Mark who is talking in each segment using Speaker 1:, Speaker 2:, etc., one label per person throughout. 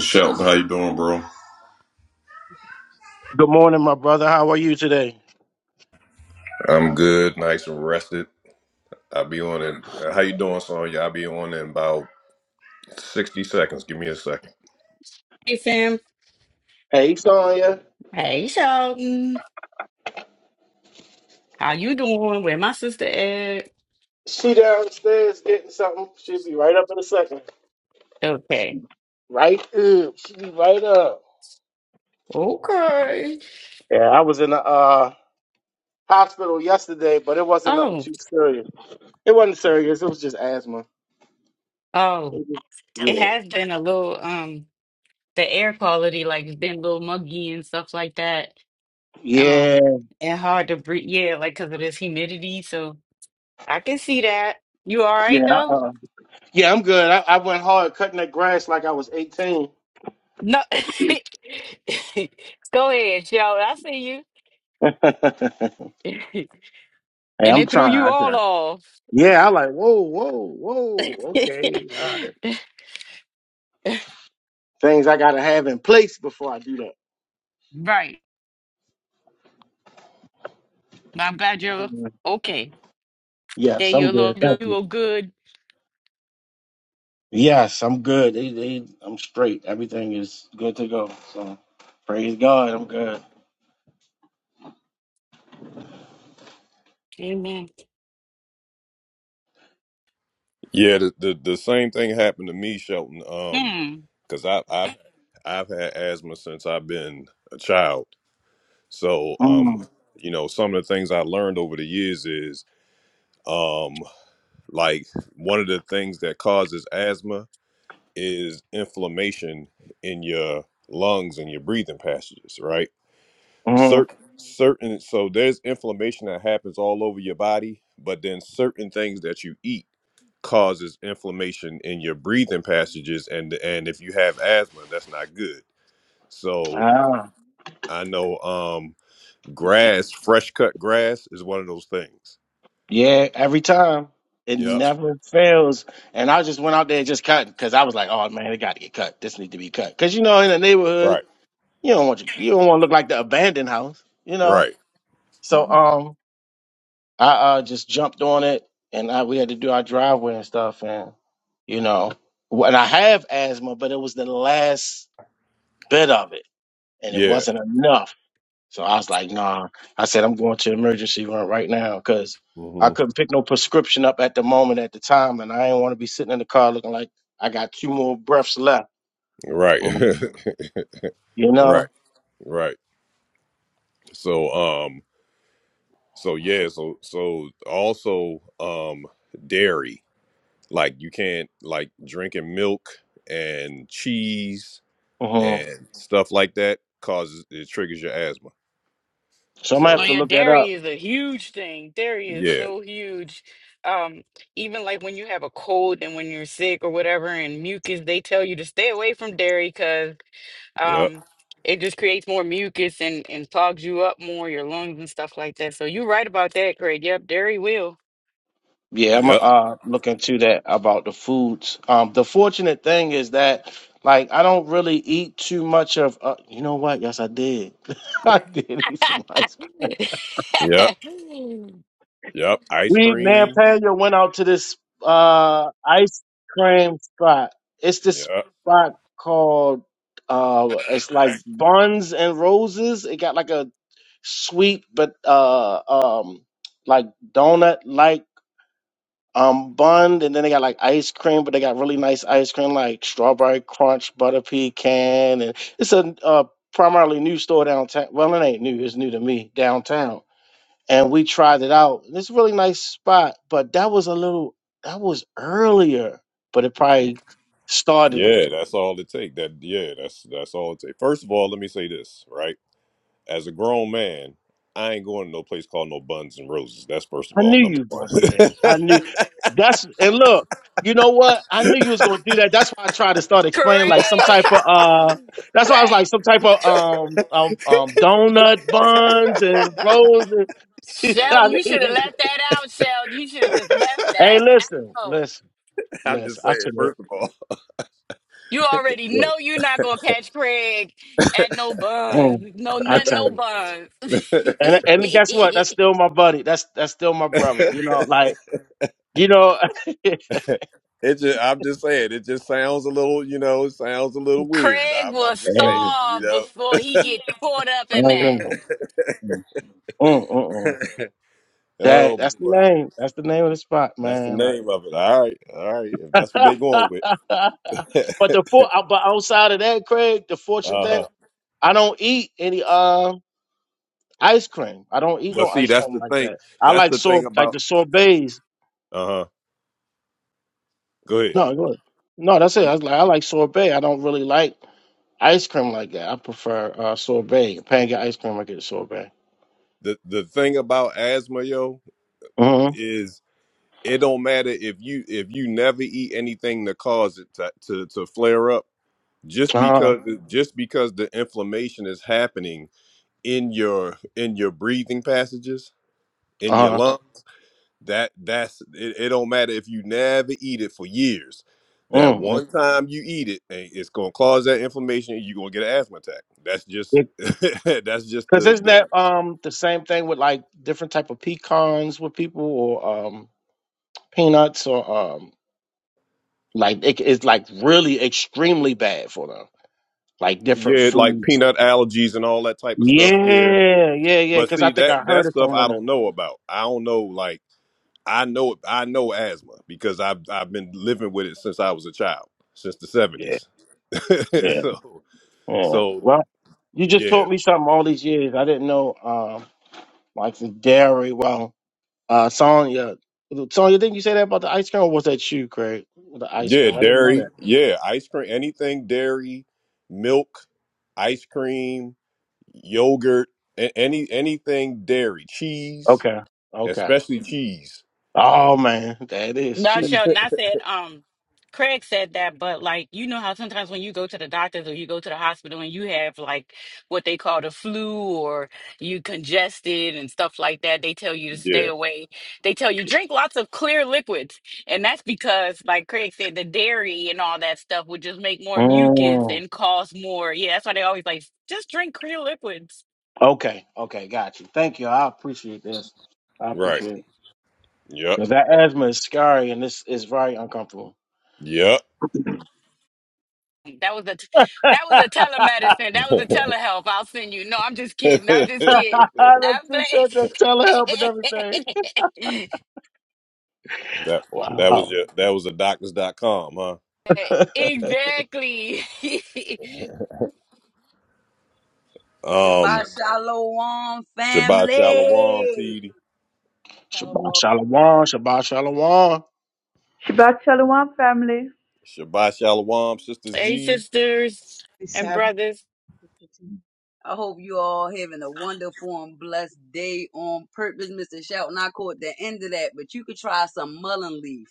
Speaker 1: Shelton, how you doing, bro?
Speaker 2: Good morning, my brother. How are you today?
Speaker 1: I'm good, nice and rested. I'll be on it. uh, How you doing, Sonya? I'll be on in about sixty seconds. Give me a second.
Speaker 3: Hey Sam.
Speaker 2: Hey, Sonya.
Speaker 3: Hey Sheldon. How you doing? Where my sister at?
Speaker 2: She downstairs getting something. She'll be right up in a second. She
Speaker 3: Okay.
Speaker 2: right up. She be right up.
Speaker 3: Okay.
Speaker 2: Yeah, I was in the uh, hospital yesterday, but it wasn't nothing
Speaker 3: Oh,
Speaker 2: too serious. It wasn't serious. It was just asthma.
Speaker 3: oh.
Speaker 2: It was-
Speaker 3: It
Speaker 2: Yeah.
Speaker 3: has been a little um the air quality, like it's been a little muggy and stuff like that.
Speaker 2: Yeah.
Speaker 3: Um and hard to breathe. Yeah, like because of this humidity. So I can see that. You all right
Speaker 2: Yeah.
Speaker 3: though?
Speaker 2: uh Yeah, I'm good. I, I went hard cutting that grass like I was 18.
Speaker 3: No. Go ahead, Sheldon. I see
Speaker 2: hey,
Speaker 3: you. and
Speaker 2: I'm
Speaker 3: it threw
Speaker 2: trying.
Speaker 3: you
Speaker 2: I try.
Speaker 3: all
Speaker 2: Yeah, I like, whoa, whoa,
Speaker 3: off.
Speaker 2: whoa. Okay. things I gotta have in place before I do that.
Speaker 3: right. But I'm glad you're
Speaker 2: Mhm.
Speaker 3: okay. Day
Speaker 2: Yes, I'm
Speaker 3: your
Speaker 2: good.
Speaker 3: Lord do
Speaker 2: Thank
Speaker 3: you
Speaker 2: you.
Speaker 3: a good.
Speaker 2: Yes, I'm good. They, they, I'm straight. Everything is good to go. So praise God, I'm good.
Speaker 3: Amen.
Speaker 1: Yeah, the the, the same thing happened to me, Shelton. Um,
Speaker 3: Hmm.
Speaker 1: because I I've I've had asthma since I've been a child. So um,
Speaker 2: Mm,
Speaker 1: you know, some of the things I learned over the years is um, like one of the things that causes asthma is inflammation in your lungs and your breathing passages, right?
Speaker 2: hmm
Speaker 1: Certain certain so there's inflammation that happens all over your body, but then certain things that you eat causes inflammation in your breathing passages and and if you have asthma, that's not good. So
Speaker 2: ah,
Speaker 1: I know um grass, fresh cut grass is one of those things.
Speaker 2: yeah, every time. It
Speaker 1: Yep.
Speaker 2: never fails. And I just went out there and just cut because I was like, oh man, it gotta get cut. This needs to be cut. Cause you know, in the neighborhood,
Speaker 1: Right.
Speaker 2: you don't want you, you don't want to look like the abandoned house, you know.
Speaker 1: Right.
Speaker 2: So um I uh, just jumped on it, and I, we had to do our driveway and stuff, and you know, wh- and I have asthma, but it was the last bit of it, and it
Speaker 1: Yeah.
Speaker 2: wasn't enough. So I was like, nah. I said I'm going to the emergency room right now because I
Speaker 1: hmm
Speaker 2: couldn't pick no prescription up at the moment at the time, and I didn't want to be sitting in the car looking like I got two more breaths left.
Speaker 1: Right.
Speaker 2: You know.
Speaker 1: right. Right. So, um, So yeah, so so also um dairy. Like you can't like drinking milk and cheese
Speaker 2: hmm
Speaker 1: and stuff like that causes it triggers your asthma.
Speaker 2: So I'm gonna
Speaker 3: Oh
Speaker 2: have to
Speaker 1: So
Speaker 3: yeah,
Speaker 2: look that up.
Speaker 3: dairy is a huge thing. Dairy is
Speaker 1: yeah,
Speaker 3: so huge. Um, even like when you have a cold and when you're sick or whatever, and mucus, they tell you to stay away from dairy because
Speaker 1: yep,
Speaker 3: um it just creates more mucus and and clogs you up more, your lungs and stuff like that. So you're right about that, Craig. Yep, dairy will.
Speaker 2: Yeah, I'm
Speaker 1: yep,
Speaker 2: uh look into that about the foods. Um, the fortunate thing is that like I don't really eat too much of. Uh, you know what? Yes, I did. I did eat some ice cream.
Speaker 1: yep, yep. Ice
Speaker 2: We me and
Speaker 1: cream,
Speaker 2: Pena went out to this uh ice cream spot. It's this
Speaker 1: yep.
Speaker 2: spot called uh it's like buns and roses. It got like a sweet but uh um like donut like um bun and then they got like ice cream but they got really nice ice cream like strawberry crunch butter pecan and it's a uh, primarily new store downtown well it ain't new it's new to me downtown and we tried it out and it's a really nice spot but that was a little that was earlier but it probably started
Speaker 1: Yeah, that's all it take. That yeah, that's that's all it take. First of all, let me say this, right? As a grown man, I ain't going to no place called no Buns and Roses. That's first of
Speaker 2: I
Speaker 1: all,
Speaker 2: knew
Speaker 1: number
Speaker 2: you was
Speaker 1: one.
Speaker 2: gonna do that. I knew that's and look, you know what? I knew you was gonna do that. That's why I tried to start explaining like some
Speaker 3: Craig,
Speaker 2: type of uh that's why I
Speaker 3: Craig.
Speaker 2: was like some type of um um, um donut buns and rolls and I
Speaker 3: Sheldon, you should have
Speaker 2: knew-
Speaker 3: left that out, Sheldon. You should have just left
Speaker 2: Hey
Speaker 3: that
Speaker 2: listen,
Speaker 3: out.
Speaker 2: listen,
Speaker 1: I'm just
Speaker 2: listen, I
Speaker 1: saying,
Speaker 2: should have
Speaker 1: first of
Speaker 3: You already
Speaker 2: look,
Speaker 3: know you're not gonna catch Craig at no
Speaker 2: mm,
Speaker 3: buns. No,
Speaker 2: I
Speaker 3: nothing,
Speaker 2: tell
Speaker 3: no
Speaker 2: you.
Speaker 3: buns.
Speaker 2: And and guess what? That's still my buddy. That's that's still my brother. You
Speaker 1: all.
Speaker 2: know, like you know, Hey, I
Speaker 1: It just, I'm just saying, it just sounds a little, you know, it sounds a little weird.
Speaker 3: Craig
Speaker 1: I'm,
Speaker 3: will
Speaker 1: I'm just saying, you
Speaker 3: starve
Speaker 1: know.
Speaker 3: before he get caught up in
Speaker 2: don't
Speaker 3: that.
Speaker 2: know. Mm, mm, mm, mm. That
Speaker 1: oh
Speaker 2: that's the
Speaker 1: boy,
Speaker 2: name. That's the name of the spot,
Speaker 1: that's the
Speaker 2: man. Like
Speaker 1: name of it. All right, all right. If that's what they are going with, uh
Speaker 2: but the for uh, but outside of that, Craig, the fortune
Speaker 1: huh.
Speaker 2: thing, I don't eat any uh ice cream. I don't eat
Speaker 1: But
Speaker 2: no
Speaker 1: see,
Speaker 2: ice
Speaker 1: that's
Speaker 2: cream
Speaker 1: the
Speaker 2: like
Speaker 1: thing.
Speaker 2: that. I
Speaker 1: That's
Speaker 2: like
Speaker 1: the
Speaker 2: sor
Speaker 1: thing
Speaker 2: like
Speaker 1: about
Speaker 2: the sorbets.
Speaker 1: uh huh. Go ahead.
Speaker 2: No, go ahead. no, that's it. I was like I like sorbet. I don't really like ice cream like that. I prefer uh sorbet. If I ain't get ice cream, I get sorbet.
Speaker 1: The the thing about asthma, yo,
Speaker 2: Mm-hmm.
Speaker 1: is it don't matter if you if you never eat anything to cause it to to, to flare up. Just
Speaker 2: Uh huh.
Speaker 1: because just because the inflammation is happening in your in your breathing passages in
Speaker 2: Uh
Speaker 1: your
Speaker 2: huh.
Speaker 1: lungs that that's it, it don't matter if you never eat it for years that
Speaker 2: Mm-hmm.
Speaker 1: one time you eat it eh, it's going to cause that inflammation and you're going to get an asthma attack that's just that's just
Speaker 2: Cause
Speaker 1: the
Speaker 2: isn't
Speaker 1: the
Speaker 2: that um the same thing with like different type of pecans with people or um peanuts or um like it, it's like really extremely bad for them like different
Speaker 1: yeah like
Speaker 2: foods.
Speaker 1: peanut allergies and all that type of stuff yeah
Speaker 2: Yeah, yeah, yeah.
Speaker 1: but
Speaker 2: Cause I
Speaker 1: see
Speaker 2: think
Speaker 1: that
Speaker 2: I
Speaker 1: that
Speaker 2: heard it
Speaker 1: stuff i
Speaker 2: somewhere.
Speaker 1: don't know about i don't know like i know i know asthma because i've i've been living with it since i was a child since the
Speaker 2: Yeah,
Speaker 1: 70s
Speaker 2: yeah,
Speaker 1: so
Speaker 2: yeah.
Speaker 1: so
Speaker 2: Well, you just
Speaker 1: yeah
Speaker 2: taught me something all these years. I didn't know um like the dairy. Well, uh, Sonya, Sonya, didn't you say that about the ice cream or was that you, Craig? The ice
Speaker 1: Yeah,
Speaker 2: cream. I didn't know
Speaker 1: dairy.
Speaker 2: that.
Speaker 1: Yeah, ice cream. Anything dairy, milk, ice cream, yogurt, a- any anything dairy, cheese,
Speaker 2: Okay. Okay.
Speaker 1: especially cheese.
Speaker 2: Oh man, that is
Speaker 3: No,
Speaker 2: cheese.
Speaker 3: sure. And I said, um, Craig said that, but like, you know how sometimes when you go to the doctors or you go to the hospital and you have like what they call the flu or you congested and stuff like that, they tell you to stay
Speaker 1: Yeah,
Speaker 3: away. They tell you drink lots of clear liquids. And that's because, like Craig said, the dairy and all that stuff would just make more mucus
Speaker 2: Mm.
Speaker 3: and cause more. Yeah, that's why they always like, just drink clear liquids.
Speaker 2: Okay, okay, got you. Thank you. I appreciate this. I
Speaker 1: right.
Speaker 2: appreciate it
Speaker 1: Yep.
Speaker 2: because that asthma is scary and this is very uncomfortable.
Speaker 1: Yep.
Speaker 3: That was a t- that was a telemedicine. That was a
Speaker 1: that
Speaker 3: telehealth. I'll send you. No, I'm just kidding. I'm just kidding.
Speaker 2: That
Speaker 3: I
Speaker 2: she said that telehealth and everything.
Speaker 3: play.
Speaker 1: that was
Speaker 2: Wow.
Speaker 1: your, that was a doctors dot com, huh?
Speaker 3: exactly.
Speaker 1: Um
Speaker 4: Shabbat Shalom,
Speaker 1: Shabbat Shalom,
Speaker 4: family.
Speaker 1: TD.
Speaker 2: Shabbat
Speaker 5: Shallow
Speaker 2: shalom, Shabbat shalom.
Speaker 6: Shabbat Shalom, family.
Speaker 1: Shabbat Shalom, Sister
Speaker 3: hey,
Speaker 1: Z.
Speaker 3: sisters and
Speaker 7: the
Speaker 3: brothers.
Speaker 7: 15.
Speaker 4: I hope you all having a wonderful and blessed day on purpose. Mr. Shelton, I caught the end of that, but you could try some mullein leaf.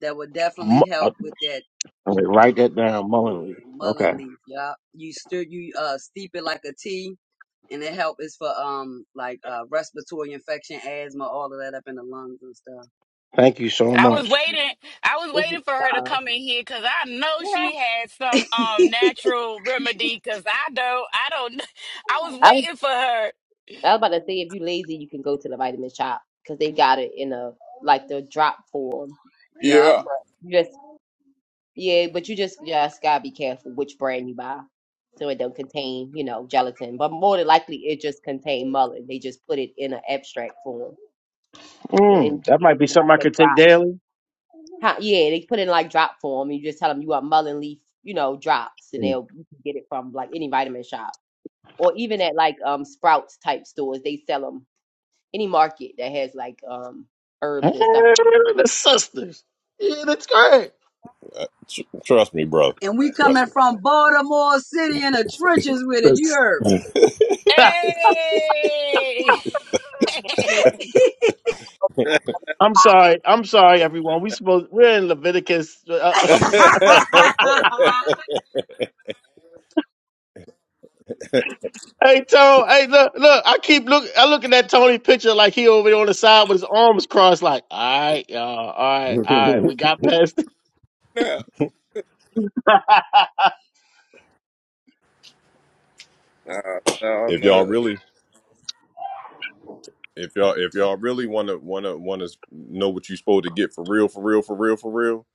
Speaker 4: That would definitely
Speaker 2: Mo- uh,
Speaker 4: help with that
Speaker 2: Wait, write that down,
Speaker 4: yeah,
Speaker 2: Mullenly. Okay.
Speaker 4: mullein leaf. Yeah, you stir, you uh steep it like a tea, and it help is for um like uh respiratory infection, asthma, all of that up in the lungs and stuff.
Speaker 2: Thank you so
Speaker 3: I was
Speaker 2: much.
Speaker 3: waiting. I was
Speaker 5: If you,
Speaker 3: waiting for
Speaker 5: uh,
Speaker 3: her to come in here because I know she had some um natural remedy. Because I don't. I don't. I was
Speaker 5: I was
Speaker 3: waiting for her.
Speaker 5: I was about to say if you lazy, you can go to the vitamin shop because they got it in a like the drop form.
Speaker 4: Yeah,
Speaker 8: Yeah.
Speaker 5: But you just yeah, but you just just gotta be careful which brand you buy, so it don't contain you know gelatin. But more than likely, it just contain mullet. They just put it in an abstract form, and you
Speaker 2: Mm,
Speaker 5: can
Speaker 2: that
Speaker 5: get
Speaker 2: might
Speaker 5: it in
Speaker 2: be something
Speaker 5: like
Speaker 2: I
Speaker 5: the
Speaker 2: could take
Speaker 5: drop.
Speaker 2: daily.
Speaker 5: Huh, yeah, they put it in like drop form. And you just tell them you want mullein leaf, you know, drops, and
Speaker 2: Mm.
Speaker 5: they'll you can get it from like any vitamin shop. or even at like um Sprouts type stores, they sell them. Any market that has like um
Speaker 2: Hey,
Speaker 5: herbs and stuff like that. Okay,
Speaker 2: the sisters. Yeah, that's great.
Speaker 1: Uh, tr- trust me, brother.
Speaker 4: and we coming
Speaker 1: Trust me.
Speaker 4: from Baltimore City in the trenches with it. You heard?
Speaker 3: Hey.
Speaker 2: I'm sorry. I'm sorry, everyone. We supposed we're in Leviticus. Uh, I'm sorry. Hey, Tony. Hey, look, look. I keep look. I looking at Tony picture like he over there on the side with his arms crossed. Like, all right, y'all. All right, all right. We got past.
Speaker 8: No. No,
Speaker 1: if y'all
Speaker 8: no,
Speaker 1: really If y'all if y'all really wanna wanna wanna know what you supposed to get for real, for real, for real, for real,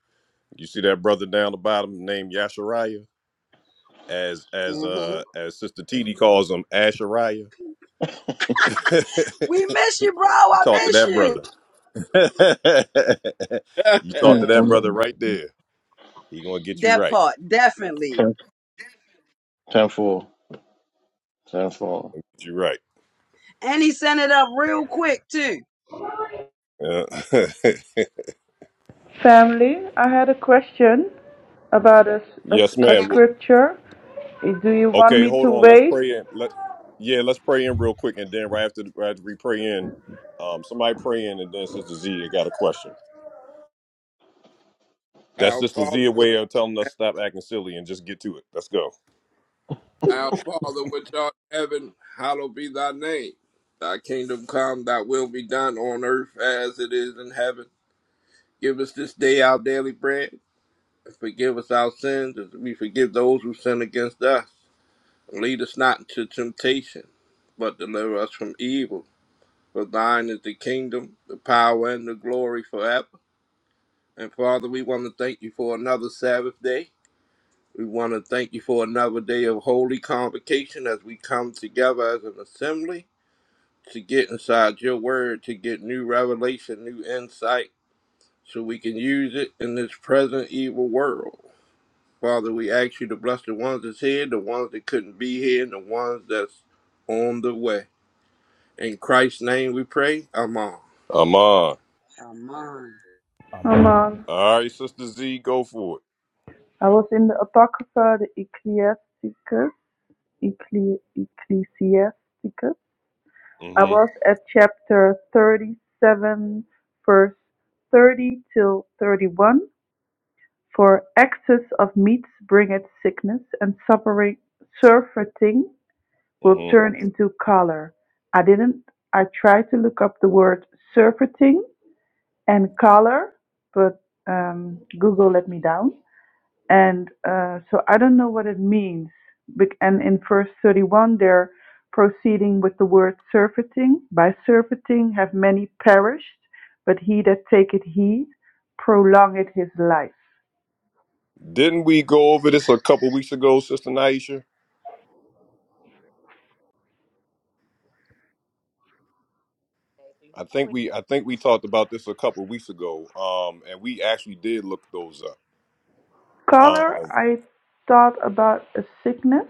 Speaker 1: you see that brother down the bottom named Yashariah as as
Speaker 4: hmm
Speaker 1: uh as Sister TD calls him Ashariah.
Speaker 4: We miss you, bro. I
Speaker 1: talk to
Speaker 4: miss
Speaker 1: that
Speaker 4: you.
Speaker 1: brother. you talk to
Speaker 2: Mm,
Speaker 1: that
Speaker 2: mm,
Speaker 1: brother
Speaker 2: mm.
Speaker 1: right there. He gonna get you
Speaker 4: That
Speaker 1: right.
Speaker 4: part, definitely.
Speaker 2: Ten, tenfold. Tenfold.
Speaker 1: Get you right.
Speaker 4: And he sent it up real quick, too.
Speaker 1: Uh,
Speaker 6: Family, I had a question about a a a
Speaker 1: yes, ma'am. Well,
Speaker 6: scripture. Eh, Do you want
Speaker 1: Okay,
Speaker 6: me
Speaker 1: hold
Speaker 6: to
Speaker 1: on. Let's
Speaker 6: wait?
Speaker 1: pray in. Let yeah, let's pray in real quick, and then right after right after we pray in, um, somebody pray in, and then Sister Z, I got a question. That's
Speaker 8: our
Speaker 1: just the
Speaker 8: Father,
Speaker 1: Zia
Speaker 8: which-
Speaker 1: way of telling us stop acting silly and just get to it. Let's go.
Speaker 8: our Father which art in heaven, hallowed be thy name. Thy kingdom come, thy will be done on earth as it is in heaven. Give us this day our daily bread, and forgive us our sins as we forgive those who sin against us. And lead us not into temptation, but deliver us from evil. For thine is the kingdom, the power, and the glory forever. And Father, we want to thank you for another Sabbath day. We want to thank you for another day of holy convocation as we come together as an assembly to get inside your word, to get new revelation, new insight, so we can use it in this present evil world. Father, we ask you to bless the ones that's here, the ones that couldn't be here, and the ones that's on the way. In Christ's name we pray. Amen.
Speaker 1: I'm on.
Speaker 4: Come on.
Speaker 6: Come
Speaker 9: Aman.
Speaker 6: on.
Speaker 1: All right, Sister Z, go for
Speaker 6: I was in the Apocrypha, the Ecclesiasticus. Eccle- Ecclesiasticus.
Speaker 1: it.
Speaker 6: I
Speaker 1: Mm-hmm.
Speaker 6: was at chapter 37, verse 30 till 31. For excess of meats bringeth sickness, and suffering, surfeiting will
Speaker 1: Mm-hmm.
Speaker 6: turn into color. I didn't, I tried to look up the word surfeiting and color, but um, Google let me down. And uh, so I don't know what it means. And in verse 31, they're proceeding with the word surfeiting. By surfeiting have many perished, but he that taketh heed prolongeth his life.
Speaker 1: Didn't we go over this a couple weeks ago, Sister Naisha?
Speaker 5: so you
Speaker 1: I think we I think we talked about this a couple weeks ago. Um, and we actually did look those up.
Speaker 6: Color,
Speaker 1: Um,
Speaker 6: I thought about a sickness,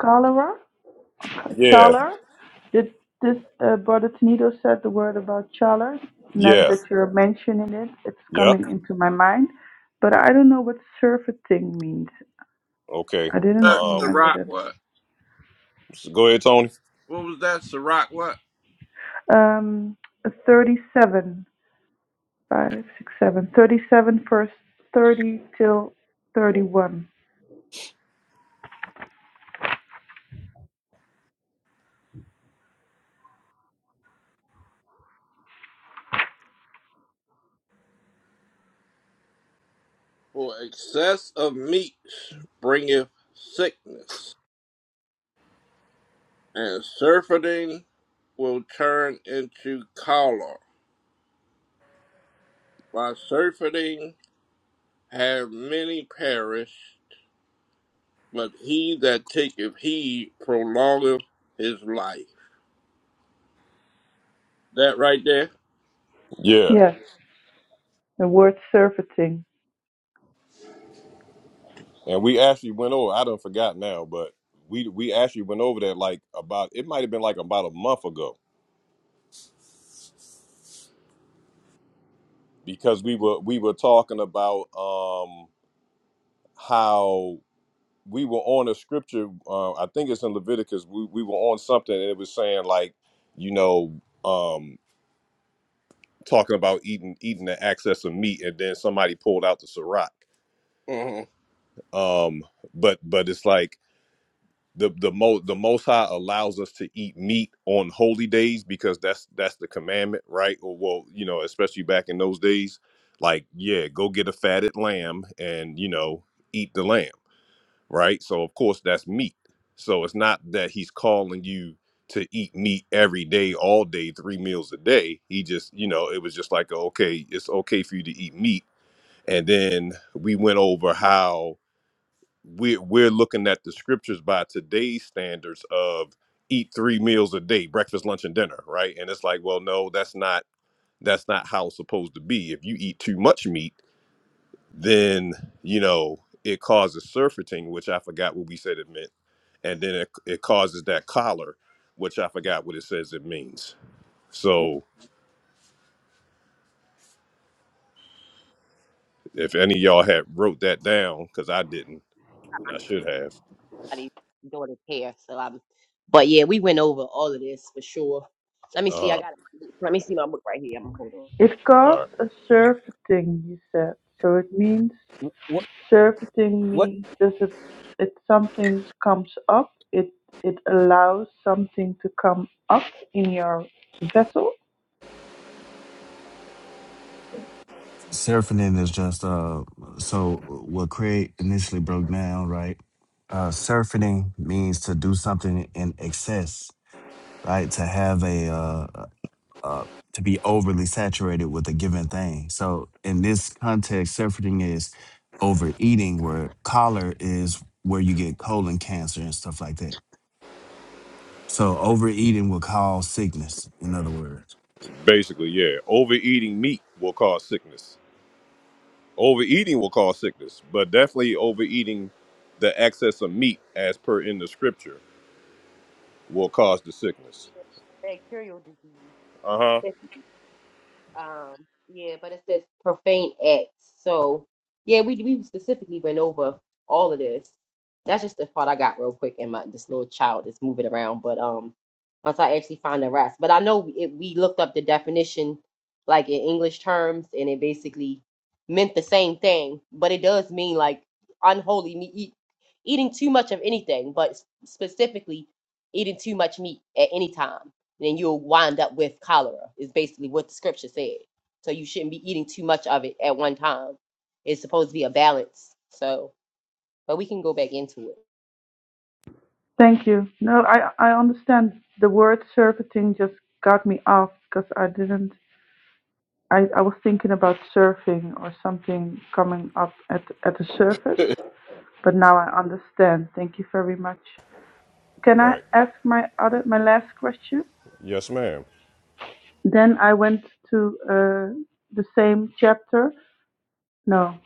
Speaker 6: cholera.
Speaker 1: yeah,
Speaker 6: Chaler? Did this uh, Brother Tenido said the word about Chaler? Now
Speaker 1: yeah,
Speaker 6: that you're mentioning it, it's
Speaker 1: yep.
Speaker 6: coming into my mind. But I don't know what surfeiting means.
Speaker 1: Okay.
Speaker 6: I didn't
Speaker 8: Uh,
Speaker 1: Um,
Speaker 6: remember
Speaker 8: Sirach
Speaker 6: that.
Speaker 8: what?
Speaker 1: so go ahead, Tony.
Speaker 8: What was that? Sirach what?
Speaker 6: Um, 37, five, six, seven. 37, verse 30 till 31.
Speaker 8: For excess of meats bringeth sickness, and surfeiting will turn into choler. By surfeiting have many perished, but he that taketh heed prolongeth his life. That right there?
Speaker 1: Yeah,
Speaker 6: Yes, the word surfeiting.
Speaker 1: and we actually went over. I don't forgot now, but we we actually went over that like about it might have been like about a month ago because we were we were talking about um how we were on a scripture uh, i think it's in leviticus we, we were on something and it was saying like you know um talking about eating eating the excess of meat and then somebody pulled out the sirac
Speaker 8: Uh-huh.
Speaker 1: um but but it's like the the most the most high allows us to eat meat on holy days because that's that's the commandment right or well you know especially back in those days like yeah go get a fatted lamb and you know eat the lamb right so of course that's meat so it's not that he's calling you to eat meat every day all day three meals a day he just you know it was just like okay it's okay for you to eat meat and then we went over how we're we're looking at the scriptures by today's standards of eat three meals a day breakfast lunch and dinner right and it's like well no that's not that's not how it's supposed to be if you eat too much meat then you know it causes surfeiting which i forgot what we said it meant and then it, it causes that collar which i forgot what it says it means so if any of y'all had wrote that down because i didn't and i should have
Speaker 5: daughter's hair. So I'm, but yeah, we went over all of this for sure. Let me see. I
Speaker 1: uh-huh
Speaker 5: got. Let me see my book right here. I'm gonna hold on.
Speaker 6: It
Speaker 1: all
Speaker 6: caused
Speaker 1: right
Speaker 6: a surfeiting, he said, so it means
Speaker 9: What?
Speaker 6: surfeiting
Speaker 9: What?
Speaker 6: means does it if something comes up, it it allows something to come up in your vessel.
Speaker 10: Seraphinin is just uh so what Craig initially broke down, right? Uh seraphinin means to do something in excess, right? To have a uh uh uh, to be overly saturated with a given thing. So in this context, surfeiting is overeating where choler is where you get colon cancer and stuff like that. So overeating will cause sickness, in other words.
Speaker 1: basically yeah overeating meat will cause sickness Overeating will cause sickness, but definitely overeating the excess of meat, as per in the scripture, will cause the sickness.
Speaker 5: Yeah, bacterial disease.
Speaker 1: Uh huh.
Speaker 5: Um, yeah, but it says profane acts. So yeah, we we specifically went over all of this. That's just the part I got real quick, and my this little child is moving around. But um, once I actually find the rest, but I know it, we looked up the definition, like in English terms, and it basically meant the same thing. But it does mean like unholy meat, eat, eating too much of anything, but s- specifically eating too much meat at any time then you'll wind up with cholera, is basically what the scripture said. So you shouldn't be eating too much of it at one time. It's supposed to be a balance. So, but we can go back into it.
Speaker 6: Thank you. No, I I understand the word surfeiting just got me off because I didn't I, I was thinking about surfing or something coming up at at the surface, but now I understand. Thank you very much. Can I
Speaker 1: Right.
Speaker 6: ask my other my last question?
Speaker 1: Yes, ma'am.
Speaker 6: Then I went to uh, the same chapter. No,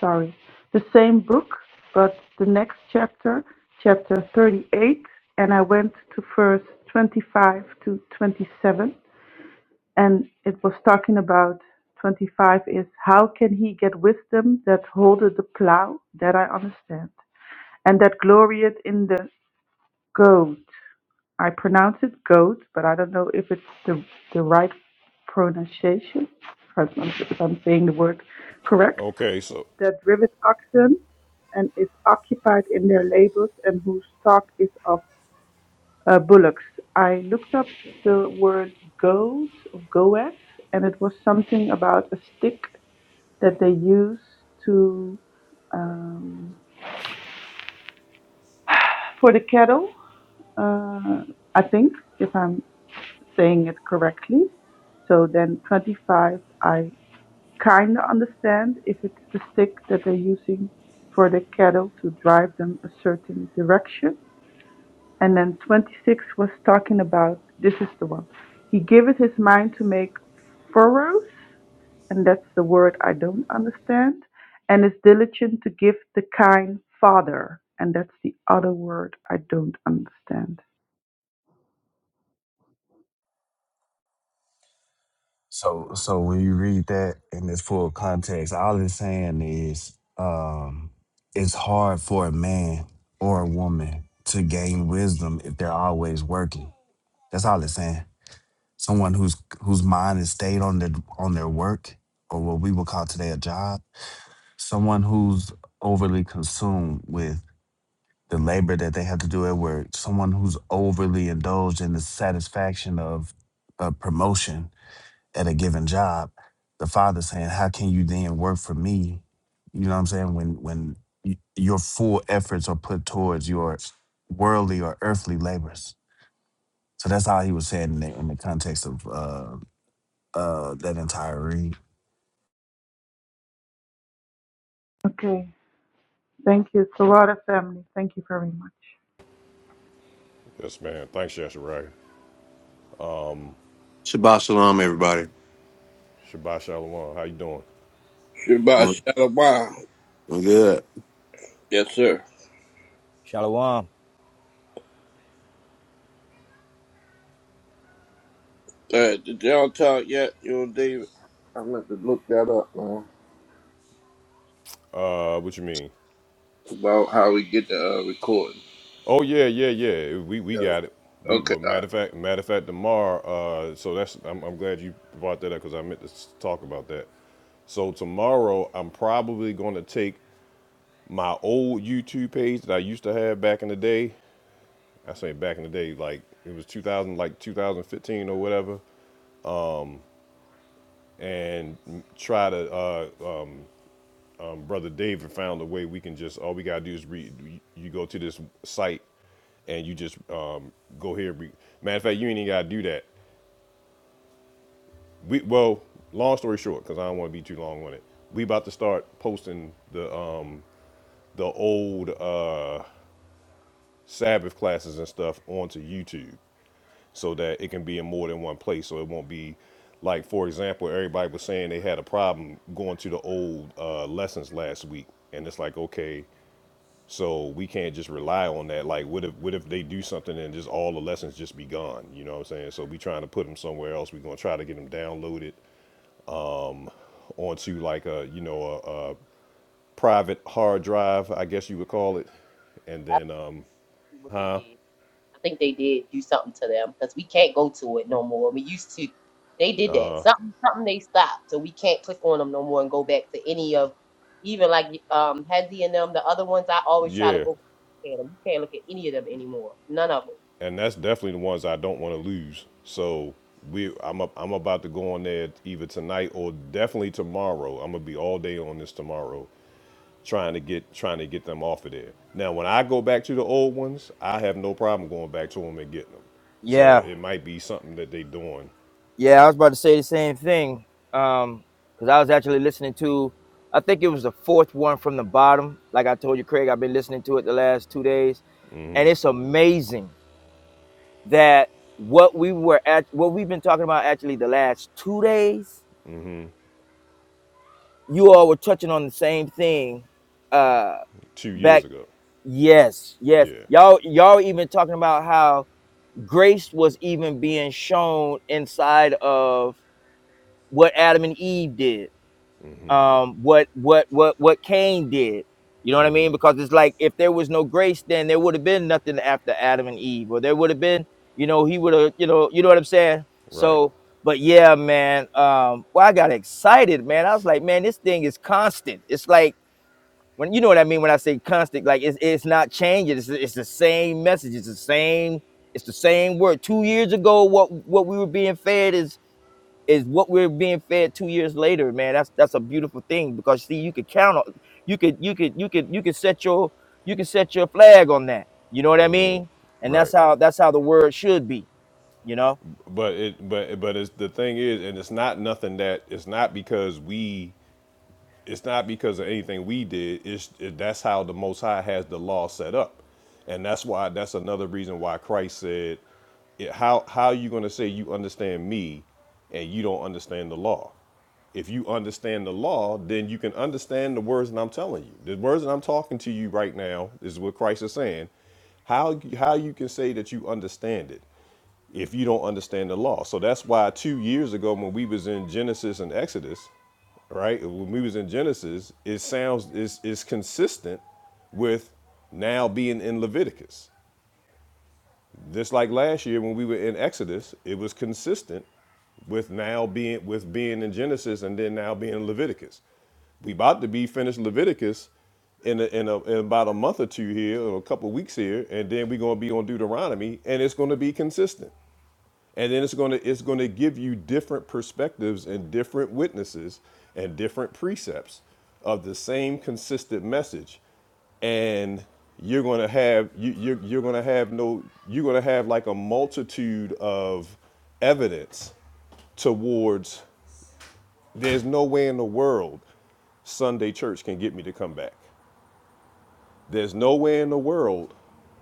Speaker 6: sorry, the same book, but the next chapter, chapter 38, and I went to verse 25 to 27, and it was talking about 25 is how can he get wisdom that holdeth the plough that I understand, and that glorieth in the goad I pronounce it goat, but I don't know if it's the the right pronunciation. If I'm, saying the word correct.
Speaker 1: Okay, so
Speaker 6: That rivet oxen and is occupied in their labors and whose stock is of uh, bullocks. I looked up the word goad or goat, and it was something about a stick that they use to um, for the cattle. Uh, I think if I'm saying it correctly. So then 25, I kind of understand if it's the stick that they're using for the cattle to drive them a certain direction. And then 26 was talking about this is the one. He giveth his mind to make furrows, and that's the word I don't understand, and is diligent to give the kind father, and that's the other word I don't understand.
Speaker 10: So so when you read that in this full context, all it's saying is um it's hard for a man or a woman to gain wisdom if they're always working. That's all it's saying. Someone whose whose mind is stayed on their on their work or what we would call today a job, someone who's overly consumed with the labor that they have to do at work, someone who's overly indulged in the satisfaction of a promotion at a given job, the father's saying, "How can you then work for me?" You know what I'm saying? When when y- your full efforts are put towards your worldly or earthly labors. So that's all he was saying in the, in the context of uh, uh, that entire read.
Speaker 6: Okay, thank you. It's a lot of family. Thank you very much.
Speaker 1: yes, ma'am. Thanks, Yashirai.
Speaker 11: Shabbat shalom, everybody.
Speaker 1: Shabbat Shalom. How you doing?
Speaker 11: Doing
Speaker 8: Shabbat Shalom.
Speaker 11: doing good.
Speaker 8: Yes, sir.
Speaker 9: Shalom.
Speaker 8: Uh, did y'all talk yet, you and David? I am going to look that up, man.
Speaker 1: Uh, what you mean?
Speaker 8: About how we get the uh, recording.
Speaker 1: Oh yeah, yeah, yeah. We we
Speaker 8: Yeah.
Speaker 1: got it. We
Speaker 8: Okay.
Speaker 1: well, matter
Speaker 8: Uh,
Speaker 1: of fact, matter of fact, tomorrow. Uh, so that's I'm, I'm glad you brought that up because I meant to s- talk about that. So tomorrow, I'm probably going to take my old YouTube page that I used to have back in the day I say back in the day, like it was 2000, like 2015 or whatever, and try to uh, um, brother David found a way we can just all we gotta do is read. You go to this site and you just um, go here. Re- Matter of fact, you ain't even gotta do that. We well, long story short, because I don't want to be too long on it. We about to start posting the um, the old uh, Sabbath classes and stuff onto YouTube. so that it can be in more than one place. So it won't be like, for example, everybody was saying they had a problem going to the old uh, lessons last week, and it's like, okay, so we can't just rely on that. Like, what if what if they do something and just all the lessons just be gone? You know what I'm saying? So we trying to put them somewhere else. We're gonna try to get them downloaded onto like a you know a, a private hard drive, I guess you would call it, and
Speaker 5: I
Speaker 1: then um,
Speaker 5: don't know what they did. I think they did do something to them because we can't go to it no more. We used to. They did that. Something, something they stopped. So we can't click on them no more and go back to any of, even like um Hezzy and them, the other ones. I always try to
Speaker 1: yeah.
Speaker 5: go back at them. You can't look at any of them anymore. None of them.
Speaker 1: and that's definitely the ones I don't want to lose. So we, I'm up, I'm about to go on there either tonight or definitely tomorrow. I'm gonna be all day on this tomorrow, trying to get trying to get them off of there. Now, when I go back to the old ones, I have no problem going back to them and getting them. So
Speaker 9: Yeah,
Speaker 1: it might be something that they doing
Speaker 9: yeah. I was about to say the same thing. Um, because I was actually listening to, I think it was the fourth one from the bottom. Like I told you, Craig, I've been listening to it the last two days, and it's amazing that what we were at, what we've been talking about actually the last two days. You all were touching on the same thing. Uh,
Speaker 1: two years
Speaker 9: back.
Speaker 1: ago.
Speaker 9: Yes, yes.
Speaker 1: Yeah,
Speaker 9: Y'all, y'all even talking about how grace was even being shown inside of what Adam and Eve did, um, what what what what Cain did. You know what I mean? Because it's like if there was no grace, then there would have been nothing after Adam and Eve, or there would have been, you know, he would have, you know, you know what I'm saying?
Speaker 1: right,
Speaker 9: So, but yeah, man, um, well, I got excited, man. I was like, man, this thing is constant. It's like when you know what I mean when I say constant, like it's it's not changing. It's it's the same message. It's the same. It's the same word. Two years ago, what what we were being fed is is what we're being fed two years later, man. That's that's a beautiful thing because see, you could count on, you could you could you could you could set your you could set your flag on that. You know what I mean? And that's
Speaker 1: right.
Speaker 9: how that's how the word should be. You know,
Speaker 1: But it, but but it's the thing is, and it's not nothing that it's not because we it's not because of anything we did. It's it, that's how the Most High has the law set up, and that's why that's another reason why Christ said, it, "How how are you going to say you understand me, and you don't understand the law? If you understand the law, then you can understand the words that I'm telling you. The words that I'm talking to you right now is what Christ is saying. How how you can say that you understand it? if you don't understand the law. So that's why two years ago when we was in Genesis and Exodus, right? When we was in Genesis, it sounds is is consistent with now being in Leviticus. Just like last year when we were in Exodus, it was consistent with now being with being in Genesis and then now being in Leviticus. We about to be finished Leviticus in a, in, a, in about a month or two here, or a couple of weeks here, and then we're gonna be on Deuteronomy, and it's gonna be consistent and then it's going to it's going to give you different perspectives and different witnesses and different precepts of the same consistent message and you're going to have you you're, you're going to have no you're going to have like a multitude of evidence towards there's no way in the world sunday church can get me to come back there's nowhere in the world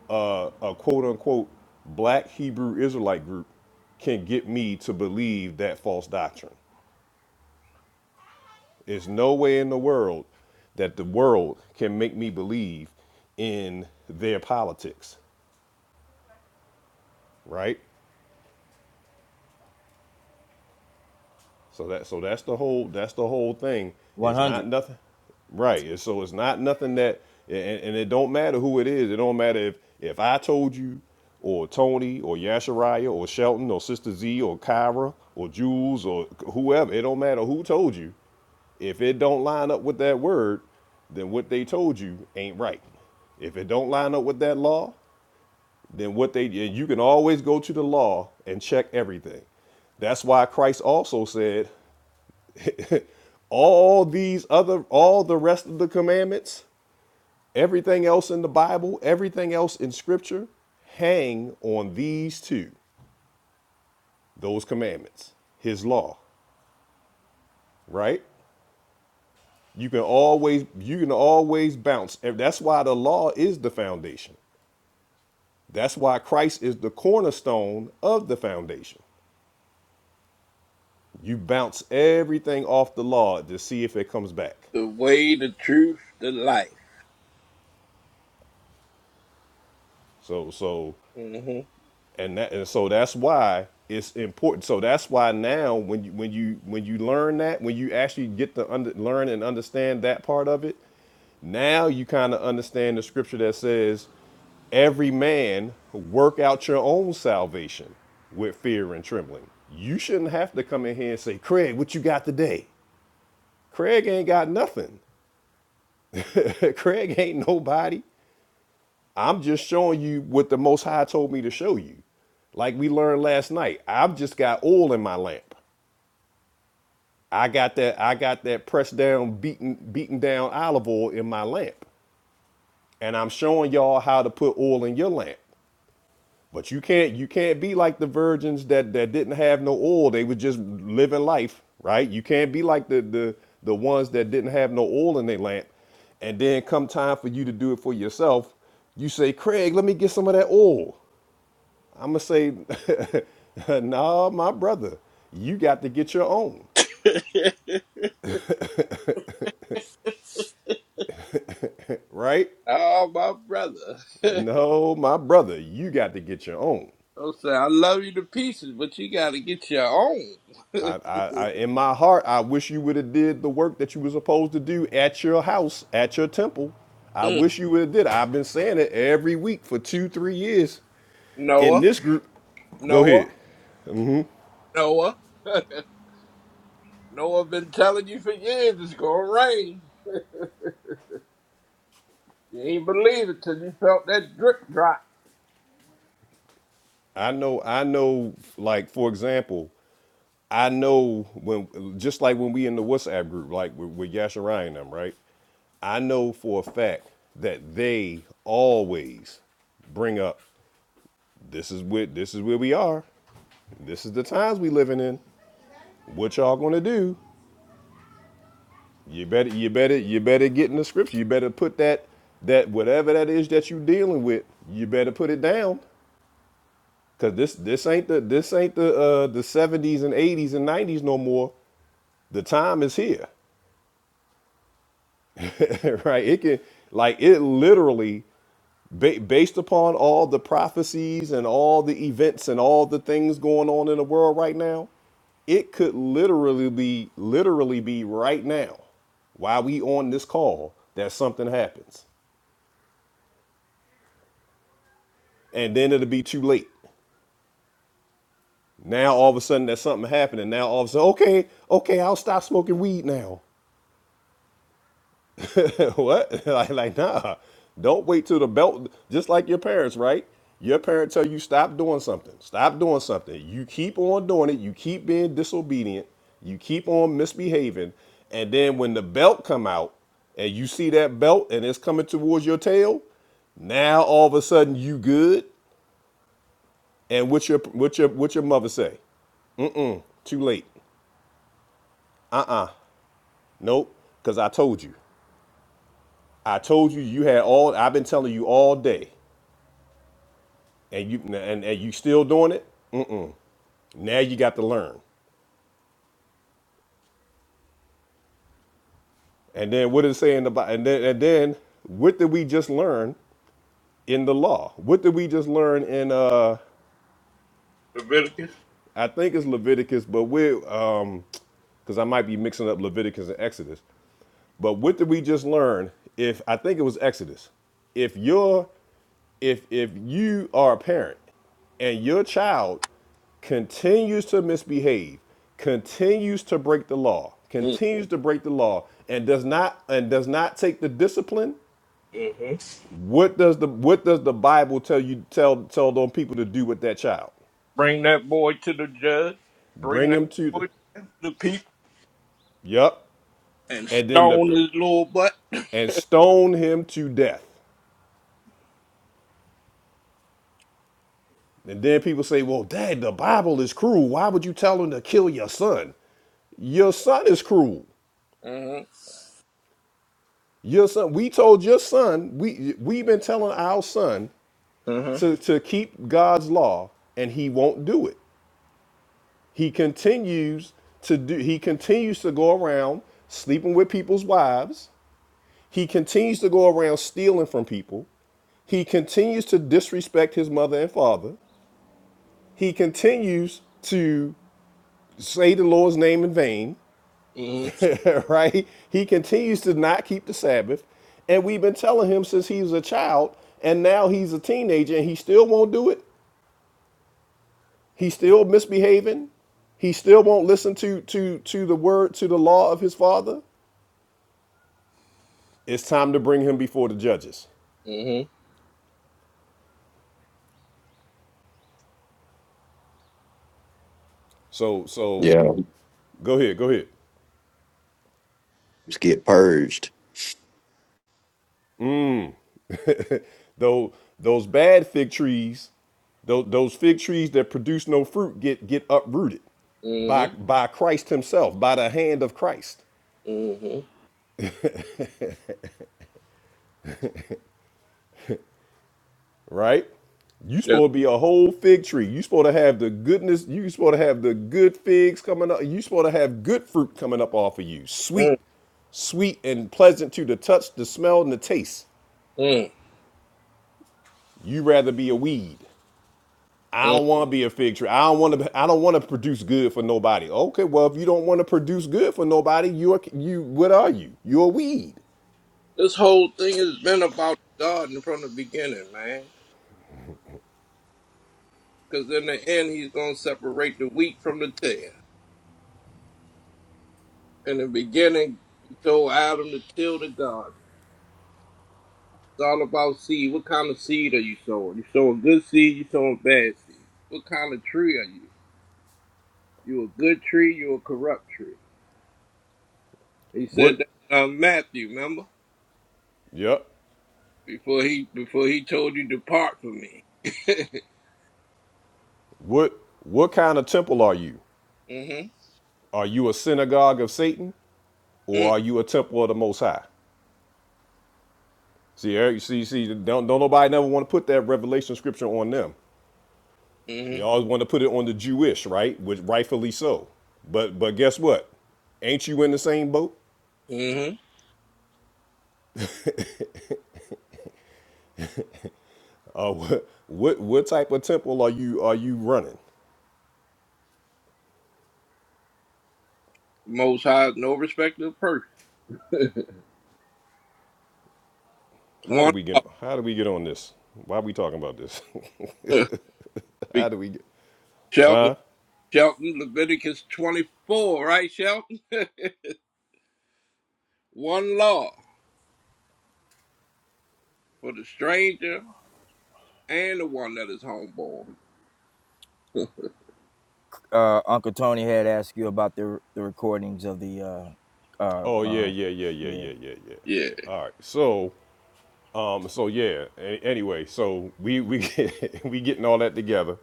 Speaker 1: uh, a quote unquote black Hebrew Israelite group can get me to believe that false doctrine. There's no way in the world that the world can make me believe in their politics, right? So that so that's the whole that's the whole thing.
Speaker 9: one
Speaker 1: It's not
Speaker 9: hundred.
Speaker 1: nothing, right? So it's not nothing that and, and it don't matter who it is. It don't matter if if I told you, or Tony, or Yashariah, or Shelton, or Sister Z, or Kyra, or Jules, or whoever. It don't matter who told you. If it don't line up with that word, then what they told you ain't right. If it don't line up with that law, then what they and you can always go to the law and check everything. That's why Christ also said, all these other all the rest of the commandments everything else in the bible everything else in scripture hang on these two those commandments his law right you can always you can always bounce that's why the law is the foundation that's why christ is the cornerstone of the foundation you bounce everything off the law to see if it comes back
Speaker 8: the way, the truth, the life.
Speaker 1: so so
Speaker 8: hmm
Speaker 1: and that and so that's why it's important so that's why now when you when you when you learn that when you actually get to under, learn and understand that part of it now you kind of understand the scripture that says every man work out your own salvation with fear and trembling you shouldn't have to come in here and say craig what you got today craig ain't got nothing craig ain't nobody I'm just showing you what the Most High told me to show you. Like we learned last night, I've just got oil in my lamp. I got that. I got that pressed down, beaten, beaten down olive oil in my lamp, and I'm showing y'all how to put oil in your lamp. But you can't. You can't be like the virgins that that didn't have no oil. They were just living life, right? You can't be like the the the ones that didn't have no oil in their lamp, and then come time for you to do it for yourself, you say, Craig, let me get some of that oil. I'm gonna say, no, nah, my brother, you got to get your own, right?
Speaker 8: oh, my brother.
Speaker 1: No, my brother, you got to get your own.
Speaker 8: I'm saying I love you to pieces, but you got to get your
Speaker 1: I,
Speaker 8: own.
Speaker 1: I, I in my heart, I wish you would have did the work that you were supposed to do at your house, at your temple. I
Speaker 8: Mm.
Speaker 1: wish you would have did. I've been saying it every week for two, three years in
Speaker 8: Noah,
Speaker 1: this group. Go
Speaker 8: Noah,
Speaker 1: ahead.
Speaker 8: Noah, Noah. Been telling you for years it's gonna rain. You ain't believe it till you felt that drip drop.
Speaker 1: I know, I know, like, for example, I know when just like when we in the WhatsApp group, like with, with Yasha Ryan and them, right? I know for a fact that they always bring up this is where this is where we are. This is the times we living in. What y'all gonna do? You better you better you better get in the scripture. You better put that that whatever that is that you dealing with, you better put it down. Cause this this ain't the this ain't the uh the seventies and eighties and nineties no more. The time is here. right? It can like it literally ba- based upon all the prophecies and all the events and all the things going on in the world right now, it could literally be literally be right now while we on this call that something happens. And then it'll be too late. Now all of a sudden there's something happening. Now all of a sudden, okay, okay, I'll stop smoking weed now. what? like, like, nah. Don't wait till the belt. Just like your parents, right? Your parents tell you stop doing something. Stop doing something. You keep on doing it. You keep being disobedient. You keep on misbehaving. And then when the belt come out, and you see that belt, and it's coming towards your tail, now all of a sudden you good. And what your what your what your mother say? Too late. Uh uh Nope. Cause I told you. I told you you had all. I've been telling you all day. and you and, and you still doing it mm-mm. now you got to learn and then what is it say in the Bi- and then and then what did we just learn in the law what did we just learn in uh
Speaker 8: Leviticus.
Speaker 1: i think it's leviticus but we're um because i might be mixing up leviticus and exodus But what did we just learn? If I think it was Exodus, if you're if if you are a parent and your child continues to misbehave, continues to break the law, continues to break the law, and does not and does not take the discipline,
Speaker 8: Mm-hmm.
Speaker 1: what does the what does the Bible tell you tell tell those people to do with that child?
Speaker 8: Bring that boy to the judge. Bring
Speaker 1: Bring
Speaker 8: that
Speaker 1: him to the
Speaker 8: boy to the people
Speaker 1: Yup.
Speaker 8: and
Speaker 1: And then the
Speaker 8: stone his little butt.
Speaker 1: and stone him to death. And then people say, well, dad, the Bible is cruel. Why would you tell him to kill your son? Your son is cruel.
Speaker 8: Mm-hmm.
Speaker 1: Your son, we told your son, we we've been telling our son to, to keep God's law, and he won't do it. He continues to do he continues to go around sleeping with people's wives. He continues to go around stealing from people. He continues to disrespect his mother and father. He continues to say the Lord's name in vain.
Speaker 8: Mm-hmm.
Speaker 1: right? He continues to not keep the Sabbath. And we've been telling him since he was a child, and now he's a teenager, and he still won't do it. He's still misbehaving. He still won't listen to to to the word, to the law of his father. It's time to bring him before the judges.
Speaker 8: Mm-hmm.
Speaker 1: So so
Speaker 11: Yeah,
Speaker 1: go ahead, go ahead.
Speaker 11: let's get purged.
Speaker 1: Though those bad fig trees, those, those fig trees that produce no fruit get get uprooted by
Speaker 8: Mm-hmm.
Speaker 1: by Christ himself, by the hand of Christ.
Speaker 8: Mm-hmm.
Speaker 1: right? You supposed to be a whole fig tree. You supposed to have the goodness. You supposed to have the good figs coming up. You supposed to have good fruit coming up off of you, sweet,
Speaker 8: Yes.
Speaker 1: sweet and pleasant to the touch, the smell, and the taste.
Speaker 8: Mm-hmm.
Speaker 1: You rather be a weed. I don't want to be a fig tree. I don't want to. I don't want to produce good for nobody. Okay, well, if you don't want to produce good for nobody, you're you. What are you? You're a weed.
Speaker 8: This whole thing has been about God from the beginning, man. Because in the end, he's going to separate the wheat from the tare. In the beginning, he told Adam to till the garden. It's all about seed. What kind of seed are you sowing? You sowing good seed, you sowing bad seed. What kind of tree are you? You a good tree, you a corrupt tree. He said
Speaker 1: What?
Speaker 8: that in uh, Matthew, remember?
Speaker 1: Yep.
Speaker 8: Before he before he told you, depart from me.
Speaker 1: What? What kind of temple are you?
Speaker 8: mm-hmm.
Speaker 1: Are you a synagogue of Satan? or are you a temple of the Most High? See, Eric, you see, you see, don't don't nobody never want to put that revelation scripture on them. They
Speaker 8: Mm-hmm.
Speaker 1: always want to put it on the Jewish, right? Which rightfully so. But but guess what? Ain't you in the same boat?
Speaker 8: Mm-hmm.
Speaker 1: Uh, what what what type of temple are you are you running?
Speaker 8: Most high, no respect of person.
Speaker 1: How do we
Speaker 8: One.
Speaker 1: get how do we get on this? Why are we talking about this?
Speaker 8: Be-
Speaker 1: how do we get?
Speaker 8: Shelton, Shelton, Leviticus 24, right, Shelton? one law for the stranger and the one that is homeborn.
Speaker 9: Uh, Uncle Tony had asked you about the the recordings of the uh, uh,
Speaker 1: Oh yeah
Speaker 9: uh
Speaker 1: yeah yeah yeah
Speaker 9: yeah
Speaker 1: yeah yeah yeah.
Speaker 8: yeah.
Speaker 1: All right, so um, so yeah. a- anyway, so we we we getting all that together.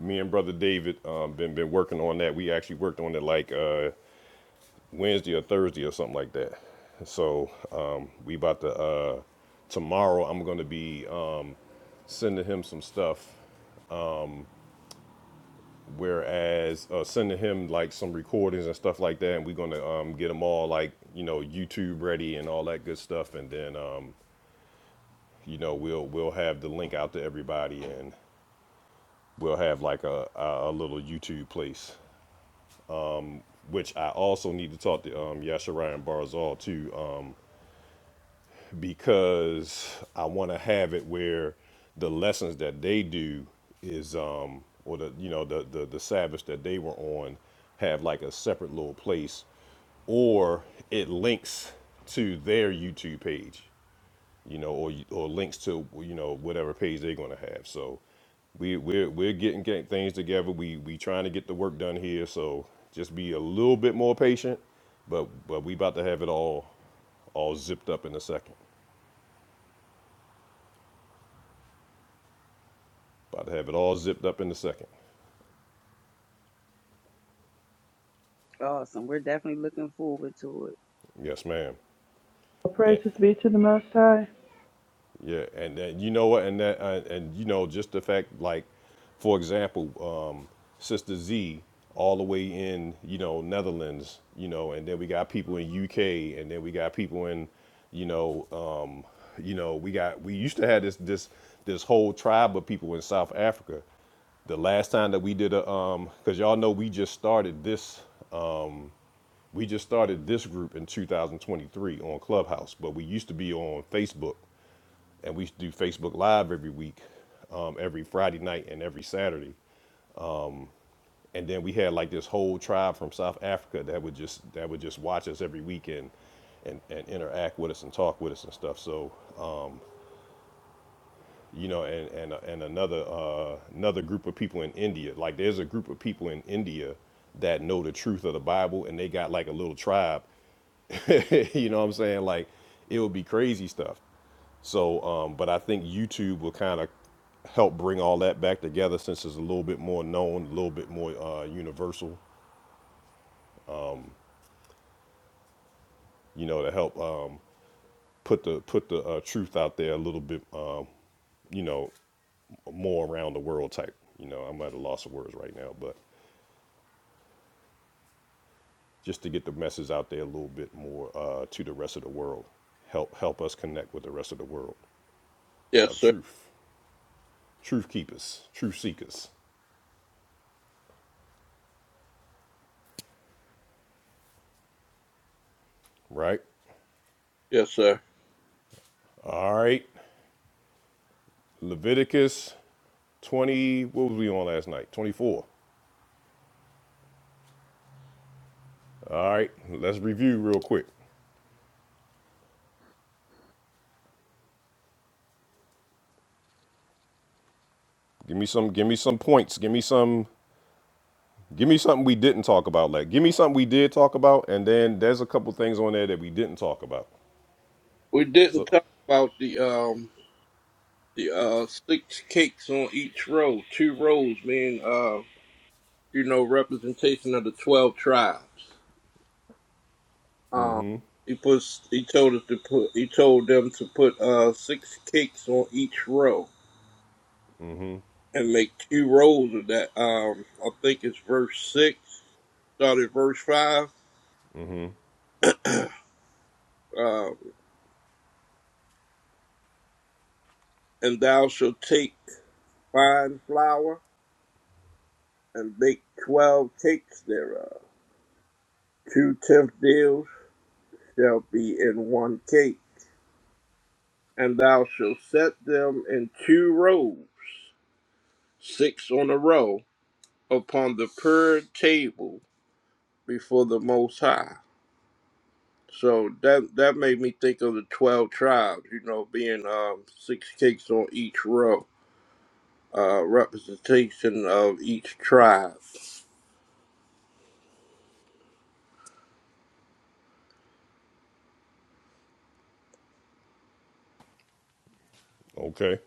Speaker 1: me and brother David um, been been working on that. We actually worked on it like uh, Wednesday or Thursday or something like that. So um, we about to uh, tomorrow. I'm going to be um, sending him some stuff. Whereas uh, sending him like some recordings and stuff like that, and we're gonna um, get them all like you know YouTube ready and all that good stuff, and then um, you know we'll we'll have the link out to everybody, and we'll have like a a, a little YouTube place which I also need to talk to um, Yashara Barzal too, um, because I want to have it where the lessons that they do is, um, or the you know the, the the Sabbath that they were on, have like a separate little place, or it links to their YouTube page you know, or or links to you know whatever page they're going to have. So we we're we're getting, getting things together. We we trying to get the work done here. So just be a little bit more patient, but but we about to have it all all zipped up in a second. About to have it all zipped up in a second.
Speaker 4: Awesome. We're definitely looking forward to it.
Speaker 1: Yes, ma'am.
Speaker 6: Praises be to the Most High.
Speaker 1: Yeah, and then you know what, and that, uh, and you know, just the fact, like, for example, um, Sister Z, all the way in, you know, Netherlands, you know, and then we got people in UK, and then we got people in, you know, um, you know, we got we used to have this this this whole tribe of people in South Africa. The last time that we did a, um, cause y'all know we just started this, we just started this group in 2023 on Clubhouse, but we used to be on Facebook and we used to do Facebook Live every week, um, every Friday night and every Saturday. And then we had like this whole tribe from South Africa that would just that would just watch us every weekend, and, and, interact with us and talk with us and stuff. So, uh, you know, and and and another uh, another group of people in India. Like there's a group of people in India that know the truth of the Bible, and they got like a little tribe you know what I'm saying? Like it would be crazy stuff. So, um, but I think YouTube will kind of help bring all that back together since it's a little bit more known, a little bit more uh, universal. You know, to help um, put the put the uh, truth out there a little bit. Um, you know, more around the world type. You know, I'm at a loss of words right now, but just to get the message out there a little bit more uh, to the rest of the world, help help us connect with the rest of the world
Speaker 8: Yes,
Speaker 1: of
Speaker 8: sir.
Speaker 1: truth, truth keepers, truth seekers, right?
Speaker 8: Yes, sir.
Speaker 1: All right. Leviticus 20, what was we on last night? 24. All right. Let's review real quick. Give me some give me some points. Give me some give me something we didn't talk about. Like give me something we did talk about and then there's a couple things on there that we didn't talk about.
Speaker 8: We didn't
Speaker 1: So
Speaker 8: talk about the um the uh six cakes on each row, two rows being uh you know representation of the twelve tribes. Um he puts he told us to put he told them to put uh six cakes on each row. and make two rolls of that. Um, I think it's verse six, started verse five. Um, and thou shalt take fine flour and bake twelve cakes thereof. Two tenth deals shall be in one cake, and thou shalt set them in two rows, six on a row, upon the pure table before the Most High. So that that made me think of the twelve tribes, you know, being um, six cakes on each row, uh, representation of each tribe,
Speaker 1: okay.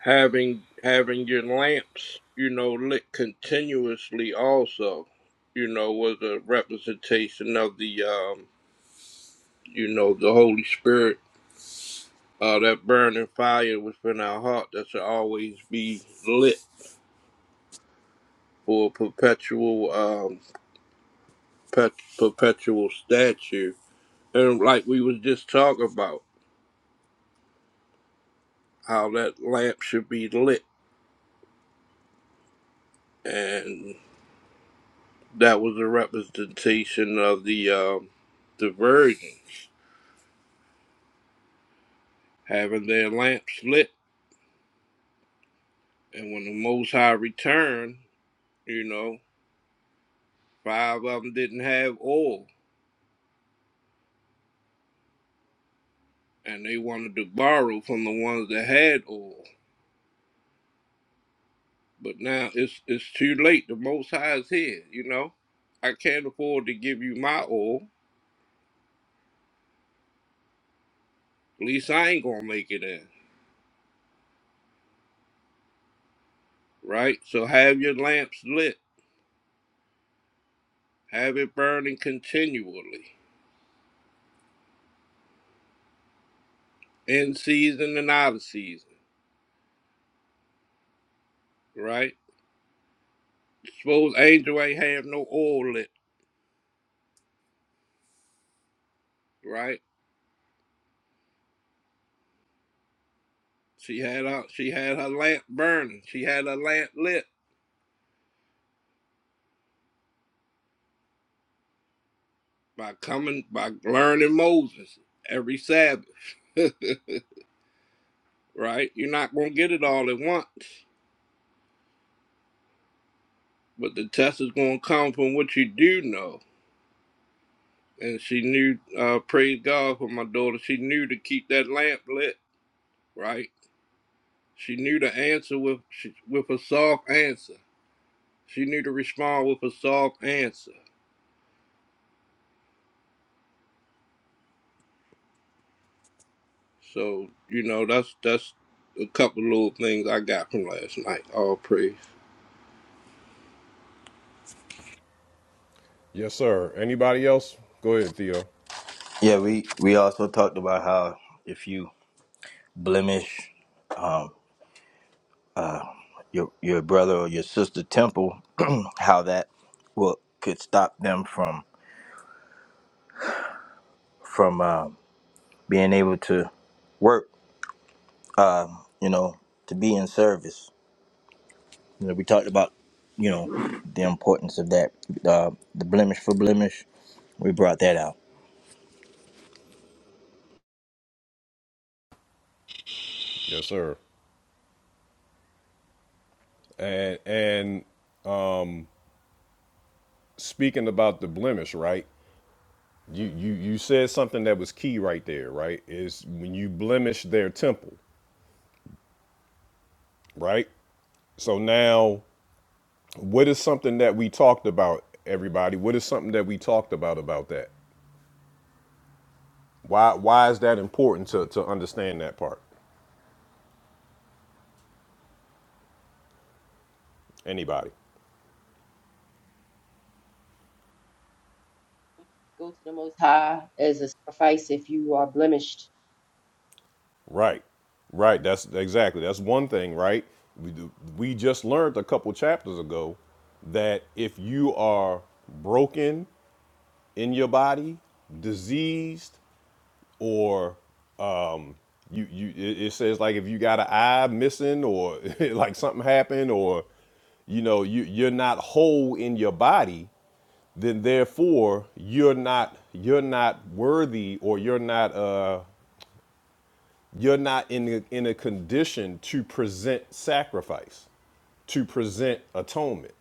Speaker 8: having having your lamps, you know, lit continuously. Also, you know, was a representation of the, um, you know, the Holy Spirit, uh, that burning fire within our heart that should always be lit for perpetual, um, pet, perpetual statue and like we was just talking about how that lamp should be lit and that was a representation of the um the virgins having their lamps lit and when the most high returned you know five of them didn't have oil and they wanted to borrow from the ones that had oil but now it's it's too late the most high is here you know i can't afford to give you my oil at least i ain't gonna make it in right? So have your lamps lit, have it burning continually, in season and out of season, right? Suppose Angel ain't have no oil lit, right? She had her, she had her lamp burning. She had her lamp lit by coming by learning Moses every Sabbath, right? You're not gonna get it all at once, but the test is gonna come from what you do know. And she knew, uh, praise God for my daughter. She knew to keep that lamp lit, right? She knew to answer with she, with a soft answer. She knew to respond with a soft answer. So you know that's that's a couple little things I got from last night. All praise.
Speaker 1: Yes, sir. Anybody else? Go ahead, Theo.
Speaker 9: Yeah, we we also talked about how if you blemish um, your your brother or your sister temple, how that will could stop them from from um, being able to work, you know, to be in service. You know, we talked about you know the importance of that, uh, the blemish for blemish. We brought that out.
Speaker 1: Yes, sir. And and speaking about the blemish, right? You you you said something that was key right there, right? Is when you blemish their temple, right? So now, what is something that we talked about, everybody? What is something that we talked about about that? Why why is that important to to understand that part? Anybody?
Speaker 5: Go to the Most High as a sacrifice if you are blemished
Speaker 1: Right. Right. That's exactly. That's one thing, right? We do- we just learned a couple chapters ago that if you are broken in your body, diseased, or um, you you it, it says like if you got an eye missing or like something happened or you know you you're not whole in your body then therefore you're not you're not worthy or you're not uh you're not in a, in a condition to present sacrifice to present atonement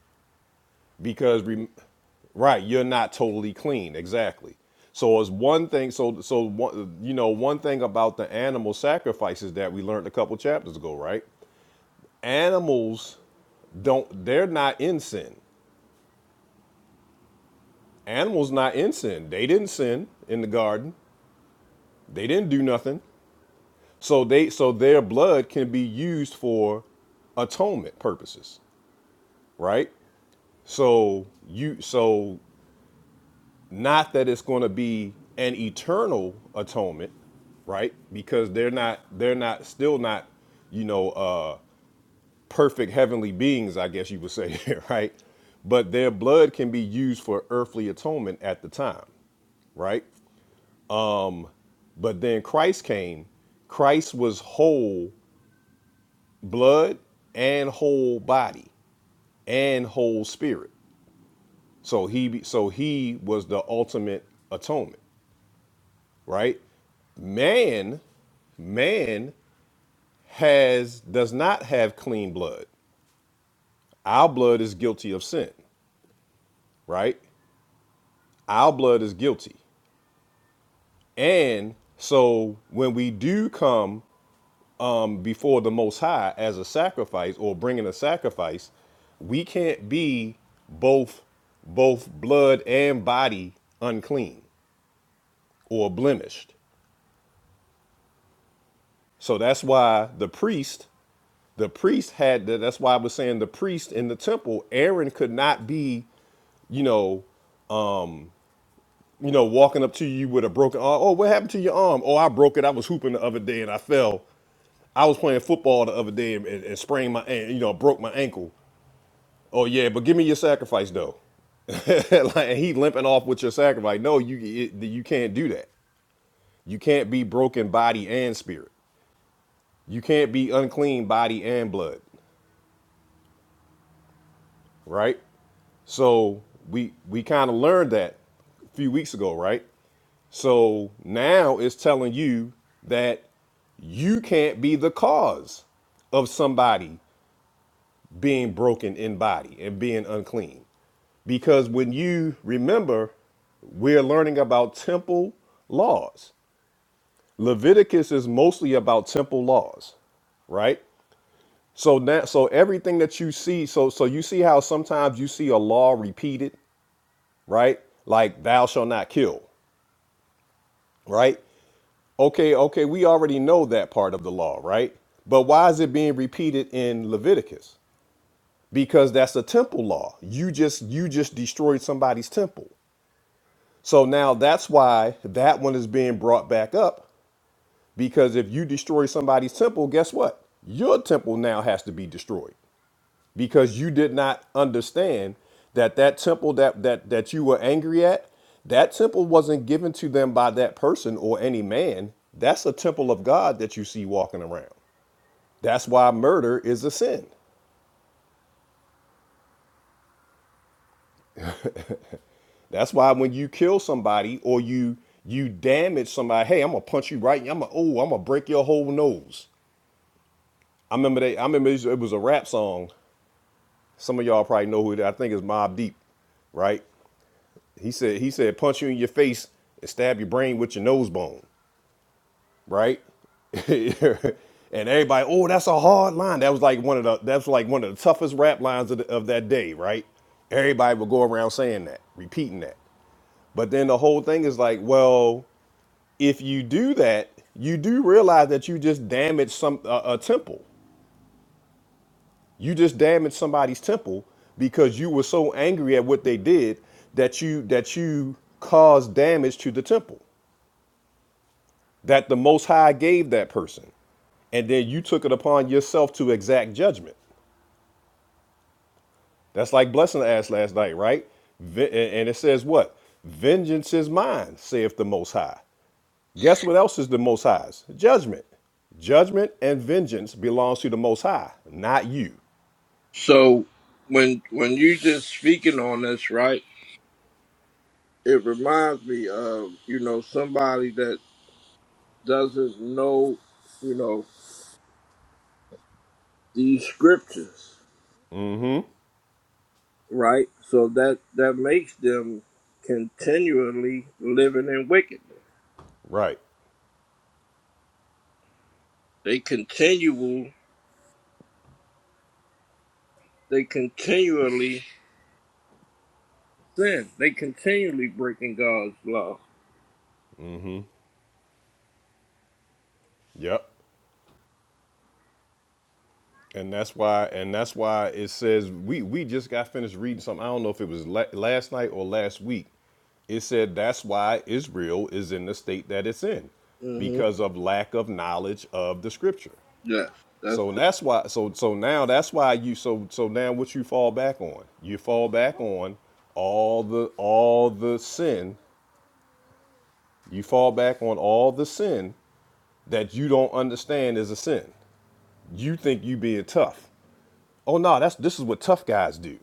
Speaker 1: because right you're not totally clean exactly so it's one thing so so one, you know one thing about the animal sacrifices that we learned a couple chapters ago right animals don't they're not in sin animals not in sin they didn't sin in the garden they didn't do nothing so they so their blood can be used for atonement purposes right so you so Not that it's going to be an eternal atonement, right? Because they're not they're not still not, you know, uh perfect heavenly beings, I guess you would say, right? But their blood can be used for earthly atonement at the time, right? But then Christ came, Christ was whole blood and whole body and whole spirit. So he so he was the ultimate atonement. right? Man, man has does not have clean blood. Our blood is guilty of sin, right? Our blood is guilty. And so when we do come um, before the Most High as a sacrifice or bringing a sacrifice, we can't be both both blood and body unclean or blemished. So that's why the priest The priest had that. That's why I was saying the priest in the temple, Aaron could not be, you know, you know, walking up to you with a broken arm. Oh, what happened to your arm? Oh, I broke it. I was hooping the other day and I fell. I was playing football the other day and, and, sprained my, an- you know, broke my ankle. Oh yeah, but give me your sacrifice though. like and he limping off with your sacrifice. No, you it, you can't do that. You can't be broken body and spirit. You can't be unclean body and blood. right? So we we kind of learned that a few weeks ago, right? So now it's telling you that you can't be the cause of somebody being broken in body and being unclean. Because when you remember, we're learning about temple laws. Leviticus is mostly about temple laws, right? So now so everything that you see, so so you see how sometimes you see a law repeated right? Like thou shalt not kill, right? Okay, okay, we already know that part of the law, right? But why is it being repeated in Leviticus? Because that's a temple law. You just you just destroyed somebody's temple. So now that's why that one is being brought back up because if you destroy somebody's temple, guess what? Your temple now has to be destroyed. because you did not understand that that temple that that that you were angry at that temple wasn't given to them by that person or any man that's a temple of god that you see walking around that's why murder is a sin that's why when you kill somebody or you you damage somebody hey i'm gonna punch you right i'm gonna oh i'm gonna break your whole nose i remember they i remember it was a rap song some of y'all probably know who it, is. i think it's mob deep right He said he said punch you in your face and stab your brain with your nose bone, right? and everybody, oh, that's a hard line. That was like one of the that's like one of the toughest rap lines of, the, of that day, right? Everybody would go around saying that, repeating that. But then the whole thing is like, well, if you do that, you do realize that you just damaged some uh, a, a temple. You just damaged somebody's temple because you were so angry at what they did that you that you caused damage to the temple. that the Most High gave that person. And then you took it upon yourself to exact judgment. That's like Blessing asked last night, right? Ve- And and it says what? Vengeance is mine, saith the Most High. Guess what else is the Most High's? Judgment. Judgment and vengeance belongs to the Most High, not you.
Speaker 8: So when when you just speaking on this, right? It reminds me of you know somebody that doesn't know you know these scriptures, right? So that that makes them continually living in wickedness.
Speaker 1: Right.
Speaker 8: They continual They continually sin. They continually breaking God's law.
Speaker 1: Yep. And that's why, and that's why it says we we just got finished reading something. I don't know if it was la- last night or last week. It said that's why Israel is in the state that it's in,
Speaker 8: hmm
Speaker 1: because of lack of knowledge of the Scripture.
Speaker 8: Yeah, that's
Speaker 1: So
Speaker 8: the.
Speaker 1: that's why. So so now that's why you. So so now what you fall back on? You fall back on all the all the sin. You fall back on all the sin that you don't understand is a sin. You think you being tough. Oh no, that's this is what tough guys do.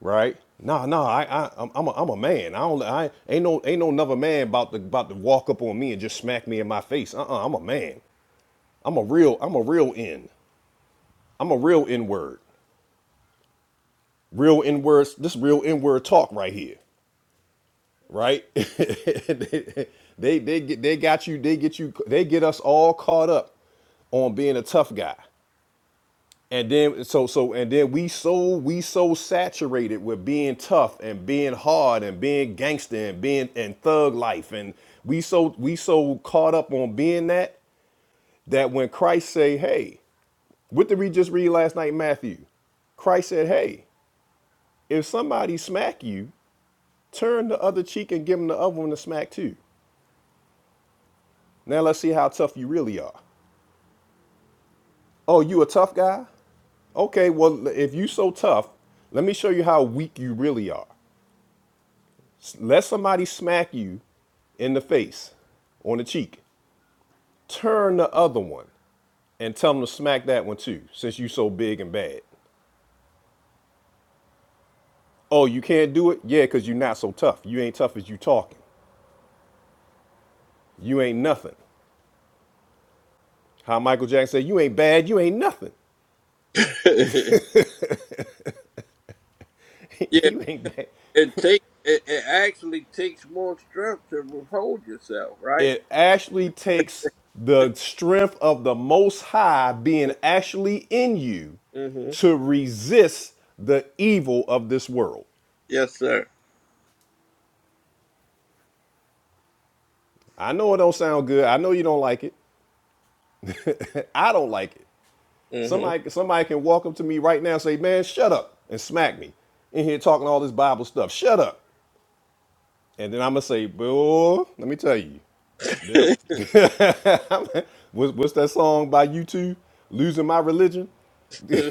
Speaker 1: right? No, no, I, I, I'm, I'm a, I'm a man. I don't, I ain't no, ain't no another man about to, about to walk up on me and just smack me in my face. Uh-uh, I'm a man. I'm a real, I'm a real N. I'm a real N word. Real N words. This real N word talk right here, right? they, they, they get, they got you. They get you. They get us all caught up on being a tough guy. And then so so and then we so we so saturated with being tough and being hard and being gangster and being and thug life and we so we so caught up on being that that when Christ say, "Hey," what did we just read last night, in Matthew? Christ said, "Hey, if somebody smack you, turn the other cheek and give them the other one to smack too." Now let's see how tough you really are. Oh, you a tough guy? Okay, well if you so tough, let me show you how weak you really are. Let somebody smack you in the face, on the cheek. Turn the other one and tell them to smack that one too, since you so big and bad. Oh, you can't do it? Yeah, because you're not so tough. You ain't tough as you talking. You ain't nothing. How Michael Jackson said, you ain't bad, you ain't nothing.
Speaker 8: yeah,
Speaker 1: you ain't bad.
Speaker 8: it take it, it actually takes more strength to withhold yourself, right?
Speaker 1: It actually takes the strength of the Most High being actually in you
Speaker 8: hmm
Speaker 1: to resist the evil of this world.
Speaker 8: Yes, sir.
Speaker 1: I know it don't sound good. I know you don't like it. I don't like it.
Speaker 8: hmm
Speaker 1: Somebody, somebody can walk up to me right now and say, "Man, shut up," and smack me in here talking all this Bible stuff. Shut up, and then I'm gonna say, "Boy, let me tell you." Then I'm, what's, what's that song by you two? Losing my religion?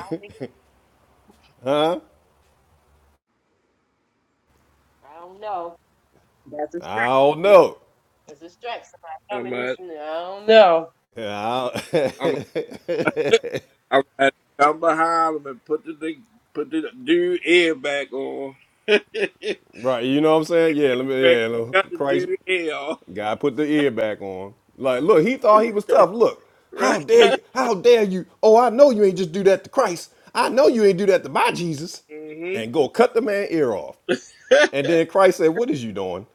Speaker 5: I don't think I don't know. That's a stretch.
Speaker 1: I don't know.
Speaker 5: It's a stretch. Somebody
Speaker 8: I'm
Speaker 5: coming in.
Speaker 8: at,
Speaker 5: soon. I don't know.
Speaker 1: Yeah, I
Speaker 8: I'm
Speaker 1: don't-
Speaker 8: I'm at come behind him and put the thing, put the dude ear back on. Craig
Speaker 1: right, you know what I'm saying? Yeah, let me. Yeah, let me-
Speaker 8: got the
Speaker 1: Christ.
Speaker 8: dude ear off,
Speaker 1: Guy put the ear back on. Like, look, he thought he was tough. Look, how
Speaker 8: right.
Speaker 1: dare you? How dare you? Oh, I know you ain't just do that to Christ. I know you ain't do that to my Jesus.
Speaker 8: hmm
Speaker 1: And go cut the man ear off. And then Christ said, What is you doing?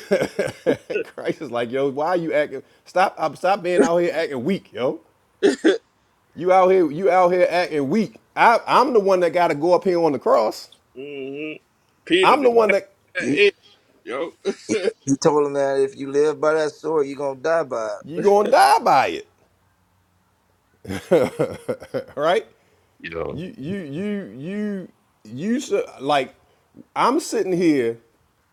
Speaker 1: Christ is like, yo, why are you acting? Stop, uh, stop being out here acting weak, yo. You out here, you out here acting weak. I, I'm the one that got to go up here on the cross.
Speaker 8: hmm Peter
Speaker 1: I'm the one that
Speaker 8: that
Speaker 9: You
Speaker 8: is, yo.
Speaker 9: you told him that if you live by that sword, you're gonna die by it.
Speaker 1: you're gonna die by it, right?
Speaker 11: yo,
Speaker 1: You you you you you should like I'm sitting here,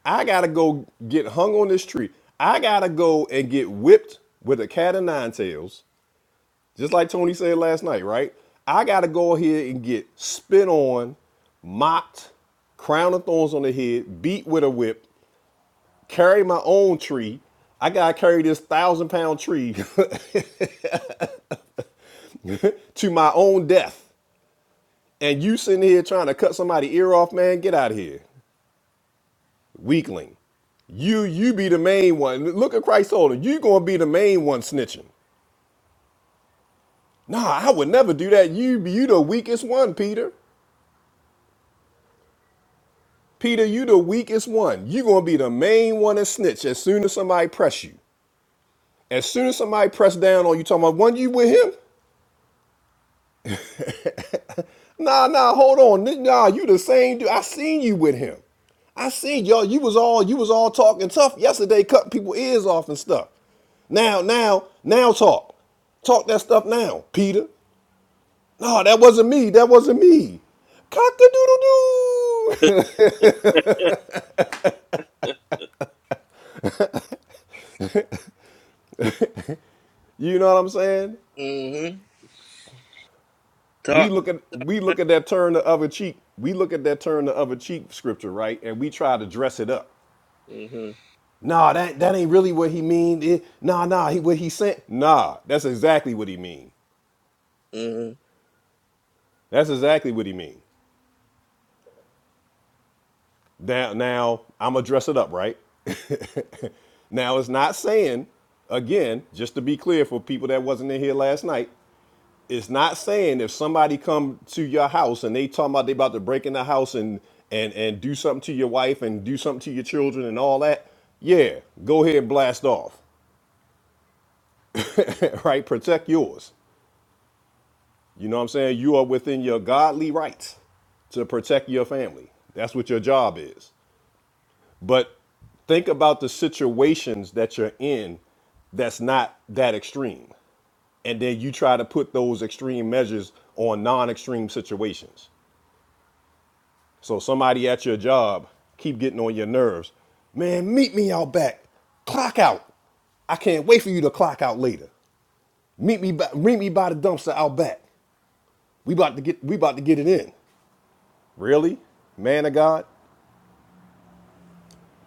Speaker 1: I gotta go get hung on this tree. I gotta go and get whipped with a cat of nine tails, just like Tony said last night, right? I gotta go here and get spit on, mocked, crown of thorns on the head, beat with a whip, carry my own tree. I gotta carry this thousand pound tree to my own death. And you sitting here trying to cut somebody ear off, man, get out of here. Weakling. You you be the main one. Look at Christ older. You gonna be the main one snitching. Nah, I would never do that. You you the weakest one, Peter. Peter, you the weakest one. You gonna be the main one and snitch as soon as somebody press you. As soon as somebody press down on you, talking about one you with him. Nah, nah, hold on. Nah, you the same dude. I seen you with him. I seen y'all. You was all you was all talking tough yesterday, cutting people ears off and stuff. Now, now, now talk. Talk that stuff now, Peter. No, that wasn't me. That wasn't me. Cock a doodle doo. you know what I'm saying?
Speaker 8: Mm-hmm.
Speaker 1: We
Speaker 8: Talk.
Speaker 1: look at we look at that turn the other cheek. We look at that turn the other cheek scripture, right? And we try to dress it up.
Speaker 8: Mm-hmm.
Speaker 1: Nah, that, that ain't really what he mean. It, nah, nah, he what he said. Nah, that's exactly what he mean.
Speaker 8: Mm-hmm.
Speaker 1: That's exactly what he mean. Now, now I'm gonna dress it up, right? now it's not saying, again, just to be clear for people that wasn't in here last night, it's not saying if somebody come to your house and they talking about they about to break in the house and and and do something to your wife and do something to your children and all that yeah go ahead and blast off right protect yours You know what I'm saying? You are within your godly rights to protect your family. That's what your job is. But think about the situations that you're in that's not that extreme. And then you try to put those extreme measures on non extreme situations. So somebody at your job keep getting on your nerves. Man, meet me out back. Clock out. I can't wait for you to clock out later. Meet me by, meet me by the dumpster out back. We about to get we about to get it in. Really? Man of God?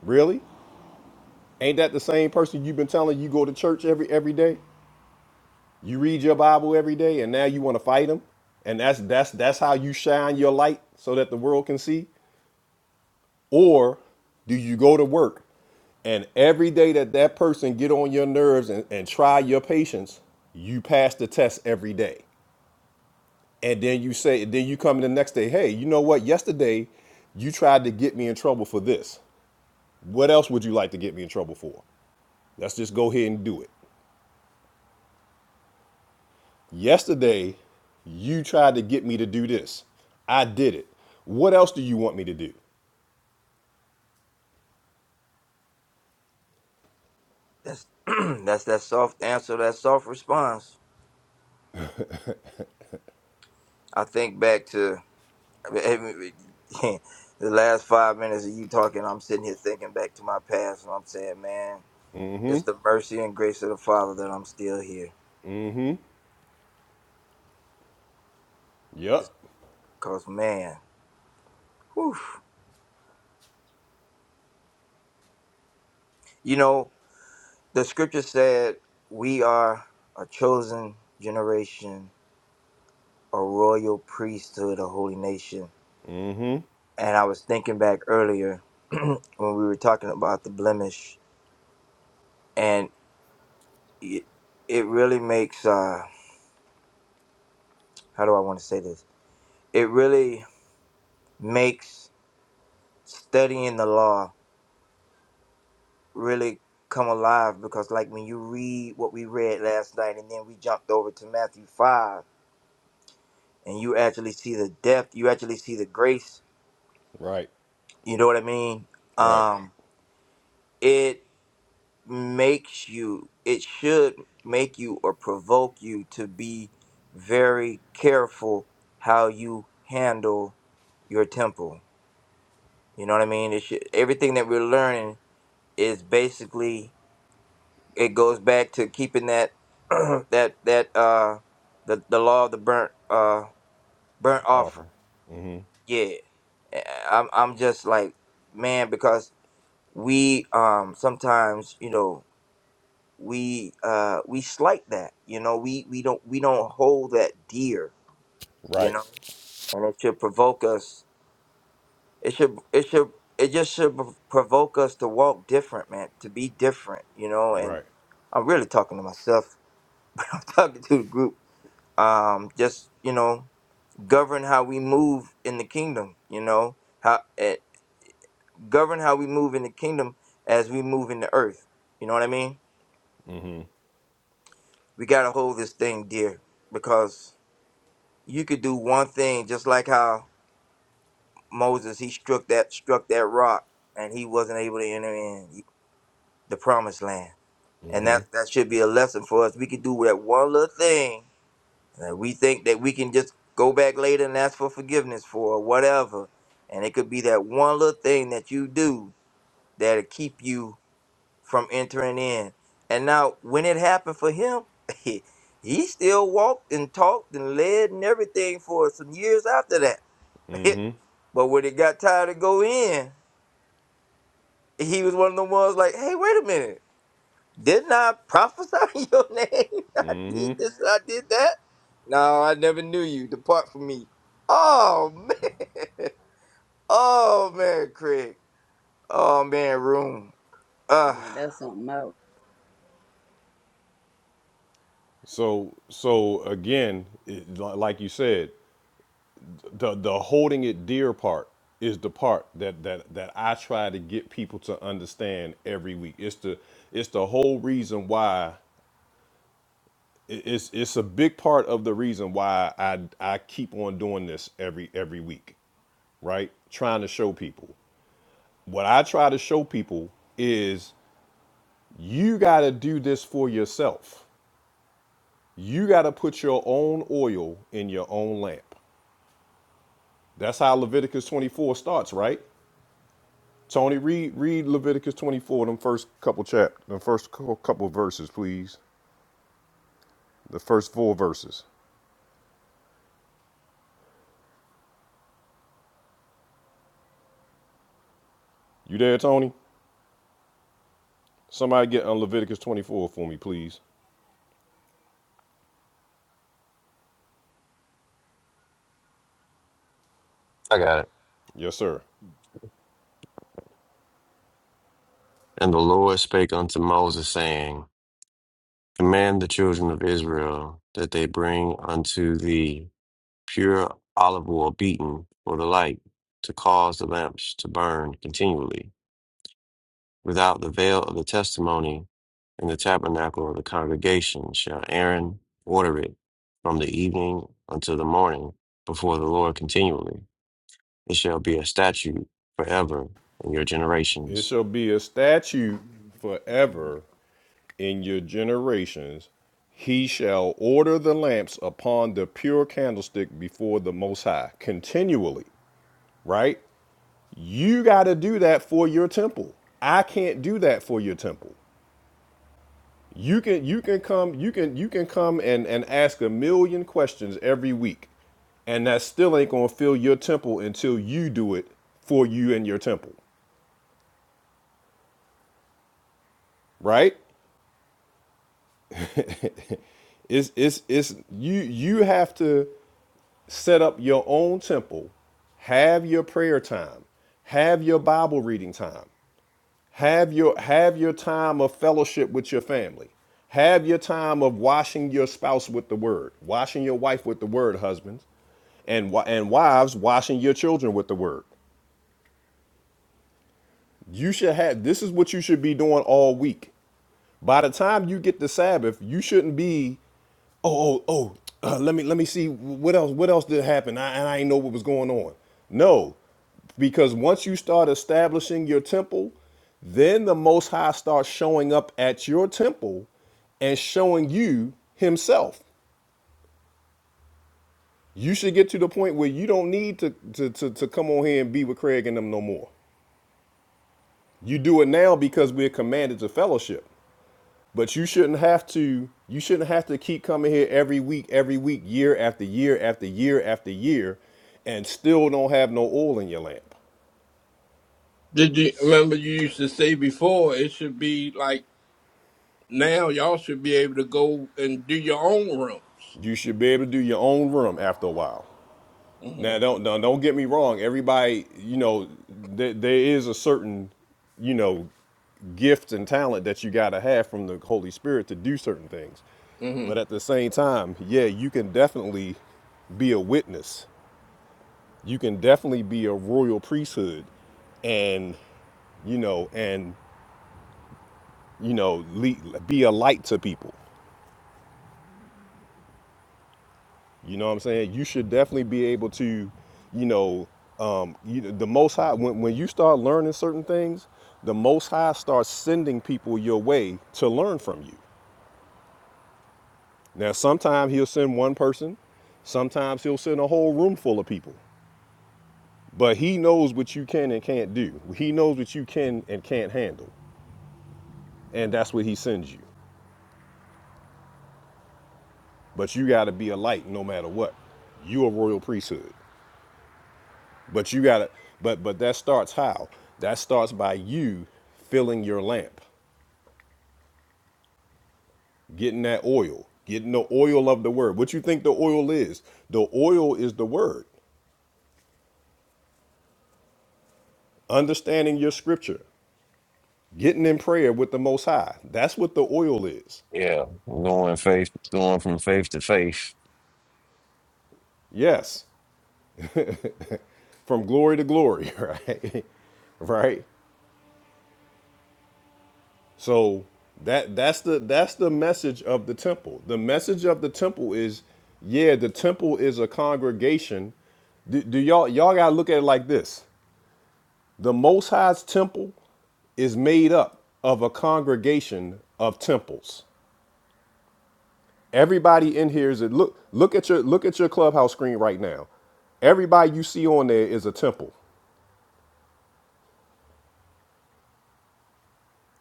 Speaker 1: Really? Ain't that the same person you've been telling you go to church every every day? You read your Bible every day and now you want to fight him? And that's that's that's how you shine your light so that the world can see? Or do you go to work and every day that that person get on your nerves and, and try your patience, you pass the test every day. And then you say, then you come in the next day, hey, you know what? Yesterday, you tried to get me in trouble for this. What else would you like to get me in trouble for? Let's just go ahead and do it. Yesterday, you tried to get me to do this. I did it. What else do you want me to do?
Speaker 9: That's that's that soft answer, that soft response. I think back to the last five minutes of you talking, I'm sitting here thinking back to my past, and I'm saying, man, it's the mercy and grace of the Father that I'm still here. It's
Speaker 1: Yup.
Speaker 9: because, man, whew. you know, the scripture said we are a chosen generation, a royal priesthood, a holy nation. And I was thinking back earlier when we were talking about the blemish, and it, it really makes, uh, how do I want to say this? It really makes studying the law really come alive because like when you read what we read last night and then we jumped over to Matthew 5 and you actually see the depth you actually see the grace
Speaker 1: Right.
Speaker 9: you know what I mean
Speaker 1: Right.
Speaker 9: um it makes you it should make you or provoke you to be very careful how you handle your temple you know what I mean it should everything that we're learning is basically it goes back to keeping that that that uh the the law of the burnt uh burnt offering.
Speaker 1: Awful.
Speaker 9: Yeah, Eh, I'm I'm just like man because we um sometimes you know we uh we slight that you know we we don't we don't hold that dear you
Speaker 1: Right.
Speaker 9: know and it should provoke us it should it should it just should prov- provoke us to walk different man to be different you know and
Speaker 1: Right.
Speaker 9: i'm really talking to myself i'm talking to the group um, just you know govern how we move in the kingdom you know how eh, govern how we move in the kingdom as we move in the earth you know what i mean we got to hold this thing dear because you could do one thing just like how moses he struck that struck that rock and he wasn't able to enter in the promised land and that that should be a lesson for us we could do that one little thing Uh, we think that we can just go back later and ask for forgiveness for or whatever. And it could be that one little thing that you do that'll keep you from entering in. And now, when it happened for him, he he still walked and talked and led and everything for some years after that. but when it got time to go in, he was one of the ones like, hey, wait a minute. Didn't I prophesy your name? I did this, I did that. No, I never knew you. Depart from me. Oh man. Oh man, Craig. Oh man, room. Uh
Speaker 4: Yeah, that's something else.
Speaker 1: So so again, it, like you said, the the holding it dear part is the part that that that I try to get people to understand every week. It's the it's the whole reason why it's it's a big part of the reason why I I keep on doing this every every week, right? Trying to show people. What I try to show people is you got to do this for yourself. You got to put your own oil in your own lamp. That's how Leviticus 24 starts, right? Tony, read read Leviticus 24, them first couple chap, the first cou- couple verses, please. The first four verses. You there, Tony? Somebody get on Leviticus 24 for me, please.
Speaker 11: I got it.
Speaker 1: Yes, sir.
Speaker 11: And the Lord spake unto Moses, saying, Command the children of Israel that they bring unto thee pure olive oil beaten for the light, to cause the lamps to burn continually. Without the veil of the testimony in the tabernacle of the congregation shall Aaron order it from the evening until the morning before the Lord continually. It shall be a statute forever in your
Speaker 1: It
Speaker 11: generations.
Speaker 1: shall be a statute forever in your generations. He shall order the lamps upon the pure candlestick before the Most High continually, right? You got to do that for your temple. I can't do that for your temple. You can you can come you can you can come and and ask a million questions every week and that still ain't going to fill your temple until you do it for you and your temple, right? It's it's it's you you have to set up your own temple, have your prayer time, have your Bible reading time, have your have your time of fellowship with your family, have your time of washing your spouse with the word, washing your wife with the word, husbands, and and wives washing your children with the word. You should have this is what you should be doing all week. By the time you get to Sabbath, you shouldn't be, oh, oh, oh. uh, let me let me see what else what else did happen. I, and I didn't know what was going on. No, because once you start establishing your temple, then the Most High starts showing up at your temple and showing you Himself. You should get to the point where you don't need to to to, to come on here and be with Craig and them no more. You do it now because we're commanded to fellowship. But you shouldn't have to. You shouldn't have to keep coming here every week, every week, year after year after year after year, and still don't have no oil in your lamp.
Speaker 8: Did you remember you used to say before it should be like now y'all should be able to go and do your own rooms.
Speaker 1: You should be able to do your own room after a while. Now,
Speaker 8: Mm-hmm.
Speaker 1: don't don't, don't get me wrong. Everybody, you know, there, there is a certain, you know, gift and talent that you got to have from the Holy Spirit to do certain things.
Speaker 8: Mm-hmm.
Speaker 1: But at the same time, yeah, you can definitely be a witness you can definitely be a royal priesthood and you know and you know lead, be a light to people you know what i'm saying you should definitely be able to you know um you the most high when, when you start learning certain things the most high starts sending people your way to learn from you now sometimes he'll send one person sometimes he'll send a whole room full of people but he knows what you can and can't do he knows what you can and can't handle and that's what he sends you but you got to be a light no matter what. You a royal priesthood, but you got to. But but that starts how? That starts by you filling your lamp, getting that oil, getting the oil of the word. What you think the oil is? The oil is the word. Understanding your scripture, getting in prayer with the Most High. That's what the oil is.
Speaker 11: Yeah, going faith, going from faith to faith.
Speaker 1: Yes, from glory to glory, right? right? So that that's the that's the message of the temple. The message of the temple is, yeah, the temple is a congregation. Do, do y'all y'all gotta look at it like this? The Most High's temple is made up of a congregation of temples. Everybody in here is a look look at your look at your clubhouse screen right now. Everybody you see on there is a temple.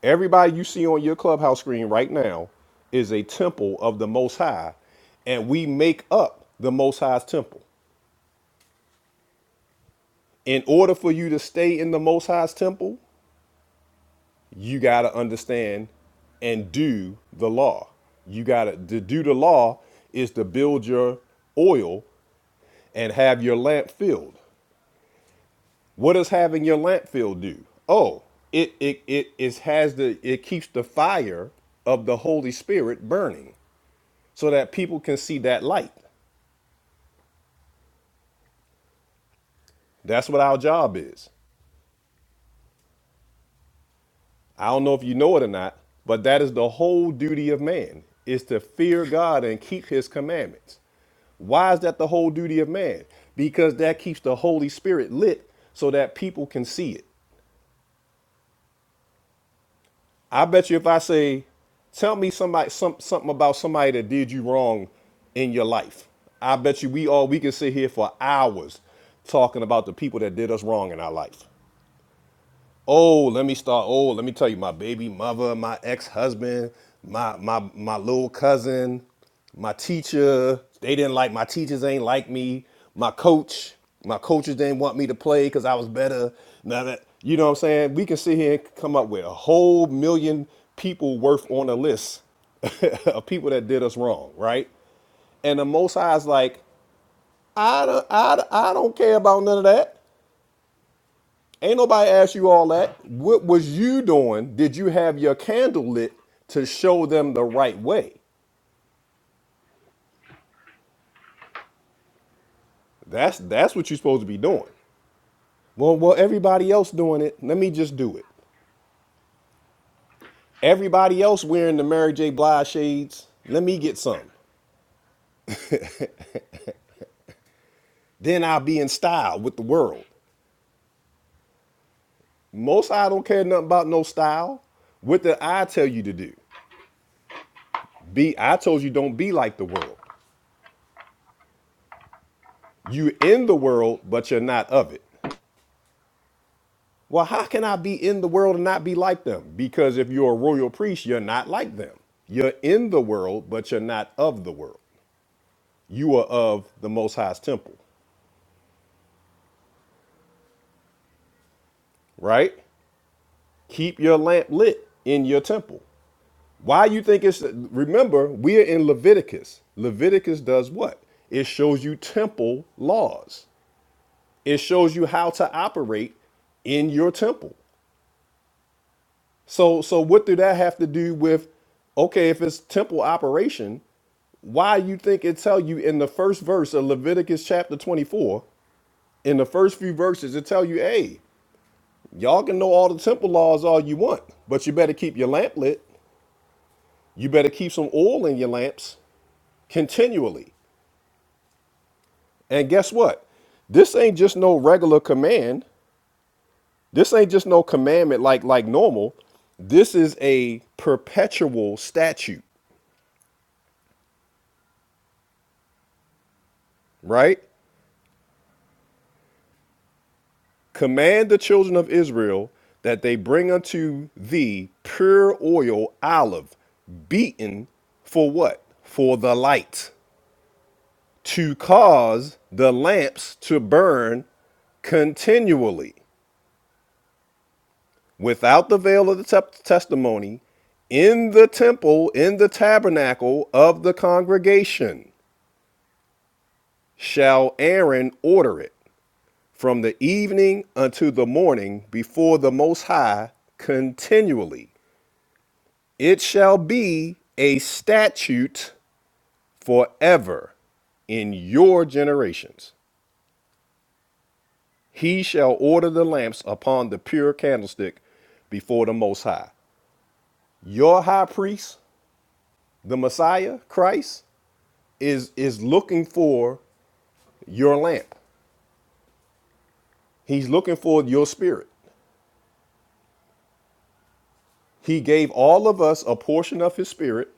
Speaker 1: Everybody you see on your clubhouse screen right now is a temple of the Most High, and we make up the Most High's temple. In order for you to stay in the Most High's temple, you got to understand and do the law. You got to to do the law is to build your oil and have your lamp filled. What does having your lamp filled do? Oh, it it it, it has the it keeps the fire of the Holy Spirit burning. so that people can see that light. That's what our job is. I don't know if you know it or not, but that is the whole duty of man is to fear God and keep his commandments. Why is that the whole duty of man? Because that keeps the Holy Spirit lit so that people can see it. I bet you if I say, tell me somebody some, something about somebody that did you wrong in your life. I bet you we all we can sit here for hours talking about the people that did us wrong in our life. Oh, let me start. Oh, let me tell you, my baby mother, my ex-husband, my my my little cousin, my teacher. They didn't like my teachers. Ain't like me. My coach, my coaches didn't want me to play because I was better. Now that you know what I'm saying, we can sit here and come up with a whole million people worth on a list of people that did us wrong, right? And the Most High is like, I don't, I, I don't care about none of that. Ain't nobody asked you all that. What was you doing? Did you have your candle lit to show them the right way? That's that's what you're supposed to be doing. Well, well, everybody else doing it. Let me just do it. Everybody else wearing the Mary J. Blige shades. Let me get some. Then I'll be in style with the world. Most I don't care nothing about no style. What did I tell you to do? Be I told you don't be like the world. You in the world, but you're not of it. Well, how can I be in the world and not be like them? Because if you're a royal priest, you're not like them. You're in the world, but you're not of the world. You are of the Most High's temple, right? Keep your lamp lit in your temple. Why you think it's remember, we are in Leviticus. Leviticus does what? It shows you temple laws. It shows you how to operate in your temple. So so what do that have to do with okay, if it's temple operation, why you think it tell you in the first verse of Leviticus chapter 24, in the first few verses, it tell you, hey, y'all can know all the temple laws all you want, but you better keep your lamp lit. You better keep some oil in your lamps continually. And guess what? This ain't just no regular command. This ain't just no commandment like like normal. This is a perpetual statute, right? Command the children of Israel that they bring unto thee pure oil olive, beaten for what? For the light, to cause the lamps to burn continually without the veil of the testimony in the temple, in the tabernacle of the congregation, shall Aaron order it from the evening unto the morning before the Most High continually. It shall be a statute forever in your generations. He shall order the lamps upon the pure candlestick before the Most High. Your high priest, the Messiah, Christ, is, is looking for your lamp. He's looking for your spirit. He gave all of us a portion of his spirit,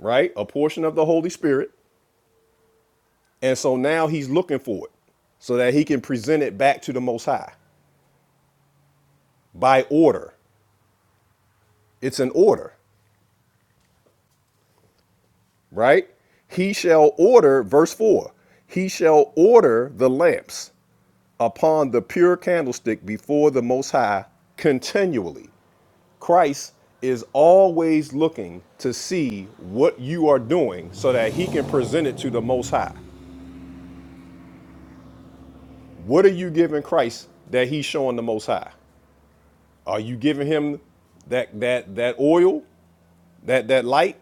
Speaker 1: right? A portion of the Holy Spirit. And so now he's looking for it so that he can present it back to the Most High. by order. It's an order, right? He shall order, verse 4, he shall order the lamps upon the pure candlestick before the Most High continually. Christ is always looking to see what you are doing so that he can present it to the Most High. What are you giving Christ that he's showing the Most High? Are you giving him that that that oil, that that light,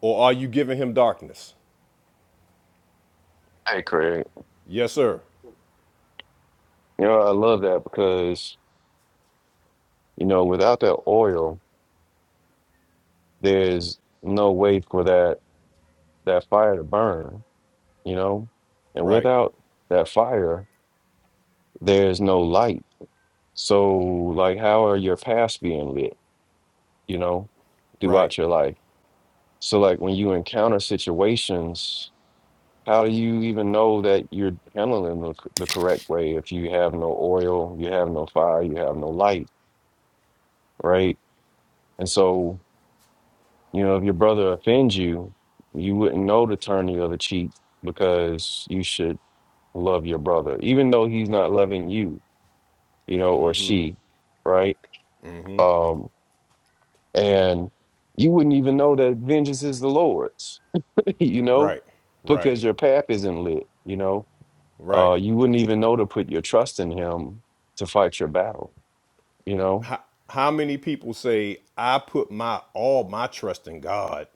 Speaker 1: or are you giving him darkness?
Speaker 11: Hey, Craig.
Speaker 1: Yes, sir.
Speaker 11: You know, I love that because you know, without that oil, there's no way for that that fire to burn. You know, and
Speaker 1: Right,
Speaker 11: without that fire, there's no light. So, like, how are your paths being lit? You know,
Speaker 1: right,
Speaker 11: throughout your life. So, like, when you encounter situations How do you even know that you're handling the, the correct way if you have no oil, you have no fire, you have no light, right? And so, you know, if your brother offends you, you wouldn't know to turn the other cheek because you should love your brother, even though he's not loving you, you know, or she, right? Um, and you wouldn't even know that vengeance is the Lord's, you know,
Speaker 1: right, right,
Speaker 11: because your path isn't lit, you know.
Speaker 1: right.
Speaker 11: uh, you wouldn't even know to put your trust in him to fight your battle, you know?
Speaker 1: How many people say I put my all my trust in God?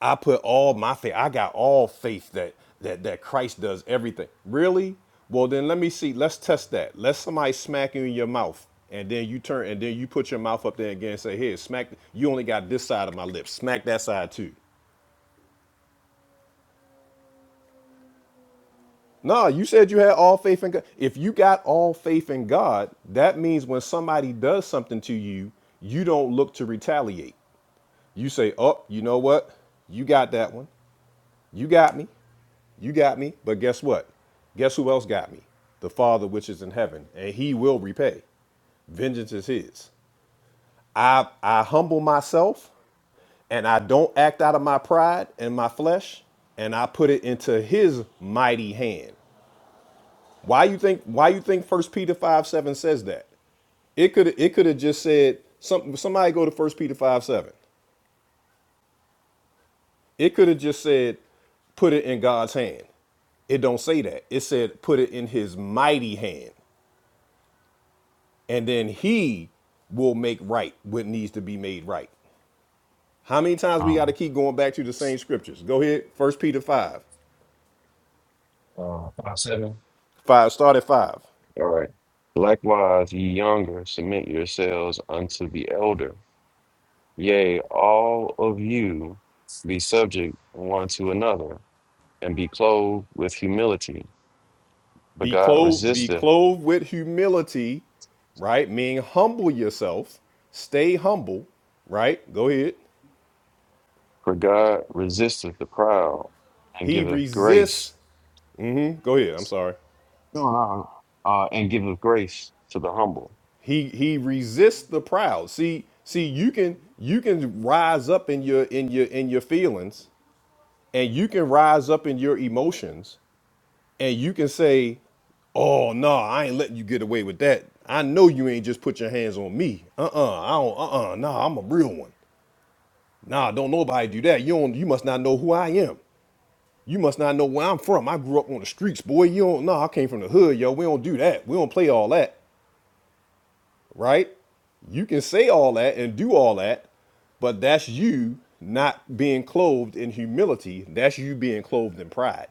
Speaker 1: I put all my faith. I got all faith that that that Christ does everything. Really? Well, then let me see. Let's test that. Let somebody smack you in your mouth, and then you turn, and then you put your mouth up there again and say, "Here, smack." You only got this side of my lips. Smack that side too. No, you said you had all faith in God. If you got all faith in God, that means when somebody does something to you, you don't look to retaliate. You say, Oh, you know what? You got that one. You got me. You got me. But guess what? Guess who else got me? The Father which is in heaven, and he will repay. Vengeance is his. I, I humble myself and I don't act out of my pride and my flesh, and I put it into his mighty hand. Why you think why you think First Peter five seven says that? It could it could have just said some somebody go to First Peter five seven. It could have just said put it in God's hand. It don't say that. It said put it in His mighty hand, and then He will make right what needs to be made right. How many times we got to
Speaker 11: Um,
Speaker 1: keep going back to the same scriptures? Go ahead, First Peter five
Speaker 11: uh, five, seven.
Speaker 1: five. Start at five.
Speaker 11: All right. Likewise, ye younger, submit yourselves unto the elder. Yea, all of you be subject one to another, and be clothed with humility. For
Speaker 1: Be
Speaker 11: God
Speaker 1: clothed, be
Speaker 11: resisteth,
Speaker 1: clothed with humility, right? Meaning humble yourself. Stay humble, right? Go ahead.
Speaker 11: for God resisteth the proud, and
Speaker 1: He
Speaker 11: giveth grace,
Speaker 1: resists. mhm, Go ahead. I'm sorry.
Speaker 11: uh, uh, and giveth grace to the humble.
Speaker 1: He he resists the proud. See, see, you can you can rise up in your in your in your feelings, and you can rise up in your emotions, and you can say, Oh no, I ain't letting you get away with that. I know you ain't just put your hands on me. Uh-uh. I don't uh-uh. no, I'm a real one. Nah, don't nobody do that. You don't. You must not know who I am. You must not know where I'm from. I grew up on the streets, boy. You don't. Nah, I came from the hood, yo. We don't do that. We don't play all that, right? You can say all that and do all that, but that's you not being clothed in humility. That's you being clothed in pride.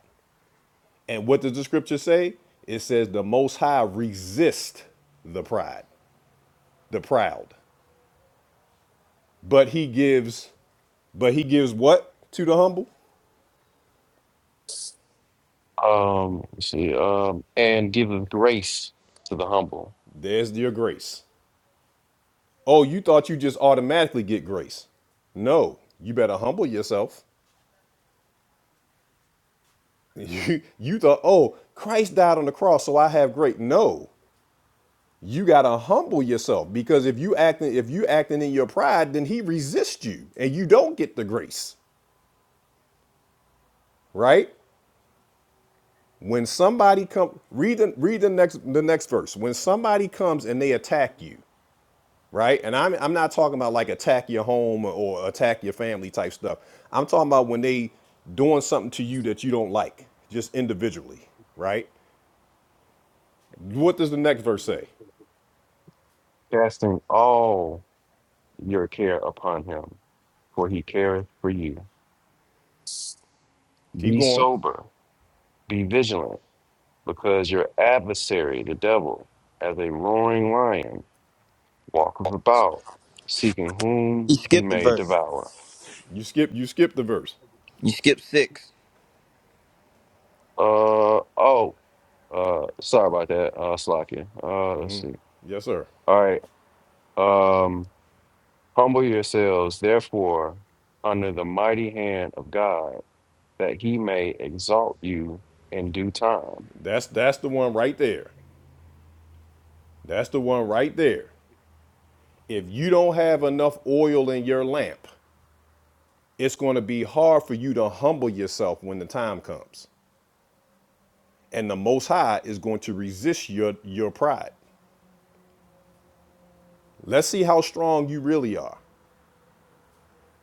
Speaker 1: And what does the scripture say? It says the Most High resists the pride, the proud, but He gives, but He gives what to the humble?
Speaker 11: Um, let's see, um, and giveth grace to the humble,
Speaker 1: There's your grace. Oh, you thought you just automatically get grace. No, you better humble yourself. You, you thought, oh, Christ died on the cross, so I have grace. No, you gotta humble yourself because if you acting if you acting in your pride, then he resists you and you don't get the grace, right? When somebody come read the, read the next the next verse. When somebody comes and they attack you, right? And I'm I'm not talking about like attack your home or attack your family type stuff. I'm talking about when they doing something to you that you don't like, just individually, right? What does the next verse say?
Speaker 11: casting all your care upon him, for he careth for you.
Speaker 1: Keep
Speaker 11: Be
Speaker 1: going.
Speaker 11: sober, be vigilant, because your adversary, the devil, as a roaring lion, walketh about, seeking
Speaker 9: you
Speaker 11: whom he
Speaker 9: skipped the
Speaker 11: may
Speaker 9: verse.
Speaker 11: devour.
Speaker 1: You skip you skip the verse.
Speaker 9: You skipped six.
Speaker 11: Uh oh. Uh, sorry about that. Uh, slacking. Uh, let's see.
Speaker 1: Yes, sir.
Speaker 11: All right. Um, humble yourselves, therefore, under the mighty hand of God, that He may exalt you in due time.
Speaker 1: That's that's the one right there. That's the one right there. If you don't have enough oil in your lamp, it's going to be hard for you to humble yourself when the time comes. And the most high is going to resist your your pride. Let's see how strong you really are.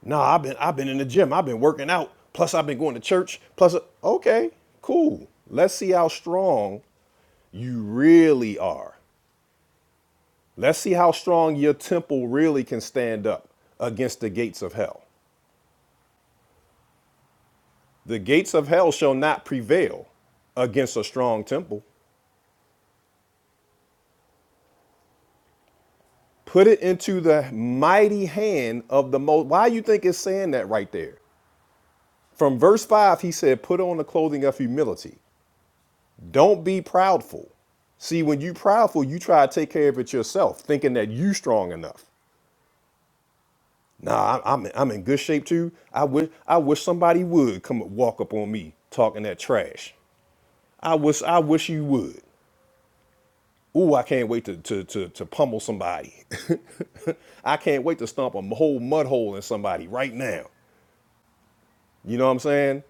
Speaker 1: Nah, I've been I've been in the gym. I've been working out. Plus I've been going to church. Plus okay, cool. Let's see how strong you really are. Let's see how strong your temple really can stand up against the gates of hell. The gates of hell shall not prevail against a strong temple. Put it into the mighty hand of the most. Why you think it's saying that right there? From verse 5, he said, Put on the clothing of humility. Don't be proudful. See, when you proudful, you try to take care of it yourself, thinking that you strong enough. Nah, I- I'm in- I'm in good shape too. I wish I wish somebody would come and walk up on me talking that trash. I wish I wish you would. Ooh, I can't wait to to to, to pummel somebody. I can't wait to stomp a whole mud hole in somebody right now. You know what I'm saying?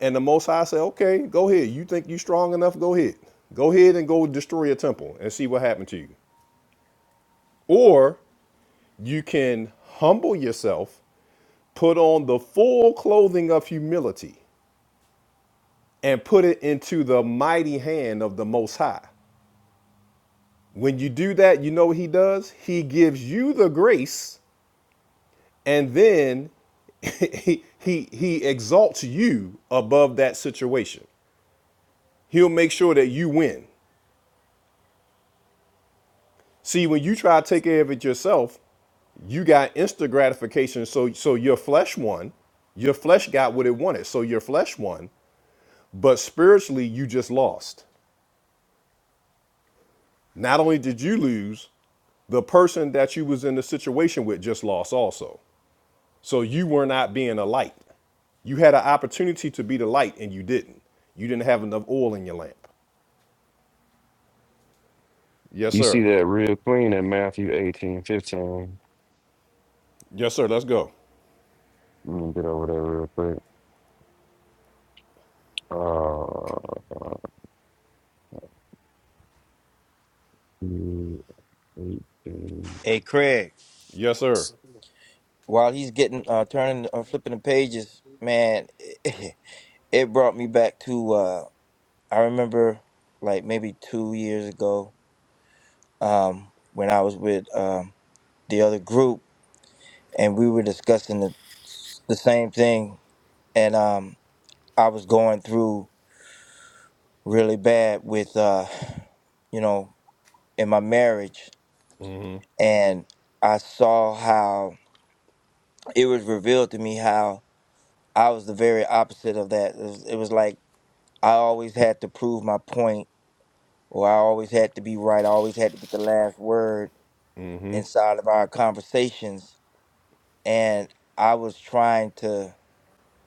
Speaker 1: And the Most High said, "Okay, go ahead. You think you strong enough? Go ahead. Go ahead and go destroy a temple and see what happened to you." Or you can humble yourself, put on the full clothing of humility, and put it into the mighty hand of the Most High. When you do that, you know what He does? He gives you the grace, and then he, he, he exalts you above that situation. He'll make sure that you win. See, when you try to take care of it yourself, you got instant gratification. So so your flesh won. Your flesh got what it wanted. So your flesh won. But spiritually you just lost. Not only did you lose, the person that you was in the situation with just lost also. So you were not being a light. You had an opportunity to be the light and you didn't. You didn't have enough oil in your lamp. Yes,
Speaker 11: You see
Speaker 1: sir.
Speaker 11: that real clean in Matthew eighteen fifteen.
Speaker 1: Yes, sir. Let's go.
Speaker 11: Let me get over there real quick. Uh, Matthew 18.
Speaker 9: Hey Craig,
Speaker 1: Yes, sir.
Speaker 9: while he's getting uh turning uh, flipping the pages, man, it, brought me back to uh I remember like maybe two years ago, um, when I was with um the other group and we were discussing the, the same thing and um i was going through really bad with uh you know in my marriage and i saw how it was revealed to me how i was the very opposite of that it was, it was like i always had to prove my point or i always had to be right i always had to get the last word inside of our conversations and i was trying to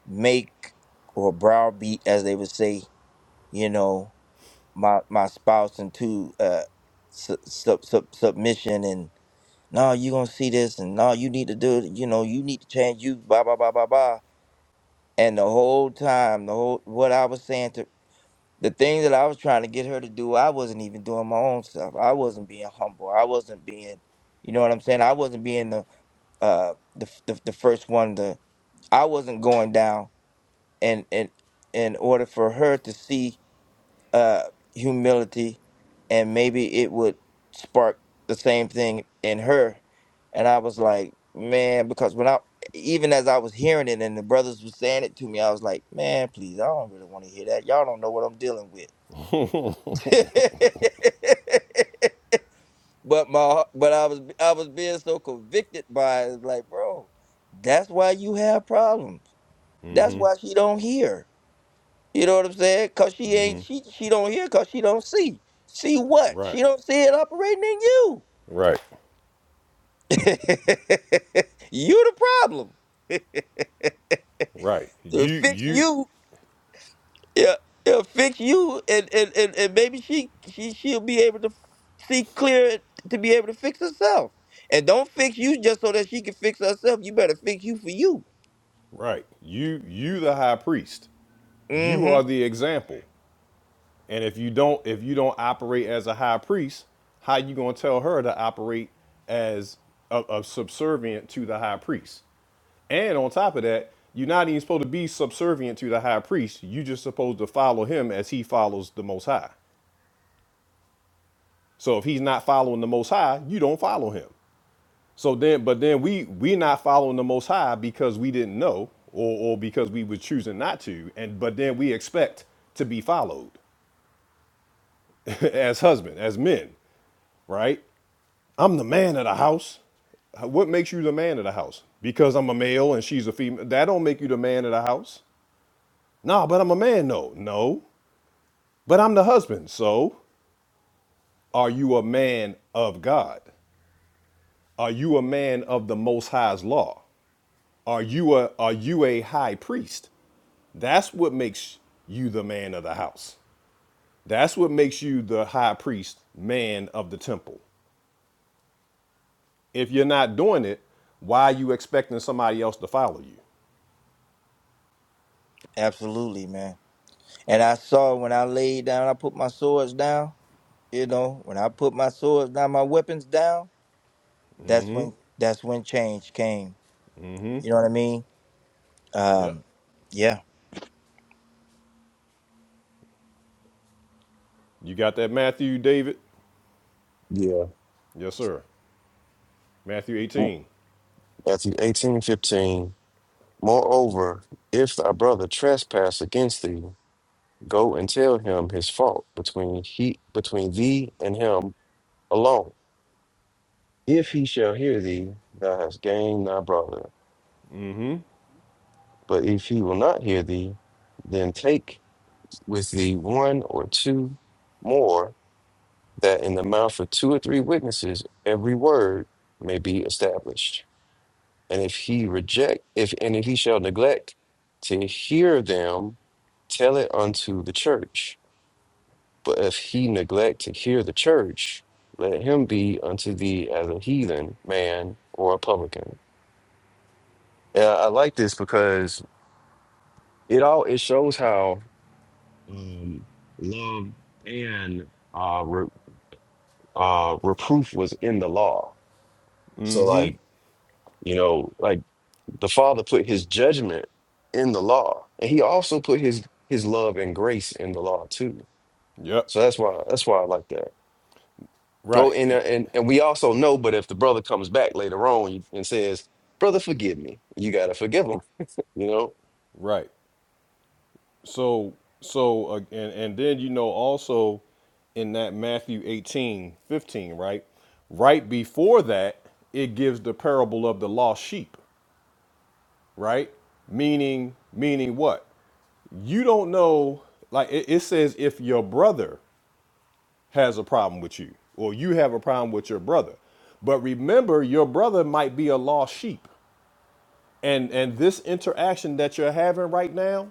Speaker 9: make or browbeat as they would say you know my my spouse into uh su- sub- sub- submission and no you gonna see this and no you need to do it you know you need to change you blah blah blah blah blah and the whole time the whole what I was saying to the thing that I was trying to get her to do I wasn't even doing my own stuff I wasn't being humble I wasn't being you know what I'm saying I wasn't being the uh the f- the, the first one to I wasn't going down and and in order for her to see uh, humility, and maybe it would spark the same thing in her. And I was like, man, because when I, even as I was hearing it and the brothers were saying it to me, I was like, man, please, I don't really want to hear that. Y'all don't know what I'm dealing with. but my, but I was, I was being so convicted by it, like, bro, that's why you have problems. That's why she don't hear. You know what I'm saying? Cause she ain't she she don't hear cause she don't see. See what?
Speaker 1: Right.
Speaker 9: She don't see it operating in you.
Speaker 1: Right.
Speaker 9: you the problem.
Speaker 1: Right.
Speaker 9: It'll
Speaker 1: You
Speaker 9: fix
Speaker 1: you
Speaker 9: you. Yeah, it'll fix you and and, and, and maybe she she she'll be able to see clear to be able to fix herself. And don't fix you just so that she can fix herself. You better fix you for you.
Speaker 1: Right. You you the high priest. You are
Speaker 9: Mm-hmm.
Speaker 1: the example. And if you don't if you don't operate as a high priest, how you going to tell her to operate as a, a subservient to the high priest? And on top of that, you're not even supposed to be subservient to the high priest. you just supposed to follow him as he follows the most high. So if he's not following the most high, you don't follow him. So then, but then we we not following the Most High because we didn't know, or or because we were choosing not to, and but then we expect to be followed as husband, as men, right? I'm the man of the house. What makes you the man of the house? Because I'm a male and she's a female. That don't make you the man of the house. Nah, but I'm a man. No, no. But I'm the husband. So, are you a man of God? Are you a man of the Most High's law? Are you a are you a high priest? That's what makes you the man of the house. That's what makes you the high priest, man of the temple. If you're not doing it, why are you expecting somebody else to follow you?
Speaker 9: Absolutely, man. And I saw when I laid down, I put my swords down. You know, when I put my swords down, my weapons down. that's when that's when change came. You know what I mean?
Speaker 1: Yep.
Speaker 9: Um, yeah.
Speaker 1: You got that Matthew, David?
Speaker 11: yeah,
Speaker 1: Yes, sir. Matthew 18.
Speaker 11: Matthew eighteen fifteen. Moreover, if thy brother trespass against thee, go and tell him his fault between he between thee and him alone. If he shall hear thee, thou hast gained thy brother. But if he will not hear thee, then take with thee one or two more, that in the mouth of two or three witnesses every word may be established. And if he reject, if and if he shall neglect to hear them, tell it unto the church. But if he neglect to hear the church, let him be unto thee as a heathen man or a publican. Yeah, I like this because it all it shows how um, love and uh, re- uh, reproof was in the law. So, like you know, like the Father put His judgment in the law, and He also put His His love and grace in the law too.
Speaker 1: Yep.
Speaker 11: So that's why that's why I like that. Oh,
Speaker 1: Right.
Speaker 11: and, uh,
Speaker 1: Eh,
Speaker 11: and and we also know, but if the brother comes back later on and says, "Brother, forgive me," you gotta forgive him. You know.
Speaker 1: Right. So so uh, and and then you know also in that Matthew 18 15, right? Right before that, it gives the parable of the lost sheep, right? Meaning meaning what? You don't know like it, it says if your brother has a problem with you or you have a problem with your brother. But remember your brother might be a lost sheep. And and this interaction that you're having right now,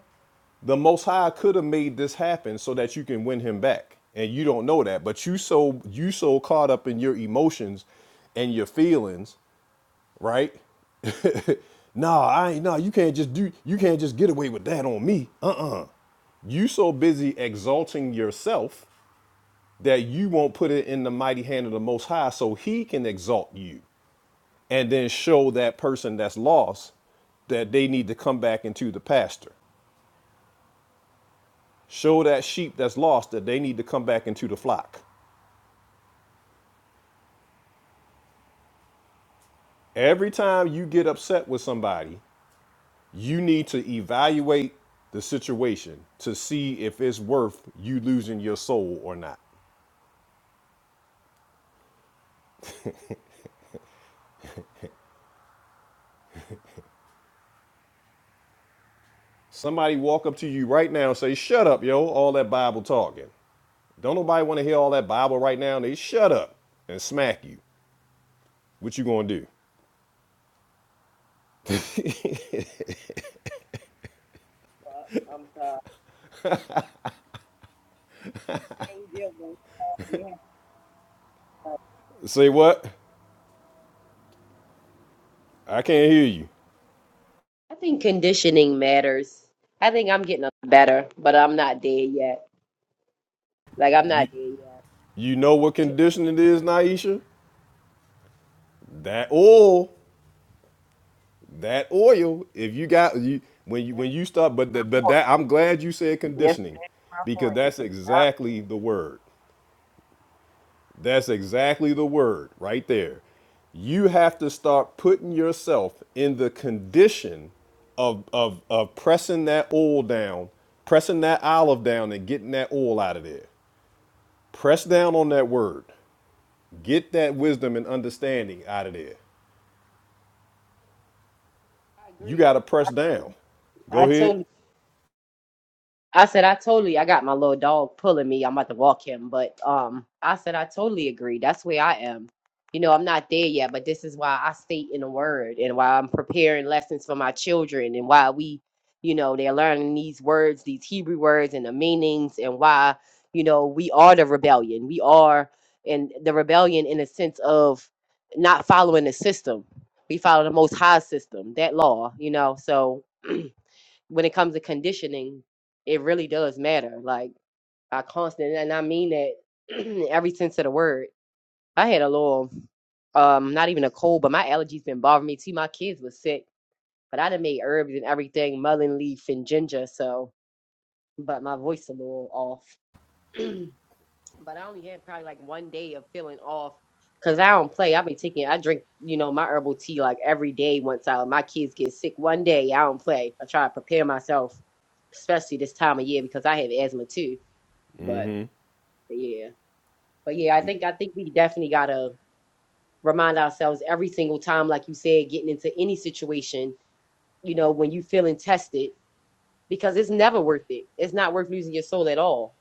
Speaker 1: the Most High could have made this happen so that you can win him back, and you don't know that. But you so you so caught up in your emotions and your feelings, right? nah, I ain't. Nah, you can't just do. You can't just get away with that on me. Uh-uh. You so busy exalting yourself that you won't put it in the mighty hand of the Most High, so He can exalt you and then show that person that's lost that they need to come back into the pasture. Show that sheep that's lost that they need to come back into the flock. Every time you get upset with somebody, you need to evaluate the situation to see if it's worth you losing your soul or not. Somebody walk up to you right now and say, "Shut up, yo, all that Bible talking." Don't nobody want to hear all that Bible right now. And They shut up and smack you. What you gonna do?
Speaker 5: But I'm sorry. I ain't deal with it. Yeah.
Speaker 1: Say what? I can't hear you.
Speaker 5: I think conditioning matters. I think I'm getting a lot better, but I'm not dead yet. Like I'm not
Speaker 1: You
Speaker 5: dead yet.
Speaker 1: you know what condition it is, Naisha? That oil, that oil. If you got you when you
Speaker 5: That's
Speaker 1: when you stop, but that
Speaker 5: my
Speaker 1: but
Speaker 5: point.
Speaker 1: that I'm glad you said
Speaker 5: Yes, that's
Speaker 1: conditioning,
Speaker 5: my
Speaker 1: because
Speaker 5: point.
Speaker 1: that's exactly the word. That's exactly the word right there. You have to start putting yourself in the condition of of of pressing that oil down, pressing that olive down, and getting that oil out of there. Press down on that word. Get that wisdom and understanding out of there.
Speaker 5: I, I
Speaker 1: you
Speaker 5: agree.
Speaker 1: got to press down.
Speaker 5: I
Speaker 1: Go ahead.
Speaker 5: totally I said I totally I got my little dog pulling me. I'm about to walk him, but um I said I totally agree. That's where I am. You know, I'm not there yet, but this is why I stay in the word and why I'm preparing lessons for my children and why we, you know, they're learning these words, these Hebrew words and the meanings and why, you know, we are the rebellion. We are and the rebellion in a sense of not following the system. We follow the most high system, that law, you know. So when it comes to conditioning, it really does matter. Like I constant, and I mean that in every sense of the word. I had a little, um, not even a cold, but my allergies been bothering me. too. my kids was sick, but I done made herbs and everything, mullein leaf and ginger. So, but my voice a little off. but I only had probably like one day of feeling off because I don't play. I be taking, I drink, you know, my herbal tea like every day. Once I my kids get sick, one day I don't play. I try to prepare myself, especially this time of year because I have asthma too. But yeah, but yeah, I think I think we definitely gotta remind ourselves every single time, like you said, getting into any situation, you know, when you feeling tested, because it's never worth it. It's not worth losing your soul at all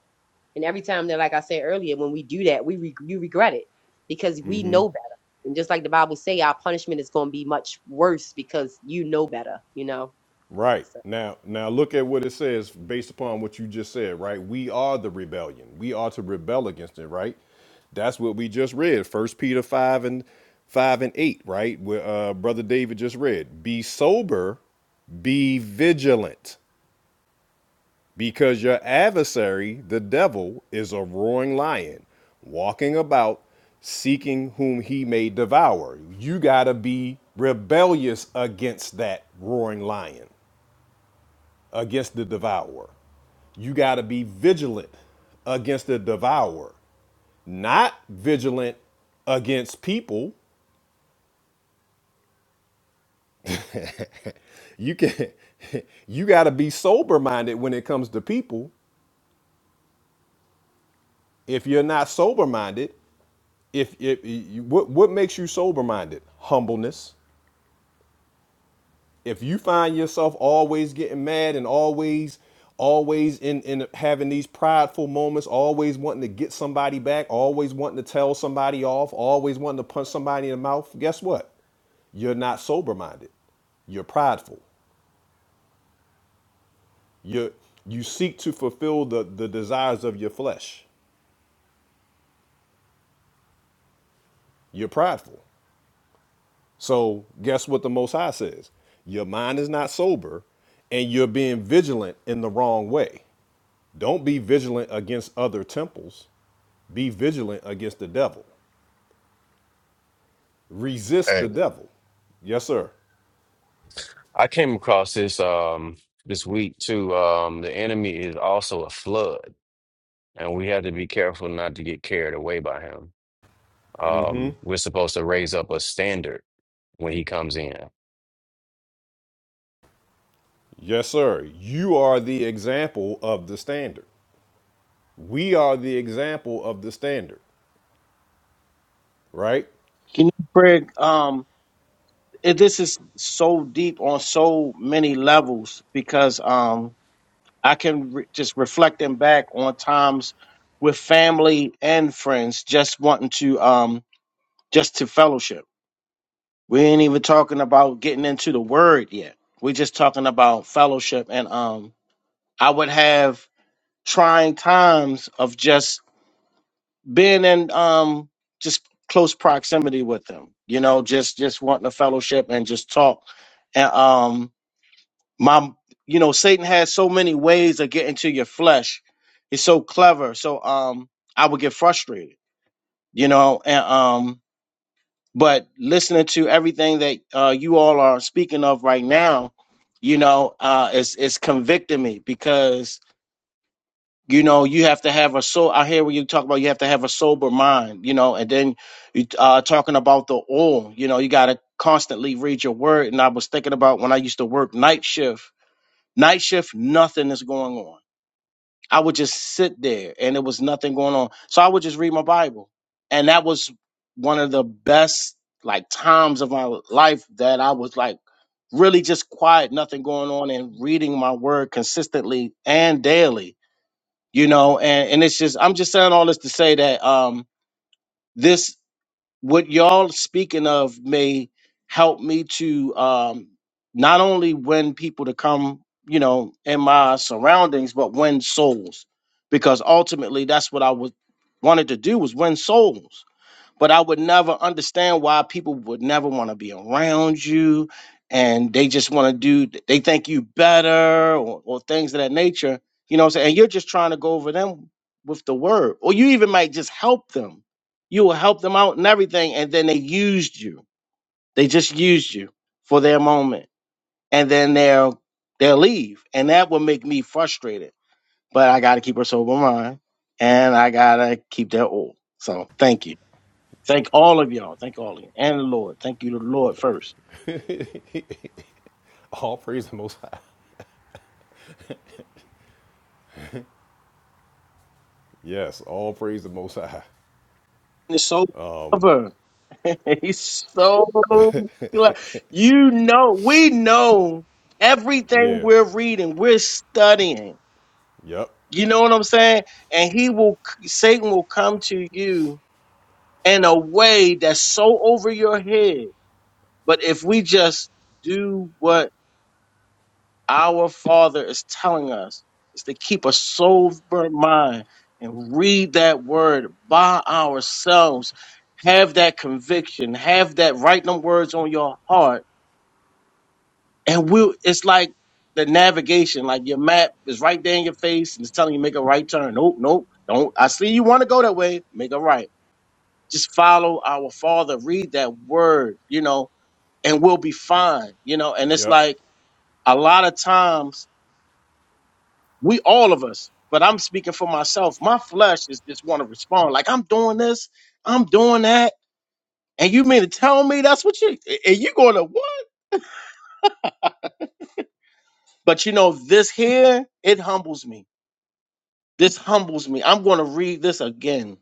Speaker 5: And every time that, like I said earlier, when we do that, we re- you regret it because we know better. And just like the Bible say, our punishment is going to be much worse because you know better. You know.
Speaker 1: Right.
Speaker 5: So.
Speaker 1: Now now look at what it says based upon what you just said, right? We are the rebellion. We are to rebel against it, right? That's what we just read. First Peter 5 and 5 and 8, right? Where uh brother David just read. Be sober, be vigilant. Because your adversary, the devil, is a roaring lion, walking about seeking whom he may devour. You got to be rebellious against that roaring lion, against the devourer. You got to be vigilant against the devourer, not vigilant against people. You can you got to be sober minded when it comes to people. If you're not sober minded, if, if you, what what makes you sober minded humbleness if you find yourself always getting mad and always always in in having these prideful moments always wanting to get somebody back always wanting to tell somebody off always wanting to punch somebody in the mouth guess what you're not sober minded you're prideful you you seek to fulfill the the desires of your flesh you're prideful So guess what the Most High says? Your mind is not sober, and you're being vigilant in the wrong way. Don't be vigilant against other temples. Be vigilant against the devil. Resist
Speaker 11: Hey,
Speaker 1: the devil. Yes, sir.
Speaker 11: I came across this um this week too. Um, the enemy is also a flood, and we have to be careful not to get carried away by him.
Speaker 1: Mm-hmm.
Speaker 11: Um, we're supposed to raise up a standard when he comes in.
Speaker 1: Yes, sir. You are the example of the standard. We are the example of the standard, right?
Speaker 2: Can you, Craig? Um, it, this is so deep on so many levels because um, I can re- just reflecting back on times with family and friends, just wanting to um just to fellowship. We ain't even talking about getting into the word yet. We're just talking about fellowship, and um, I would have trying times of just being in um just close proximity with them. You know, just just wanting to fellowship and just talk, and um my you know satan has so many ways of getting to your flesh he's so clever so um i would get frustrated you know and um but listening to everything that uh you all are speaking of right now you know uh it's it's convicting me because you know you have to have a so i hear when you talk about you have to have a sober mind you know and then you uh talking about the oil you know you got to constantly read your word and i was thinking about when i used to work night shift Night shift, nothing is going on. I would just sit there and there was nothing going on. So I would just read my Bible. And that was one of the best like times of my life that I was like really just quiet, nothing going on and reading my word consistently and daily, you know, and, and it's just I'm just saying all this to say that um this what y'all speaking of may help me to um, not only win people to come, you know, in my surroundings, but win souls, because ultimately that's what I was wanted to do was win souls but I would never understand why people would never want to be around you and they just want to do they think you better or, or things of that nature. You know what I'm saying? And you're just trying to go over them with the word. Or you even might just help them. You will help them out and everything, and then they used you. They just used you for their moment. And then they'll they'll leave. And that will make me frustrated. But I gotta keep a sober mind and I gotta keep that old. So thank you. Thank all of y'all. Thank all of you. And the Lord. Thank you to the Lord first.
Speaker 1: All praise the Most High. Yes, all praise the Most High.
Speaker 2: And it's so clever. He's so clever. You know, we know everything
Speaker 1: Yeah.
Speaker 2: we're reading, we're studying.
Speaker 1: Yep.
Speaker 2: You know what I'm saying? And he will, Satan will come to you in a way that's so over your head. But if we just do what Our Father is telling us is to keep a sober mind and read that word by ourselves. Have that conviction. Have that write them words on your heart. And we'll it's like the navigation, like your map is right there in your face and it's telling you make a right turn. Nope, nope, don't. I see you want to go that way, make a right. Just follow our Father, read that word, you know, and we'll be fine, you know. And it's
Speaker 1: Yep.
Speaker 2: like a lot of times we all of us but i'm speaking for myself my flesh is just want to respond like i'm doing this i'm doing that and you mean to tell me that's what you and you going to what but you know this here it humbles me this humbles me i'm going to read this again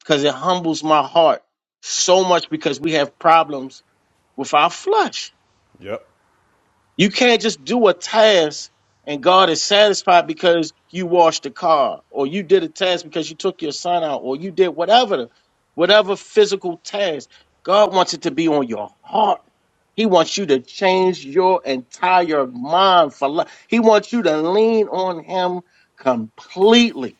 Speaker 2: because it humbles my heart so much because we have problems with our flesh
Speaker 1: Yep.
Speaker 2: You can't just do a task and God is satisfied because you washed the car or you did a task because you took your son out or you did whatever, whatever physical task. God wants it to be on your heart. He wants you to change your entire mind for life. He wants you to lean on him completely.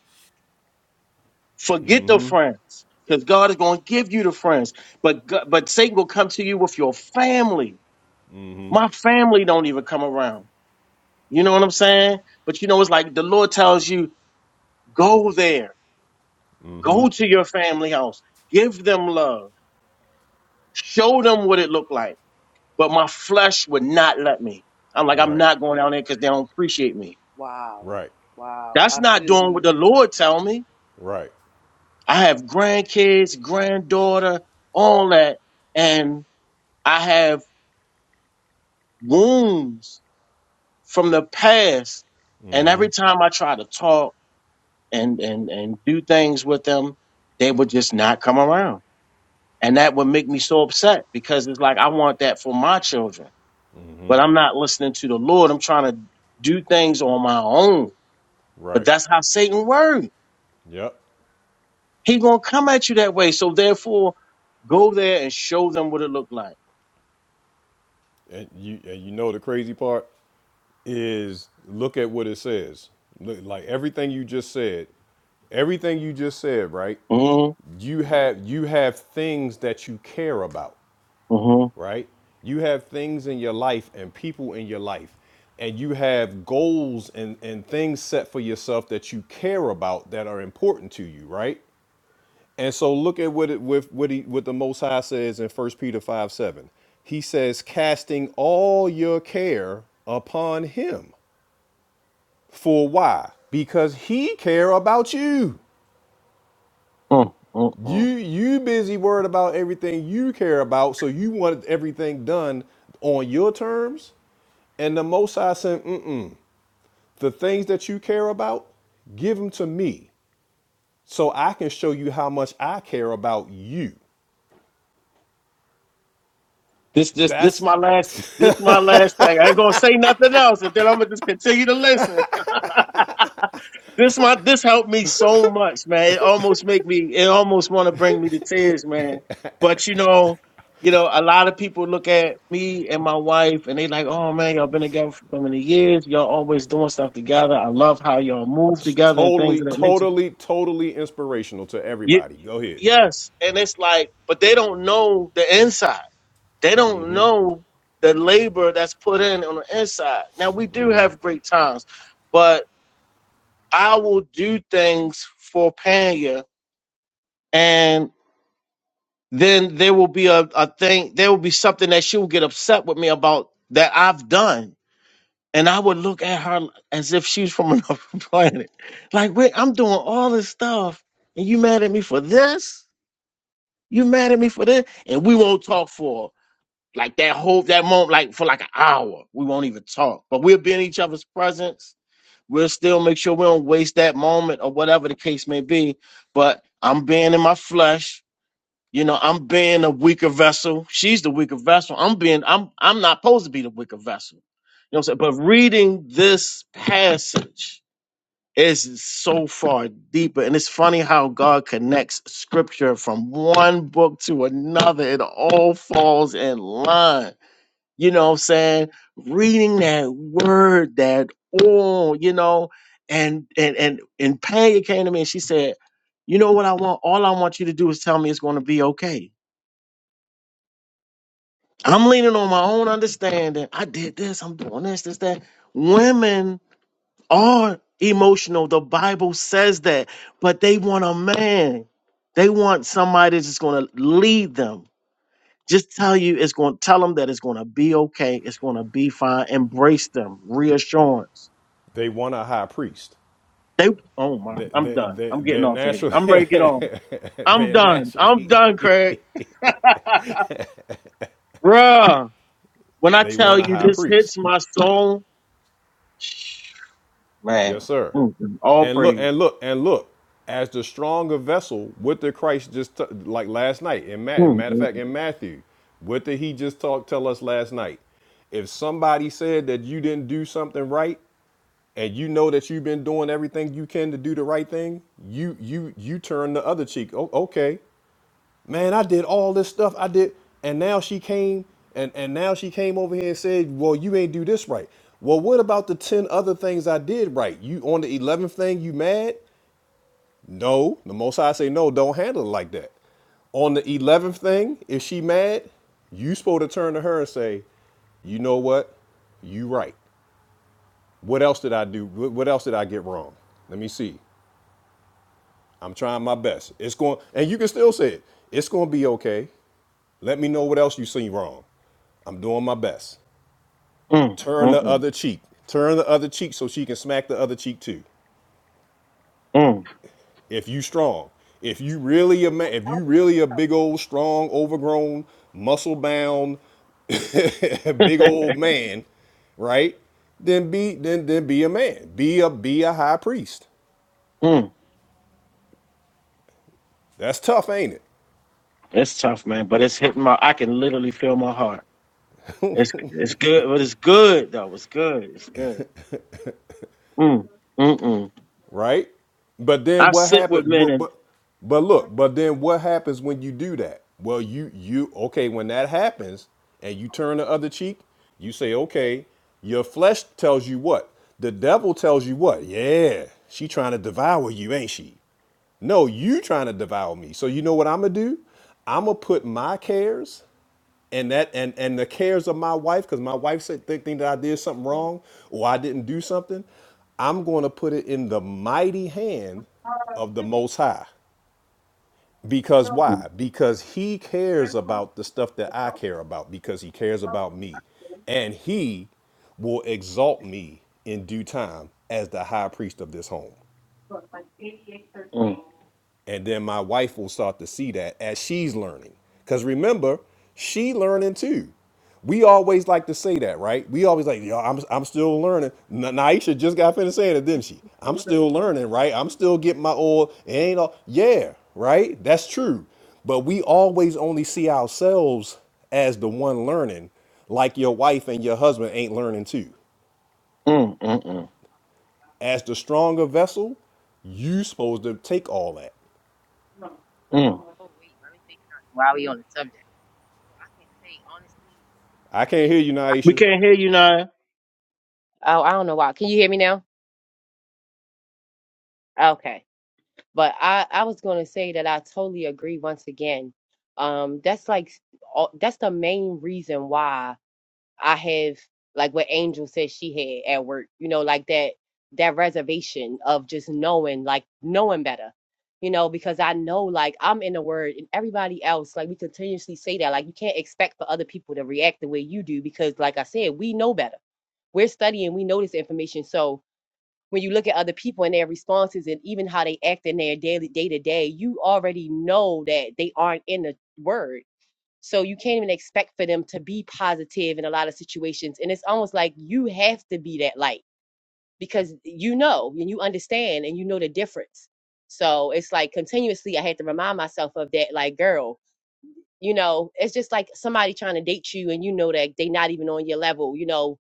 Speaker 2: Forget the friends because God is going to give you the friends. But, God- but Satan will come to you with your family. My family don't even come around. You know what I'm saying? But you know, it's like the Lord tells you, go there, go to your family house, give them love, show them what it looked like. But my flesh would not let me. I'm like, I'm
Speaker 1: Right.
Speaker 2: not going down there because they don't appreciate me.
Speaker 4: Wow.
Speaker 1: Right.
Speaker 4: Wow.
Speaker 2: That's
Speaker 4: I
Speaker 2: not
Speaker 4: feel you,
Speaker 2: doing what the
Speaker 4: Mr.
Speaker 2: Lord
Speaker 4: Shelton.
Speaker 2: tell me.
Speaker 1: Right,
Speaker 2: I have grandkids, granddaughter, all that, and I have wounds from the past. And every time I try to talk and and and do things with them, they would just not come around And that would make me so upset because it's like, I want that for my children, but I'm not listening to the Lord. I'm trying to do things on my own. But
Speaker 1: right.
Speaker 2: that's how Satan works.
Speaker 1: Yep.
Speaker 2: He going to come at you that way. So therefore, go there and show them what it looked like.
Speaker 1: And you and you know the crazy part is look at what it says. Look, like everything you just said, everything you just said, right?
Speaker 2: Mm,
Speaker 1: You have you have things that you care about,
Speaker 2: mm,
Speaker 1: right? You have things in your life and people in your life. And you have goals and, and things set for yourself that you care about that are important to you, right? And so look at what it with what he what the Most High says in First Peter 5 7. He says, casting all your care upon him. For why? Because he care about you.
Speaker 2: mm, mm,
Speaker 1: You
Speaker 2: mm.
Speaker 1: you busy worried about everything you care about, so you want everything done on your terms. And the Most High said, Mm-mm. the things that you care about, give them to me so I can show you how much I care about you.
Speaker 2: This, this, this
Speaker 1: That's
Speaker 2: my last, this my last thing. I ain't going to say nothing else. And then I'm going to just continue to listen. This my this helped me so much, man. It almost make me it almost want to bring me to tears, man. But you know, you know, a lot of people look at me and my wife and they like, oh man, y'all been together for so many years. Y'all always doing stuff together. I love how y'all move together and things
Speaker 1: Totally,
Speaker 2: of that nature.
Speaker 1: totally, totally inspirational to
Speaker 2: Ye-
Speaker 1: everybody. Go ahead.
Speaker 2: yes, and it's like, but they don't know the inside. They don't know the labor that's put in on the inside. Now we do have great times, but I will do things for Panya and then there will be a, a thing there will be something that she will get upset with me about that i've done and i would look at her as if she's from another planet like wait i'm doing all this stuff and you mad at me for this you mad at me for this and we won't talk for like that whole that moment like for like an hour we won't even talk but we'll be in each other's presence we'll still make sure we don't waste that moment or whatever the case may be but i'm being in my flesh You know, I'm being a weaker vessel. She's the weaker vessel. I'm being I'm I'm not supposed to be the weaker vessel. You know what I'm saying? But reading this passage is so far deeper. And it's funny how God connects scripture from one book to another. It all falls in line. You know what I'm saying? Reading that word, that all, you know, and and and and Panya came to me and she said, You know what I want? All I want you to do is tell me it's gonna be okay I'm leaning on my own understanding. I did this, I'm doing this, this, that. Women are emotional. The Bible says that, but they want a man. They want somebody that's just going to lead them. Just tell you it's going to tell them that it's going to be okay. It's going to be fine. Embrace them. Reassurance.
Speaker 1: They want a high priest.
Speaker 2: They oh my,
Speaker 1: They,
Speaker 2: I'm
Speaker 1: they,
Speaker 2: done.
Speaker 1: they,
Speaker 2: I'm getting
Speaker 1: they're
Speaker 2: off of here.
Speaker 1: naturally,
Speaker 2: I'm ready to get off. I'm
Speaker 1: they're
Speaker 2: done. I'm
Speaker 1: naturally,
Speaker 2: done, Craig. Bruh. When I
Speaker 1: they
Speaker 2: tell
Speaker 1: want a
Speaker 2: you
Speaker 1: high
Speaker 2: this
Speaker 1: priest.
Speaker 2: hits my soul,
Speaker 1: Yes,
Speaker 2: Man.
Speaker 1: sir.
Speaker 2: Mm, mm. All
Speaker 1: And look,
Speaker 2: praise.
Speaker 1: and look, and look. As the stronger vessel, what did Christ just t- like last night? In Ma-
Speaker 2: Mm,
Speaker 1: matter of
Speaker 2: mm,
Speaker 1: fact, in Matthew, what did he just talk tell us last night? If somebody said that you didn't do something right, and you know that you've been doing everything you can to do the right thing, you you you turn the other cheek. Oh, okay, man, I did all this stuff I did, and now she came and and now she came over here and said, well, you ain't do this right. Well, what about the ten other things I did right? You on the eleventh thing, you mad? No, the Most High say no. Don't handle it like that. On the eleventh thing, if she mad, you supposed to turn to her and say, you know what, you right. What else did I do? What else did I get wrong? Let me see. I'm trying my best. It's going, and you can still say it. It's going to be okay. Let me know what else you seen wrong. I'm doing my best.
Speaker 2: mm, mm,
Speaker 1: Turn the
Speaker 2: mm,
Speaker 1: other cheek. Turn the other cheek so she can smack the other cheek too.
Speaker 2: mm,
Speaker 1: If you strong, if you really a man, if you really a big old strong, overgrown, muscle bound, big old man, right? Then be then then be a man. Be a be a high priest.
Speaker 2: mm.
Speaker 1: That's tough, ain't it?
Speaker 2: It's tough, man, but it's hitting my. I can literally feel my heart. It's it's good, but it's good though. It's good. It's good. Mm, mm, mm.
Speaker 1: right? But then
Speaker 2: I
Speaker 1: what
Speaker 2: sit with
Speaker 1: happened?
Speaker 2: men
Speaker 1: But,
Speaker 2: and.
Speaker 1: but but look, but then what happens when you do that? Well, you you okay when that happens and you turn the other cheek, you say okay. Your flesh tells you what? The devil tells you what? Yeah, she trying to devour you, ain't she? No, you trying to devour me. So you know what I'm gonna do? I'm gonna put my cares and that and and the cares of my wife because my wife said think, think that i did something wrong or i didn't do something i'm going to put it in the mighty hand of the most high because
Speaker 2: Mm,
Speaker 1: why because he cares about the stuff that i care about because he cares about me and he will exalt me in due time as the high priest of this home
Speaker 2: mm,
Speaker 1: and then my wife will start to see that as she's learning because remember she learning too we always like to say that right we always like yo i'm, I'm still learning Na- naisha just got finished saying it didn't she i'm still learning right i'm still getting my oil it ain't all yeah right that's true but we always only see ourselves as the one learning like your wife and your husband ain't learning too
Speaker 2: mm, mm, mm,
Speaker 1: as the stronger vessel you supposed to take all that
Speaker 2: mm.
Speaker 5: Oh wait, let me say something while we on the subject. So I can say honestly,
Speaker 1: i can't
Speaker 5: again.
Speaker 1: hear you
Speaker 2: We
Speaker 1: naisha
Speaker 2: can't hear you, Naya.
Speaker 5: Oh, I don't know why. Can you hear me now? Okay. But I I was going to say that I totally agree once again. Um that's like all- that's the main reason why I have like what Angel said she had at work, you know, like that that reservation of just knowing, like knowing better, you know, because I know like I'm in the word and everybody else, like we continuously say that, like you can't expect for other people to react the way you do because like I said, we know better. We're studying, we know this information. So when you look at other people and their responses and even how they act in their daily day to day, you already know that they aren't in the word so you can't even expect for them to be positive in a lot of situations. And it's almost like you have to be that light because you know and you understand and you know the difference. So it's like continuously I had to remind myself of that, like, girl, you know, it's just like somebody trying to date you and you know that they not even on your level, you know,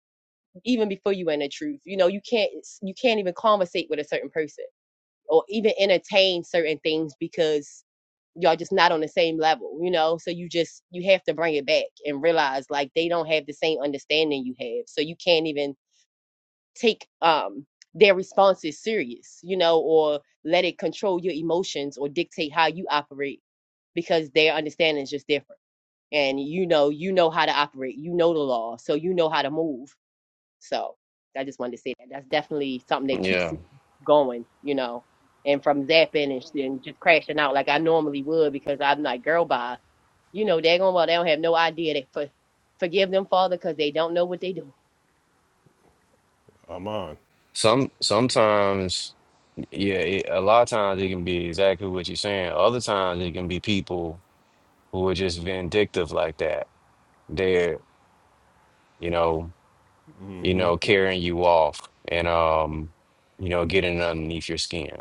Speaker 5: even before you in the truth. You know, you can't you can't even conversate with a certain person or even entertain certain things because y'all just not on the same level, you know? So you just you have to bring it back and realize like they don't have the same understanding you have. So you can't even take um their responses serious, you know, or let it control your emotions or dictate how you operate because their understanding is just different. And you know, you know how to operate. You know the law, so you know how to move. So I just wanted to say that that's definitely something that keeps
Speaker 11: Yeah.
Speaker 5: me going, you know, and from zapping and, sh- and just crashing out like I normally would because I'm like, girl, bye. You know, they're going, well, they don't have no idea that for, forgive them, Father, because they don't know what they do.
Speaker 1: i'm on
Speaker 11: Some sometimes, yeah, it, a lot of times it can be exactly what you're saying. Other times it can be people who are just vindictive like that They're, you know, you know, carrying you off and um, you know, getting underneath your skin,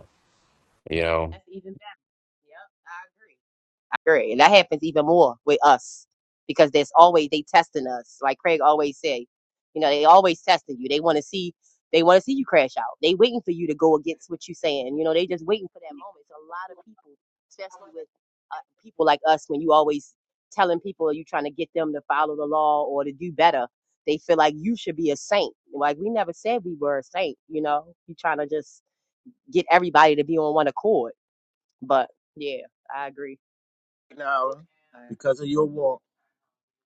Speaker 11: you know.
Speaker 5: That's even better. Yep, I agree. Period. And that happens even more with us because there's always they testing us. Like Craig always say, you know, they always testing you. They want to see they want to see you crash out. They waiting for you to go against what you saying. You know, they just waiting for that moment. So a lot of people, especially with uh, people like us, when you always telling people you trying to get them to follow the law or to do better, they feel like you should be a saint. Like we never said we were a saint. You know, you trying to just get everybody to be on one accord. But yeah, I agree.
Speaker 2: Now, because of your walk.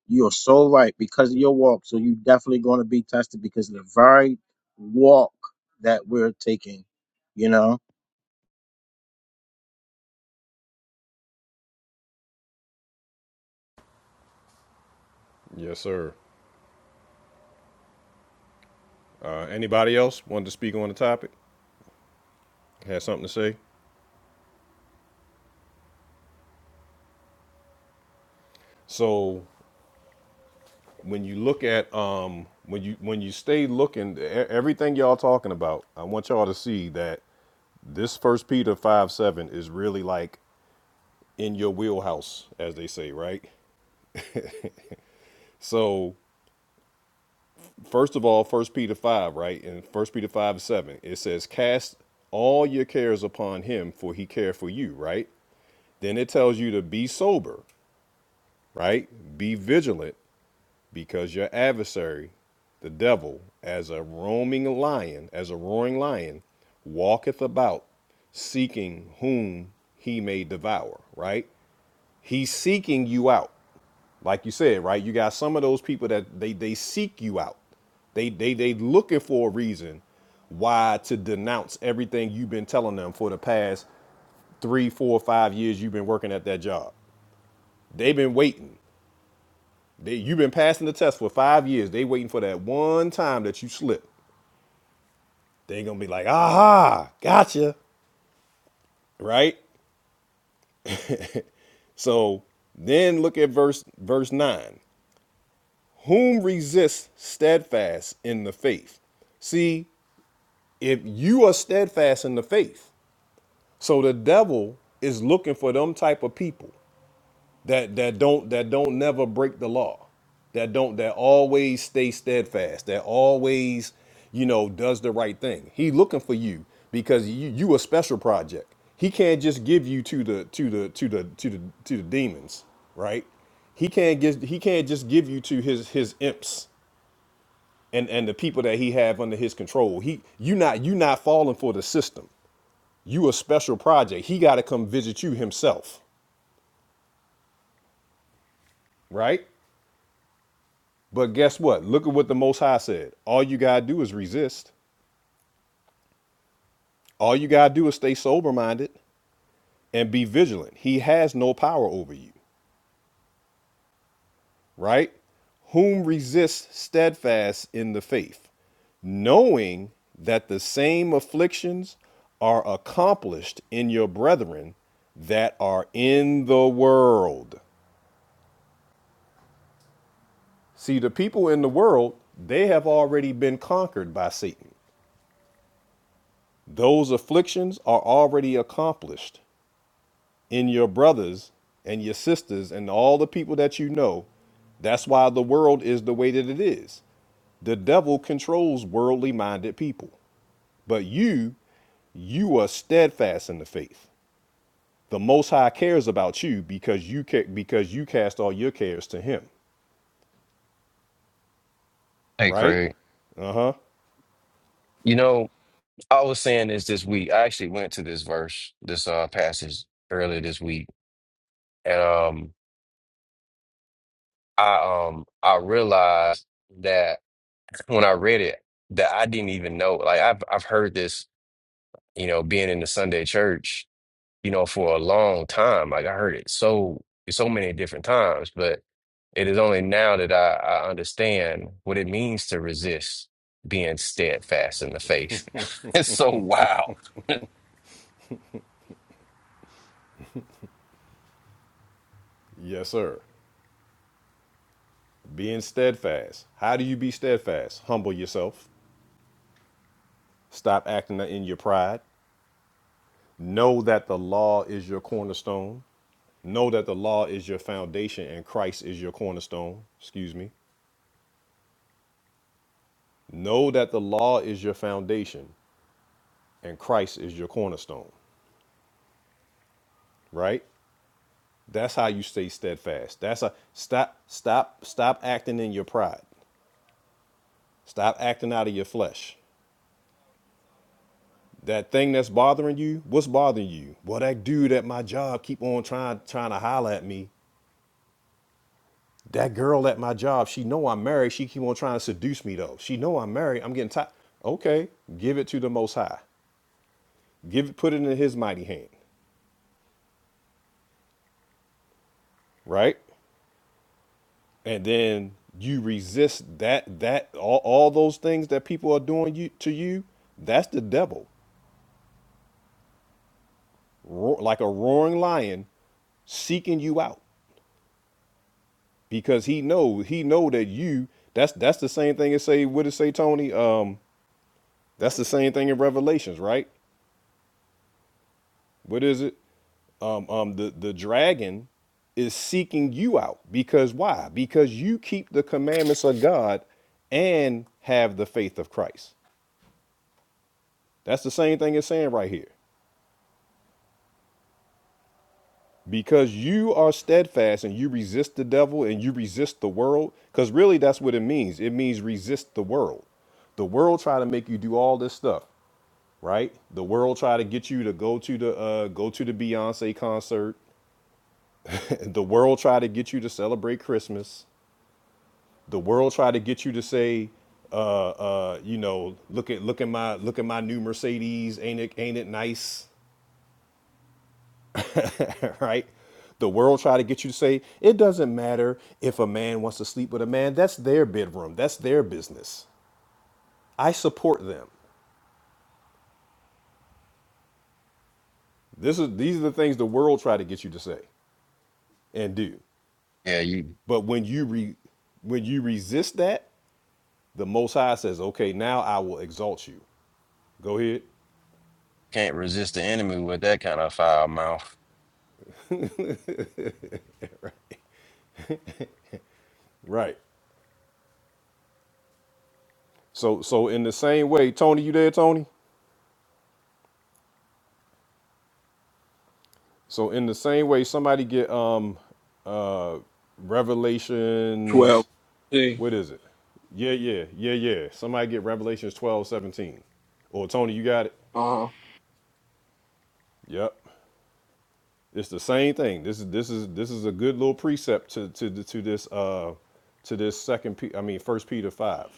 Speaker 2: You're so right because of your walk. So you're definitely going to be tested because of the very walk that we're taking, you know?
Speaker 1: Yes, sir. Uh, anybody else wanted to speak on the topic? Had something to say? So when you look at um, when you when you stay looking, e- everything y'all talking about, I want y'all to see that this First Peter five seven is really like in your wheelhouse, as they say, right? So first of all, First Peter five, right, and First Peter five seven, it says, "Cast all your cares upon Him, for He cares for you." Right? Then it tells you to be sober, right? Be vigilant because your adversary, the devil, as a roaming lion, as a roaring lion, walketh about seeking whom he may devour, right? He's seeking you out. Like you said, right? You got some of those people that they they seek you out. They they they looking for a reason why to denounce everything you've been telling them for the past three, four, five years you've been working at that job. They've been waiting. They, you've been passing the test for five years. They waiting for that one time that you slip. They gonna be like, aha, gotcha, right? So then look at verse verse nine. Whom resists steadfast in the faith? See, if you are steadfast in the faith, so the devil is looking for them type of people. that that don't that don't never break the law that don't that always stay steadfast that always you know does the right thing he looking for you because you you a special project he can't just give you to the to the to the to the to the demons right he can't give he can't just give you to his his imps and and the people that he have under his control he you not you not falling for the system you a special project he got to come visit you himself right But guess what? Look at what the Most High said. All you got to do is resist. All you got to do is stay sober minded and be vigilant. He has no power over you, right? Whom resists steadfast in the faith, knowing that the same afflictions are accomplished in your brethren that are in the world. See, the people in the world, they have already been conquered by Satan. Those afflictions are already accomplished in your brothers and your sisters and all the people that you know. That's why the world is the way that it is. The devil controls worldly minded people. But you, you are steadfast in the faith. The most high cares about you because you ca- because you cast all your cares to him,
Speaker 11: Hey,
Speaker 1: right?
Speaker 11: Craig.
Speaker 1: Uh-huh.
Speaker 11: You know, I was saying this this week. I actually went to this verse, this uh passage earlier this week, and um, I um, I realized that when I read it, that I didn't even know. Like I've I've heard this, you know, being in the Sunday church, you know, for a long time. Like I heard it so so many different times, but It is only now that I, I understand what it means to resist being steadfast in the faith. It's so wow.
Speaker 1: Yes, sir. Being steadfast. How do you be steadfast? Humble yourself. Stop acting in your pride. Know that the law is your cornerstone. Know that the law is your foundation and Christ is your cornerstone. Excuse me. Know that the law is your foundation and Christ is your cornerstone. Right? That's how you stay steadfast. That's a stop, stop, stop acting in your pride. Stop acting out of your flesh. That thing that's bothering you, what's bothering you? Well, that dude at my job keep on trying trying to holler at me. That girl at my job, she know I'm married. She keep on trying to seduce me though. She know I'm married. I'm getting tired. Okay, give it to the Most High. give put it in his mighty hand, right? And then you resist that that all, all those things that people are doing you to you, that's the devil. Roar, like a roaring lion seeking you out because he know he know that you that's that's the same thing as say what did it say Tony um that's the same thing in Revelations right what is it? Um, um, the the dragon is seeking you out because why? Because you keep the commandments of God and have the faith of Christ. That's the same thing it's saying right here. Because you are steadfast and you resist the devil and you resist the world, because really that's what it means. It means resist the world. The world try to make you do all this stuff, right? The world try to get you to go to the uh, go to the Beyonce concert. the world try to get you to celebrate Christmas. the world try to get you to say uh uh you know look at look at my look at my new mercedes ain't it ain't it nice right the world try to get you to say it doesn't matter if a man wants to sleep with a man that's their bedroom that's their business i support them this is these are the things the world try to get you to say and do
Speaker 11: Yeah, you
Speaker 1: but when you re when you resist that the most high says okay now i will exalt you go ahead
Speaker 11: can't resist the enemy with that kind of foul mouth.
Speaker 1: right So so in the same way, Tony, you there, Tony? So in the same way, somebody get um uh
Speaker 8: Twelve.
Speaker 1: Revelations,
Speaker 8: See.
Speaker 1: what is it? Yeah, yeah, yeah, yeah. Somebody get Revelations twelve seventeen. 17. Or Tony, you got it?
Speaker 8: Uh huh
Speaker 1: Yep. It's the same thing. This is this is this is a good little precept to to to this uh to this second P I mean first Peter five.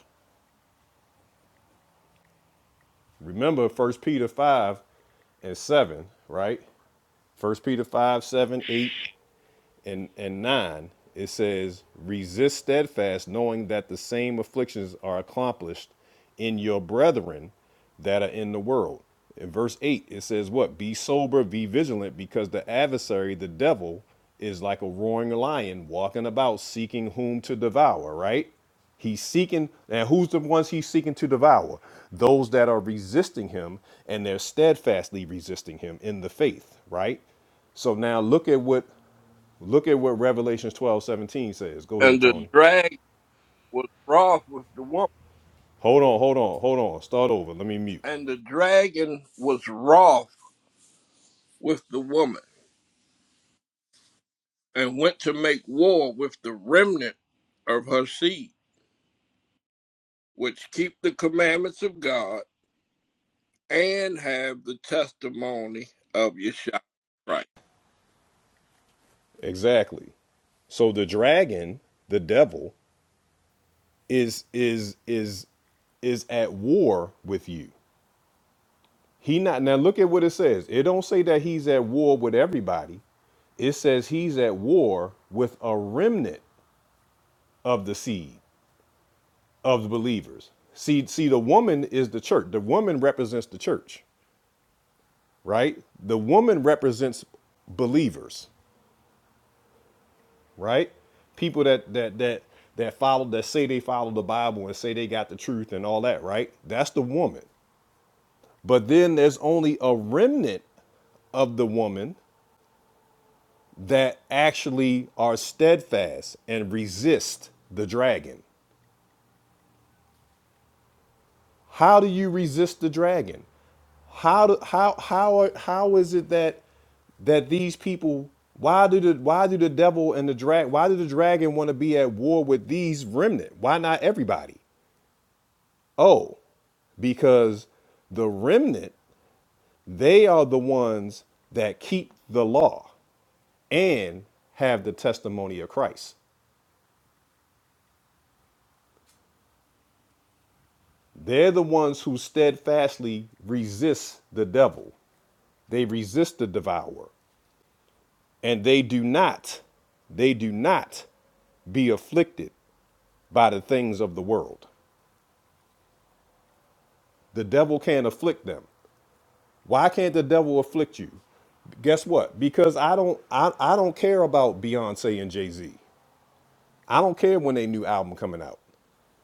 Speaker 1: Remember first Peter five and seven, right? First Peter 5 7 8. and, and 9, it says, Resist steadfast, knowing that the same afflictions are accomplished in your brethren that are in the world. In verse 8, it says, What? Be sober, be vigilant, because the adversary, the devil, is like a roaring lion walking about seeking whom to devour, right? He's seeking, and who's the ones he's seeking to devour? Those that are resisting him and they're steadfastly resisting him in the faith, right? So now look at what Look at what Revelations 12 17 says. Go ahead,
Speaker 8: and the
Speaker 1: Tony.
Speaker 8: dragon was wroth with the woman.
Speaker 1: Hold on, hold on, hold on. Start over. Let me mute.
Speaker 8: And the dragon was wroth with the woman and went to make war with the remnant of her seed, which keep the commandments of God and have the testimony of Yeshua Christ.
Speaker 1: Exactly. So the dragon, the devil, is is is is at war with you. He not now look at what it says. It don't say that he's at war with everybody. It says he's at war with a remnant of the seed of the believers. See, see, the woman is the church. The woman represents the church, right? The woman represents believers. right? People that that that that follow that say they follow the Bible and say they got the truth and all that, right? That's the woman. But then there's only a remnant of the woman that actually are steadfast and resist the dragon. How do you resist the dragon? How do, how how are, how is it that that these people why do the why do the devil and the drag why do the dragon want to be at war with these remnant? Why not everybody? Oh, because the remnant, they are the ones that keep the law and have the testimony of Christ. They're the ones who steadfastly resist the devil. They resist the devourer. And they do not, they do not be afflicted by the things of the world. The devil can't afflict them. Why can't the devil afflict you? Guess what? Because I don't I, I don't care about Beyonce and Jay-Z. I don't care when they new album coming out,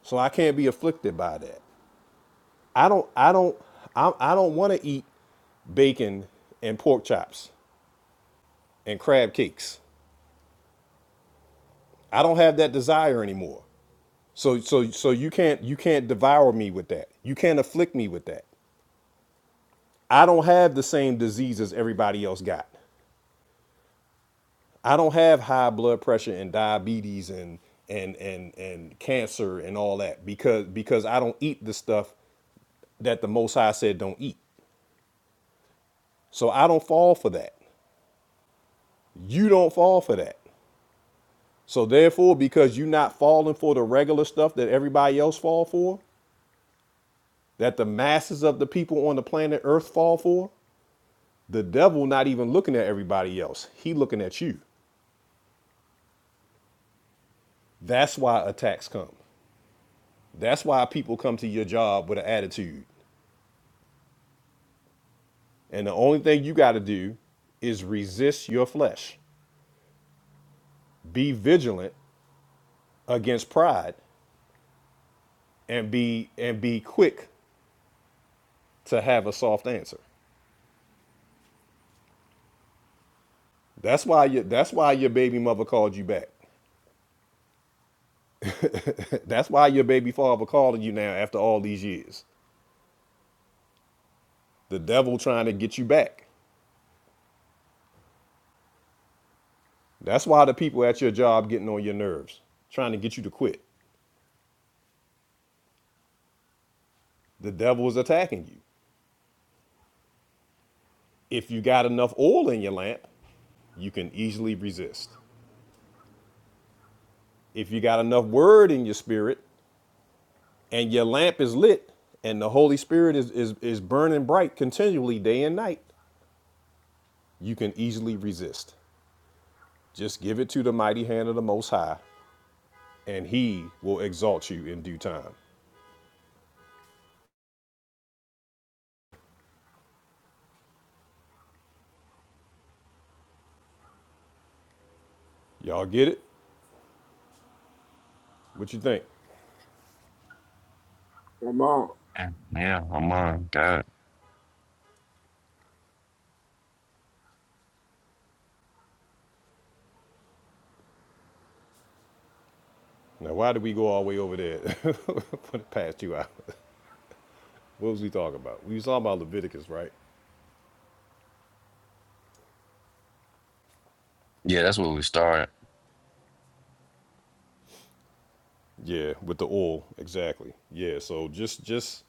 Speaker 1: so I can't be afflicted by that. I don't. I don't. I, I don't want to eat bacon and pork chops and crab cakes. I don't have that desire anymore. So so so you can't you can't devour me with that. You can't afflict me with that. I don't have the same diseases everybody else got. I don't have high blood pressure and diabetes and and and and cancer and all that because because I don't eat the stuff that the most high said don't eat. So I don't fall for that. You don't fall for that. So therefore, because you're not falling for the regular stuff that everybody else fall for, that the masses of the people on the planet Earth fall for, the devil not even looking at everybody else. He looking at you. That's why attacks come. That's why people come to your job with an attitude. And the only thing you got to do is resist your flesh. Be vigilant against pride and be and be quick to have a soft answer. That's why you, that's why your baby mother called you back. that's why your baby father calling you now after all these years. The devil trying to get you back. That's why the people at your job getting on your nerves, trying to get you to quit. The devil is attacking you. If you got enough oil in your lamp, you can easily resist. If you got enough word in your spirit and your lamp is lit and the Holy Spirit is, is, is burning bright continually day and night, you can easily resist. Just give it to the mighty hand of the Most High and he will exalt you in due time. Y'all get it? What you think?
Speaker 8: Come on.
Speaker 11: Yeah, oh my God.
Speaker 1: Now, why did we go all the way over there for the past two hours? What was we talking about? We was talking about Leviticus, right?
Speaker 11: Yeah, that's where we started.
Speaker 1: Yeah, with the oil, exactly. Yeah, so just, just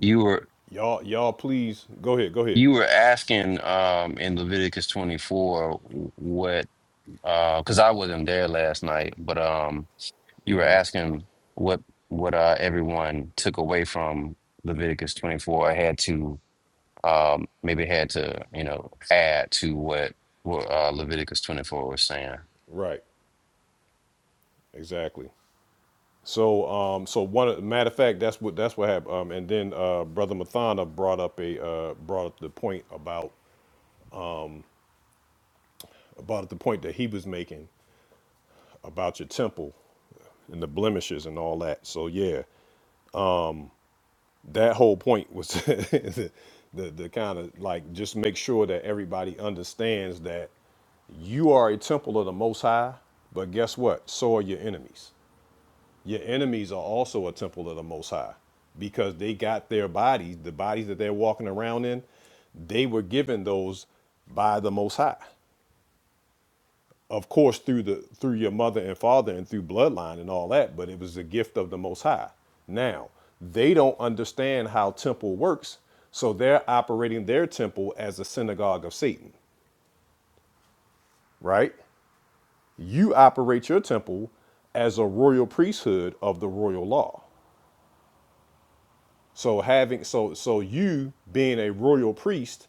Speaker 11: You were
Speaker 1: y'all, y'all, please go ahead, go ahead.
Speaker 11: you were asking um in Leviticus 24 what uh because I wasn't there last night, but um you were asking what what uh everyone took away from Leviticus 24 or had to um, maybe it had to, you know, add to what what uh, Leviticus 24 was saying.
Speaker 1: Right, exactly. So, um, so one matter of fact, that's what that's what happened. Um, and then uh, brother Mathana brought up a uh, brought up the point about about the point that he was making about your temple and the blemishes and all that. So yeah, that whole point was the the, the kind of like just make sure that everybody understands that you are a temple of the Most High. But guess what? So are your enemies. Your enemies are also a temple of the Most High because they got their bodies, the bodies that they're walking around in, they were given those by the Most High. of course through the through your mother and father and through bloodline and all that but it was a gift of the most high now they don't understand how temple works so they're operating their temple as a synagogue of satan right you operate your temple as a royal priesthood of the royal law so having so so you being a royal priest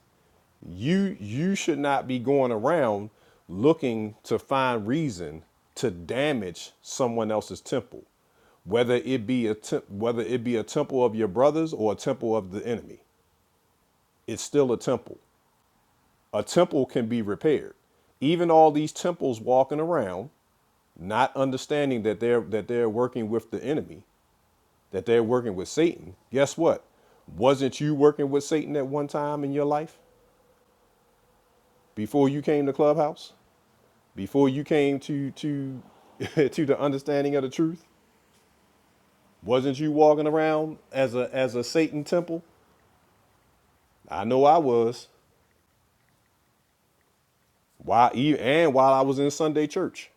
Speaker 1: You you should not be going around looking to find reason to damage someone else's temple, whether it be a temp- whether it be a temple of your brothers or a temple of the enemy. It's still a temple. A temple can be repaired. Even all these temples walking around not understanding that they're that they're working with the enemy, that they're working with Satan. Guess what? Wasn't you working with Satan at one time in your life before you came to Clubhouse? Before you came to to to the understanding of the truth, wasn't you walking around as a as a Satan temple? I know I was. Why e- and while I was in Sunday church,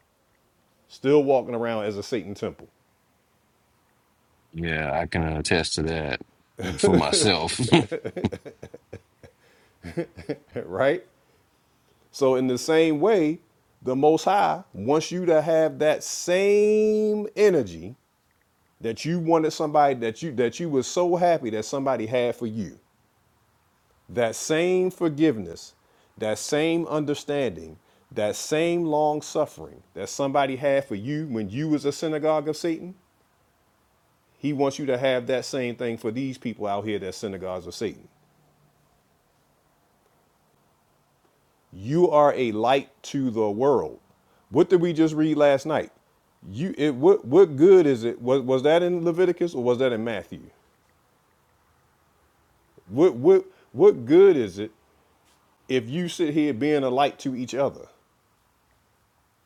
Speaker 1: still walking around as a Satan temple,
Speaker 11: Yeah, I can attest to that for myself.
Speaker 1: right? So in the same way, the Most High wants you to have that same energy that you wanted somebody that you that you was so happy that somebody had for you. That same forgiveness, that same understanding, that same long suffering that somebody had for you when you was a synagogue of Satan, he wants you to have that same thing for these people out here that synagogues of Satan. You are a light to the world. What did we just read last night? You it what what good is it? Was was that in Leviticus or was that in Matthew? What what what good is it if you sit here being a light to each other?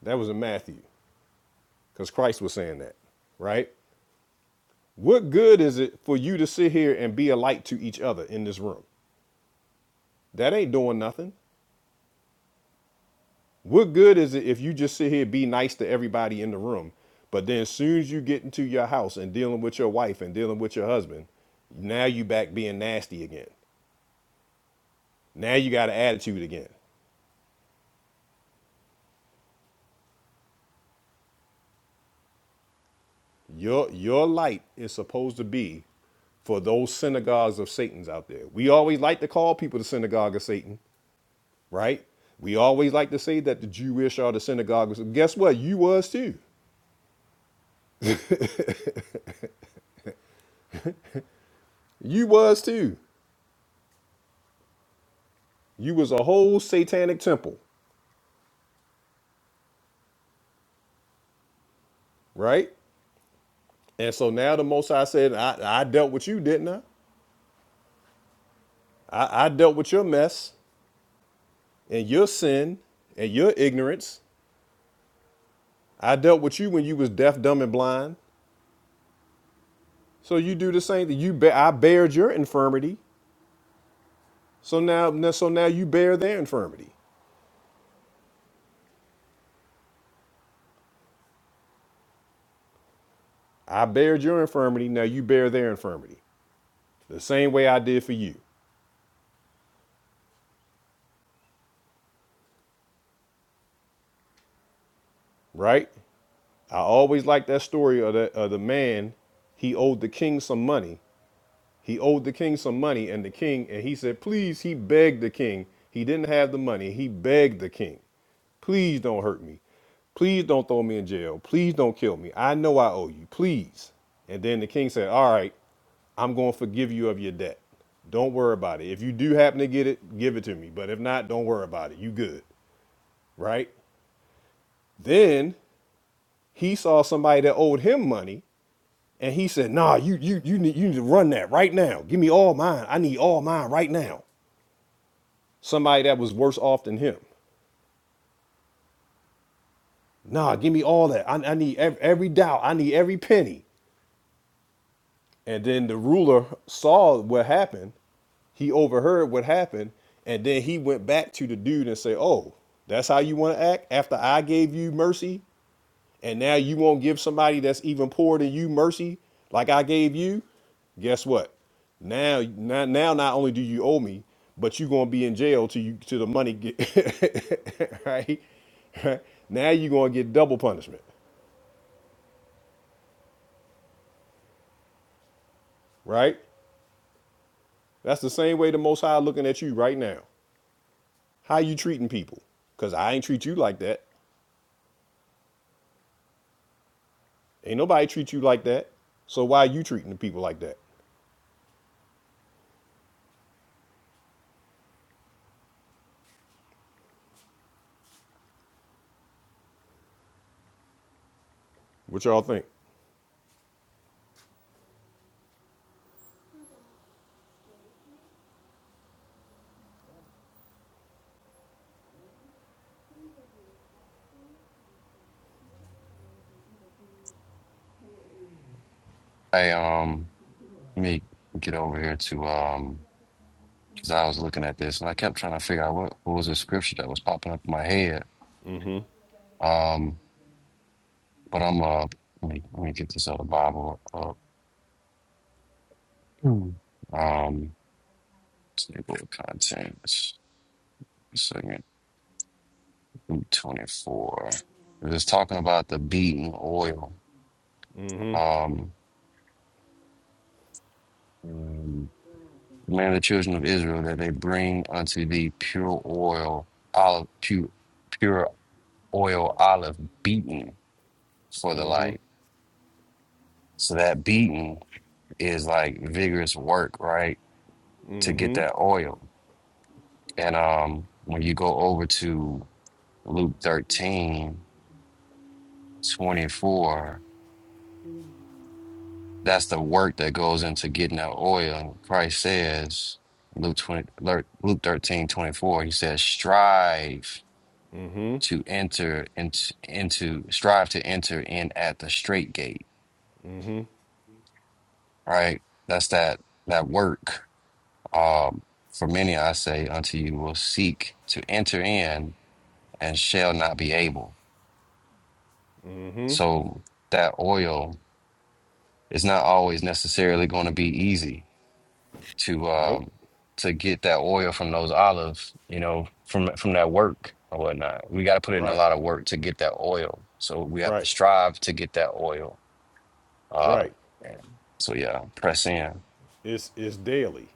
Speaker 1: That was in Matthew. because Christ was saying that, right? What good is it for you to sit here and be a light to each other in this room? That ain't doing nothing. What good is it if you just sit here be nice to everybody in the room, but then as soon as you get into your house and dealing with your wife and dealing with your husband, now you back being nasty again. Now you got an attitude again. Your your light is supposed to be for those synagogues of Satan's out there. We always like to call people the synagogue of Satan right? We always like to say that the Jewish are the synagogue. Guess what? You was too. You was too. You was a whole satanic temple, right? And so now the Most High said, I, I dealt with you, didn't I? I? I dealt with your mess and your sin and your ignorance. I dealt with you when you was deaf, dumb, and blind. So you do the same thing. You bear, I bared your infirmity. So now, so now you bear their infirmity. I bared your infirmity. Now you bear their infirmity. The same way I did for you. right? I always like that story of the, of the man. He owed the king some money. He owed the king some money, and the king, and he said, Please, he begged the king. He didn't have the money. He begged the king, Please don't hurt me. Please don't throw me in jail. Please don't kill me. I know I owe you. Please. And then the king said, All right, I'm going to forgive you of your debt. Don't worry about it. If you do happen to get it, give it to me. But if not, don't worry about it. You good, right? Then he saw somebody that owed him money And he said, "Nah, you you you need you need to run that right now. Give me all mine. I need all mine right now." Somebody that was worse off than him. Nah, give me all that. I, I need every, every doubt. I need every penny. And then the ruler saw what happened. He overheard what happened, and then he went back to the dude and said, "Oh, that's how you want to act after I gave you mercy and now you won't give somebody that's even poorer than you mercy like I gave you, guess what? Now, now, now not only do you owe me, but you're gonna be in jail till you till the money get right. right? Now you're gonna get double punishment, right? That's the same way the Most High looking at you right now. How you treating people? Cause I ain't treat you like that. Ain't nobody treat you like that. So why you treating the people like that? What y'all think?
Speaker 11: I um, let me get over here to um, because I was looking at this and I kept trying to figure out what, what was the scripture that was popping up in my head. Um, but I'm uh, let me let me get this other Bible up. Hmm. Um, table of contents. One Second, 24. It was talking about the beating oil. um, um, command the children of Israel that they bring unto thee pure oil, olive, pure, pure oil, olive beaten for the light. So that beating is like vigorous work, right? To get that oil. And um, when you go over to Luke 13 24, that's the work that goes into getting that oil. And Christ says, Luke 20, Luke 13 24. he says, strive to enter into, into strive to enter in at the straight gate right that's that that work um for many i say unto you will seek to enter in and shall not be able so that oil is not always necessarily going to be easy to
Speaker 1: Nope.
Speaker 11: um to get that oil from those olives you know from from that work or whatnot we got to put in a
Speaker 1: Right.
Speaker 11: lot of work to get that oil so we have to
Speaker 1: Right.
Speaker 11: strive to get that oil Uh,
Speaker 1: Right.
Speaker 11: and so yeah, press in. Yeah,
Speaker 1: It's it's daily.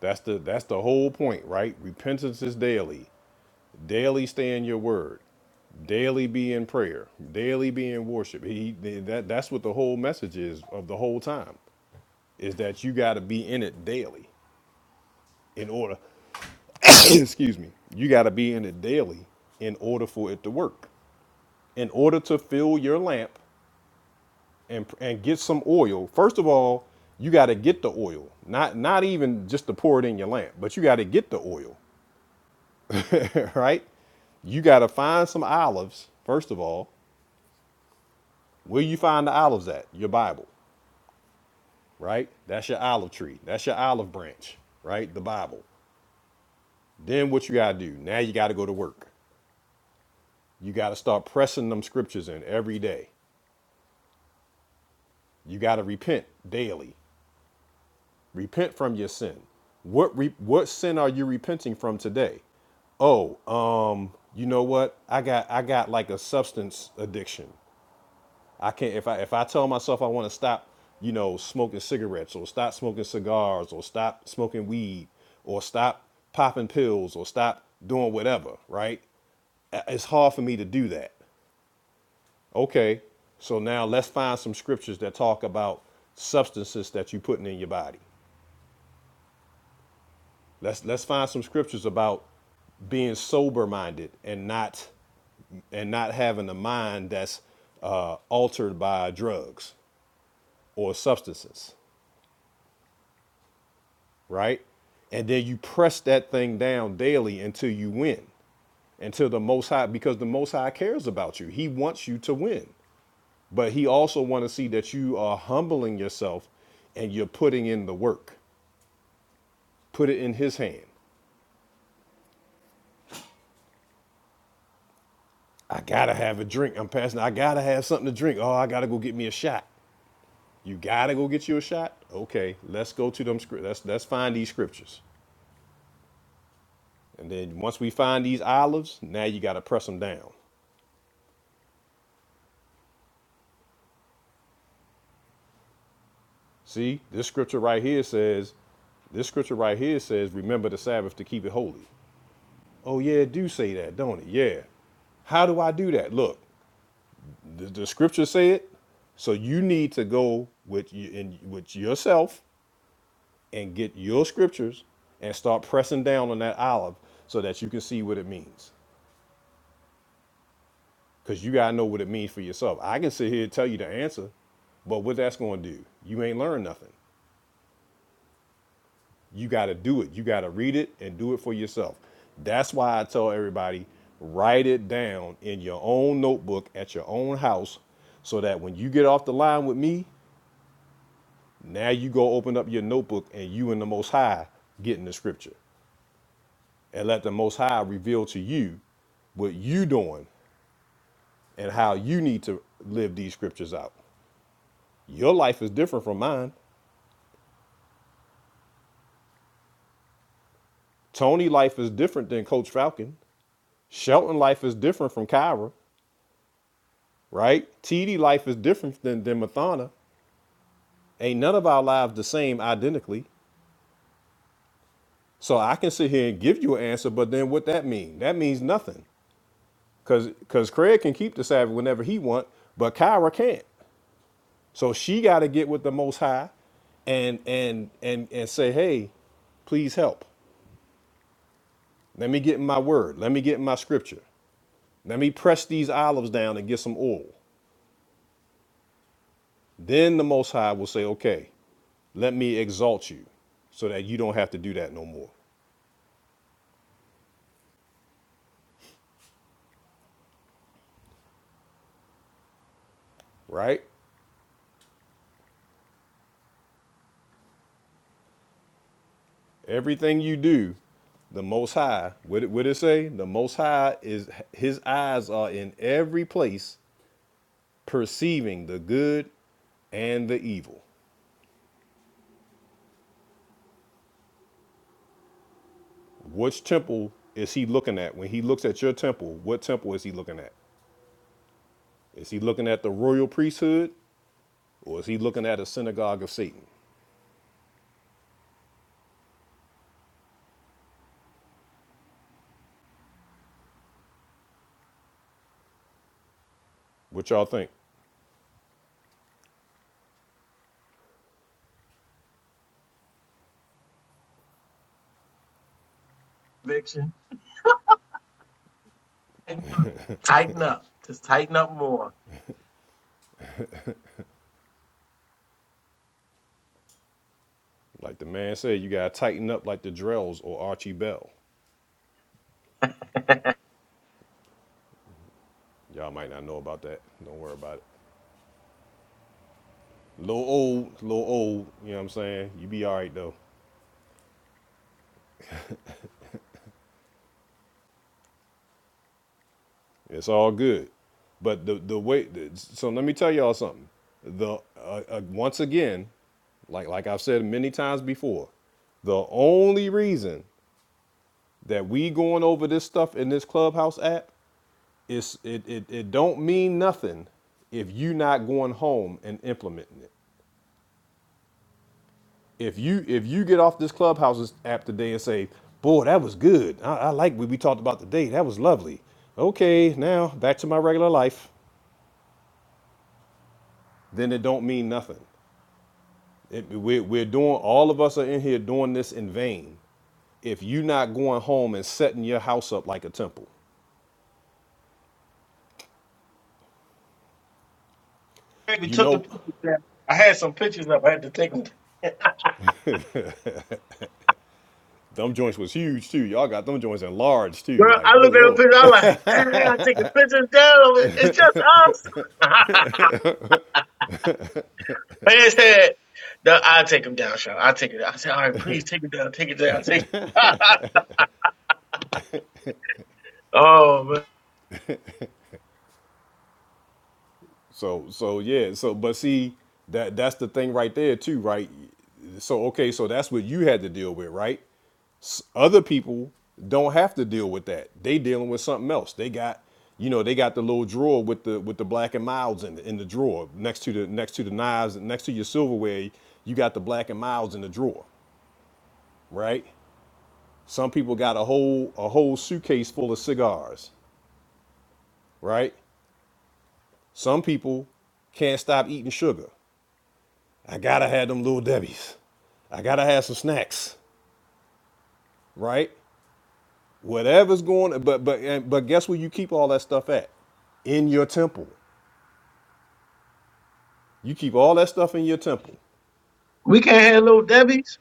Speaker 1: That's the that's the whole point, right? Repentance is daily. Daily stay in your word. Daily be in prayer. Daily be in worship. He that that's what the whole message is of the whole time. Is that you gotta be in it daily in order excuse me. You gotta be in it daily in order for it to work. In order to fill your lamp and and get some oil. First of all, you got to get the oil. Not not even just to pour it in your lamp, but you got to get the oil. right? You got to find some olives, first of all. Where you find the olives at? Your Bible, right? That's your olive tree. That's your olive branch, right? The Bible. Then what you got to do? Now you got to go to work. You got to start pressing them scriptures in every day. You got to repent daily. Repent from your sin. What re- what sin are you repenting from today? Oh, um, you know what? I got I got like a substance addiction. I can't if I if I tell myself I want to stop, you know, smoking cigarettes or stop smoking cigars or stop smoking weed or stop popping pills or stop doing whatever, right? Uh, It's hard for me to do that. Okay. So now let's find some scriptures that talk about substances that you're putting in your body. Let's let's find some scriptures about being sober minded and not and not having a mind that's uh, altered by drugs or substances. right? And then you press that thing down daily until you win, until the Most High, because the Most High cares about you. He wants you to win, but He also wants to see that you are humbling yourself and you're putting in the work. Put it in His hand. I gotta have a drink. I'm passing. I gotta have something to drink. Oh, I gotta go get me a shot. You gotta go get you a shot. Okay, let's go to them. Let's let's find these scriptures, and then once we find these olives, now you gotta press them down. See, this scripture right here says, this scripture right here says, remember the Sabbath to keep it holy. Oh, yeah, it do say that, don't it? Yeah. How do I do that? Look, the, the scripture say it. So you need to go with you in with yourself and get your scriptures and start pressing down on that olive so that you can see what it means. Because you gotta know what it means for yourself. I can sit here and tell you the answer, but what that's gonna do, you ain't learned nothing. You got to do it. You got to read it and do it for yourself. That's why I tell everybody write it down in your own notebook at your own house so that when you get off the line with me, now you go open up your notebook and you and the Most High get in the scripture and let the Most High reveal to you what you doing and how you need to live these scriptures out. Your life is different from mine. Tony life is different than Coach Falcon. Shelton life is different from Kyra. right? TD life is different than, than Mathana. Ain't none of our lives the same identically. So I can sit here and give you an answer, but then what that mean? That means nothing. Cause cause Craig can keep the Sabbath whenever he want, but Kyra can't. So she gotta get with the most high and and and and say, hey, please help. Let me get in my word. Let me get in my scripture. Let me press these olives down and get some oil. Then the Most High will say, okay, let me exalt you so that you don't have to do that no more, right? Everything you do, the Most High, what it, it say? The Most High is, his eyes are in every place perceiving the good and the evil. Which temple is he looking at? When he looks at your temple, what temple is he looking at? Is he looking at the royal priesthood or is he looking at a synagogue of Satan? What y'all think?
Speaker 2: Conviction. Tighten up. Tighten up more.
Speaker 1: Like the man said, you gotta tighten up like the Drells or Archie Bell. Y'all might not know about that. Don't worry about it. Little old, little old. You know what I'm saying? You be all right though. It's all good. But the the way. so let me tell y'all something. The uh, uh, once again, like like I've said many times before, the only reason that we going over this stuff in this clubhouse app is it it, it don't mean nothing if you not going home and implementing it. if you if you get off this clubhouse app today and say boy that was good i, I like what we talked about today that was lovely okay now back to my regular life then it don't mean nothing it, we're, we're doing all of us are in here doing this in vain if you are not going home and setting your house up like a temple
Speaker 2: Baby
Speaker 1: you
Speaker 2: took the
Speaker 1: know
Speaker 2: pictures. down. I had some pictures up. I had to take them.
Speaker 1: them joints was huge too y'all got them joints enlarged too
Speaker 2: Girl, I
Speaker 1: like good
Speaker 2: look at the
Speaker 1: lord
Speaker 2: picture. I'm like, damn, I'm taking pictures down of it. It's just us. Man said, no, I'll take them down, Sean. I'll take it down. I said, all right, please take it down. Take it down. Take it. oh, man.
Speaker 1: So so yeah, so but see that that's the thing right there too, right? So okay, so that's what you had to deal with, right? S- Other people don't have to deal with that. They dealing with something else. They got you know, they got the little drawer with the with the black and miles in the, in the drawer next to the next to the knives next to your silverware, you got the black and miles in the drawer, right? Some people got a whole a whole suitcase full of cigars, right? Some people can't stop eating sugar I gotta have them little debbies. I gotta have some snacks, right? Whatever's going, but but and, but guess where you keep all that stuff at? In your temple. You keep all that stuff in your temple.
Speaker 2: We can't have little Debbie's.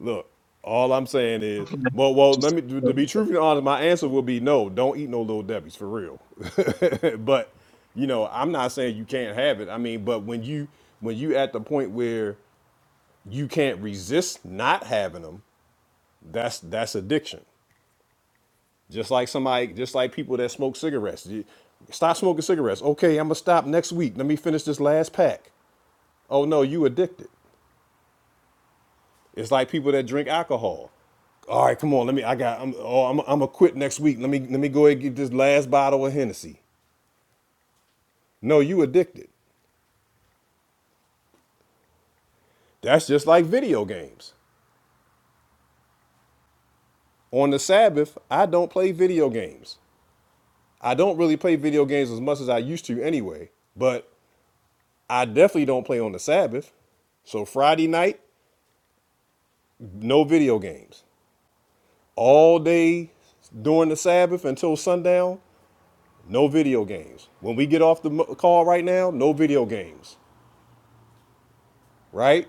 Speaker 1: Look, all I'm saying is, well, well, let
Speaker 2: Just-
Speaker 1: me to be truthfully honest, my answer will be no. Don't eat no little debbies for real. but you know, I'm not saying you can't have it. I mean, but when you when you at the point where you can't resist not having them, that's that's addiction. Just like somebody, just like people that smoke cigarettes. You- stop smoking cigarettes. Okay, I'm gonna stop next week. Let me finish this last pack. Oh no, you addicted. It's like people that drink alcohol. All right, come on. Let me. I got. I'm. Oh, I'm. I'm gonna quit next week. Let me. Let me go ahead and get this last bottle of Hennessy. No, you addicted. That's just like video games. On the Sabbath, I don't play video games. I don't really play video games as much as I used to anyway. But I definitely don't play on the Sabbath. So Friday night, No video games. All day during the Sabbath until sundown, no video games. When we get off the mo- call right now, no video games, right?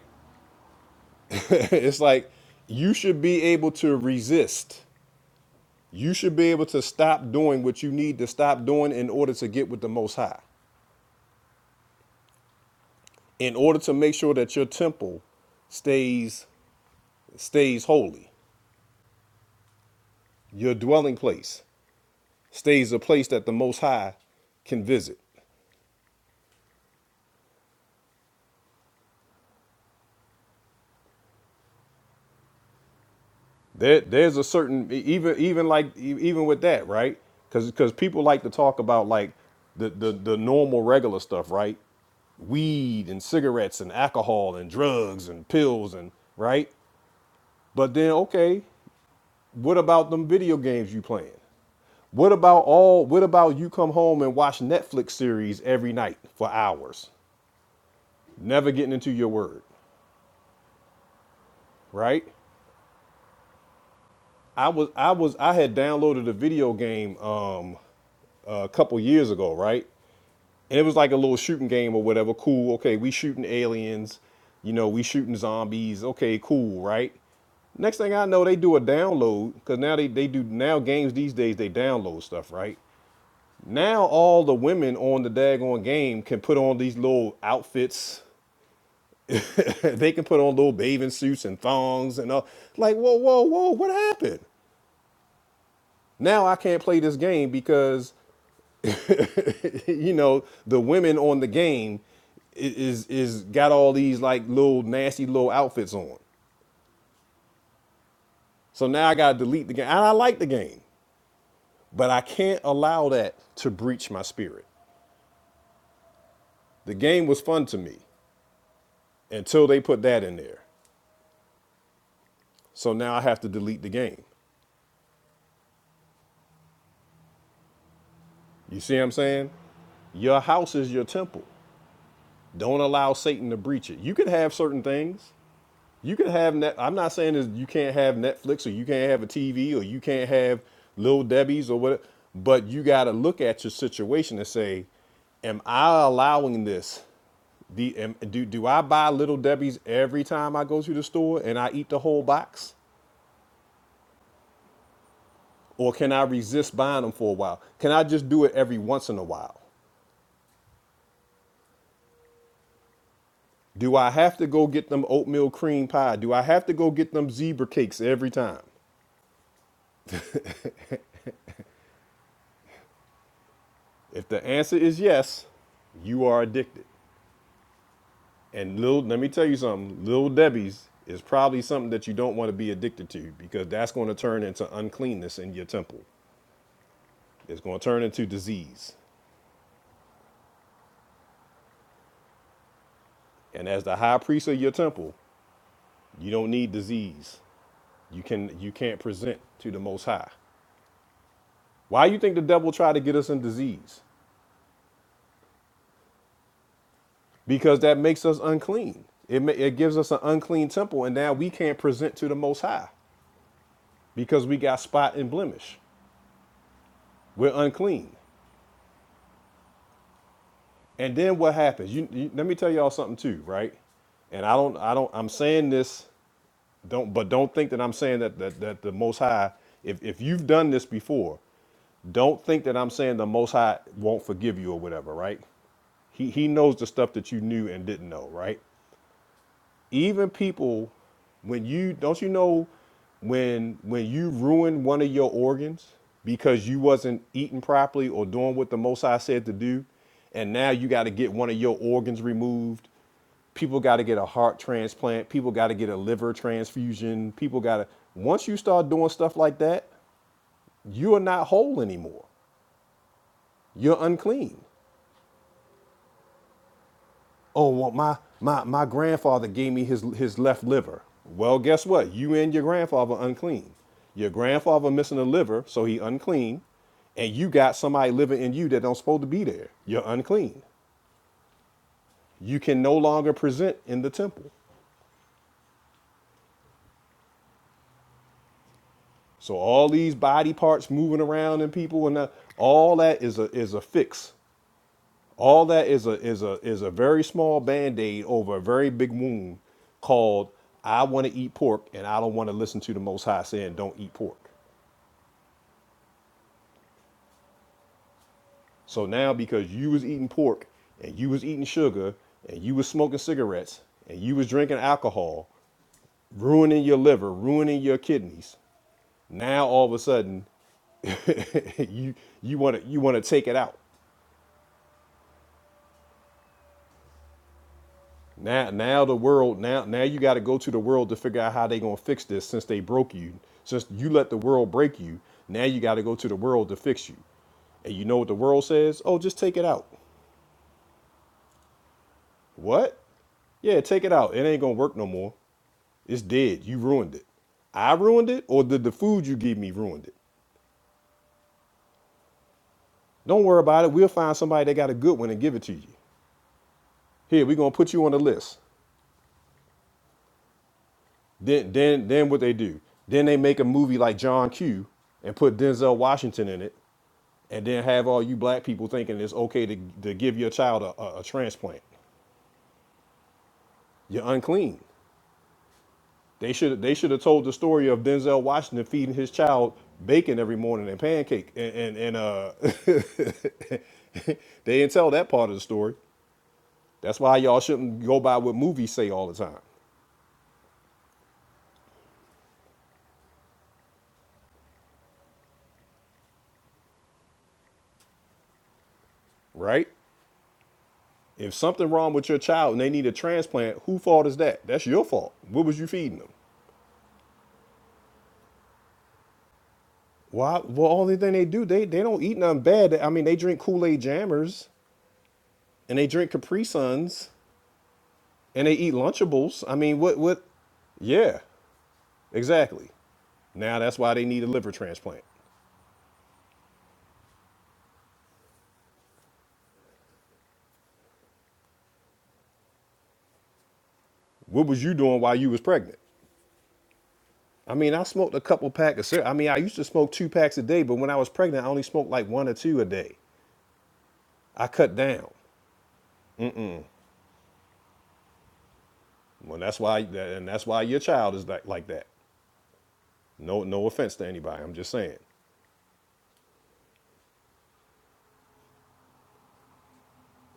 Speaker 1: it's like you should be able to resist. You should be able to stop doing what you need to stop doing in order to get with the most high. In order to make sure that your temple stays stays holy. Your dwelling place stays a place that the most high can visit. There, there's a certain e- even even like e- even with that, right? Because because people like to talk about like the, the the normal regular stuff, right? Weed and cigarettes and alcohol and drugs and pills and right. But then okay, what about them video games you playing? What about all? What about you come home and watch Netflix series every night for hours, never getting into your word, right? I was I was I had downloaded a video game um, a couple years ago, right? And it was like a little shooting game or whatever. Cool. Okay, we shooting aliens. You know, we shooting zombies. Okay, cool, right? Next thing I know, they do a download because now they, they do now games these days they download stuff, right? Now all the women on the daggone game can put on these little outfits. they can put on little bathing suits and thongs and all. Like, whoa, whoa, whoa, what happened? Now I can't play this game because you know, the women on the game is is got all these like little nasty little outfits on. So now I gotta delete the game. And I like the game, but I can't allow that to breach my spirit. The game was fun to me until they put that in there. So now I have to delete the game. You see what I'm saying? Your house is your temple. Don't allow Satan to breach it. You could have certain things. You can have net. I'm not saying that you can't have Netflix or you can't have a TV or you can't have Little Debbie's or what. But you got to look at your situation and say, "Am I allowing this? The, am, do do I buy Little Debbie's every time I go to the store and I eat the whole box, or can I resist buying them for a while? Can I just do it every once in a while? Do I have to go get them oatmeal cream pie? Do I have to go get them zebra cakes every time? If the answer is yes, you are addicted. And little, let me tell you something. Little Debbie's is probably something that you don't want to be addicted to because that's going to turn into uncleanness in your temple. It's going to turn into disease. And as the high priest of your temple, you don't need disease. You can you can't present to the Most High. Why you think the devil tried to get us in disease? Because that makes us unclean. It ma- it gives us an unclean temple, and now we can't present to the Most High because we got spot and blemish. We're unclean. And then what happens? You, you let me tell y'all something too, right? And I don't, I don't, I'm saying this, don't, but don't think that I'm saying that that, that the Most High. If if you've done this before, don't think that I'm saying the Most High won't forgive you or whatever, right? He he knows the stuff that you knew and didn't know, right? even people when you don't you know when when you ruin one of your organs because you wasn't eating properly or doing what the most high said to do and now you got to get one of your organs removed people got to get a heart transplant people got to get a liver transfusion people got to once you start doing stuff like that you are not whole anymore you're unclean Oh, well, my, my, my grandfather gave me his, his left liver. Well, guess what? You and your grandfather unclean. Your grandfather missing a liver, so he unclean, and you got somebody living in you that don't supposed to be there. You're unclean. You can no longer present in the temple. So all these body parts moving around in people and all that is a is a fix. All that is a is a is a very small band-aid over a very big wound called I want to eat pork and I don't want to listen to the most high saying don't eat pork. So now because you was eating pork and you was eating sugar and you was smoking cigarettes and you was drinking alcohol, ruining your liver, ruining your kidneys, now all of a sudden you you want to you want to take it out Now, now the world, now, now you got to go to the world to figure out how they gonna fix this since they broke you, since you let the world break you. Now you got to go to the world to fix you. And you know what the world says? Oh, just take it out. What? Yeah, take it out. It ain't gonna work no more. It's dead. You ruined it. I ruined it, or did the food you gave me ruined it? Don't worry about it. We'll find somebody that got a good one and give it to you. Here, we're gonna put you on the list. Then then then what they do. Then they make a movie like John Q and put Denzel Washington in it and then have all you black people thinking it's okay to, to give your child a, a, a transplant. You're unclean. They should they should have told the story of Denzel Washington feeding his child bacon every morning and pancake and and, and uh they didn't tell that part of the story. That's why y'all shouldn't go by what movies say all the time, right? If something wrong with your child and they need a transplant, who fault is that? That's your fault. What was you feeding them? Why? Well, only thing they do, they they don't eat nothing bad. I mean, they drink Kool Aid jammers. and they drink Capri Suns and they eat Lunchables. I mean, what what? Yeah, exactly. Now that's why they need a liver transplant. What was you doing while you was pregnant? I mean, I smoked a couple packs of cigarettes. I mean, I used to smoke two packs a day, but when I was pregnant, I only smoked like one or two a day. I cut down. Well, that's why, and that's why your child is like, like that. No, no offense to anybody. I'm just saying,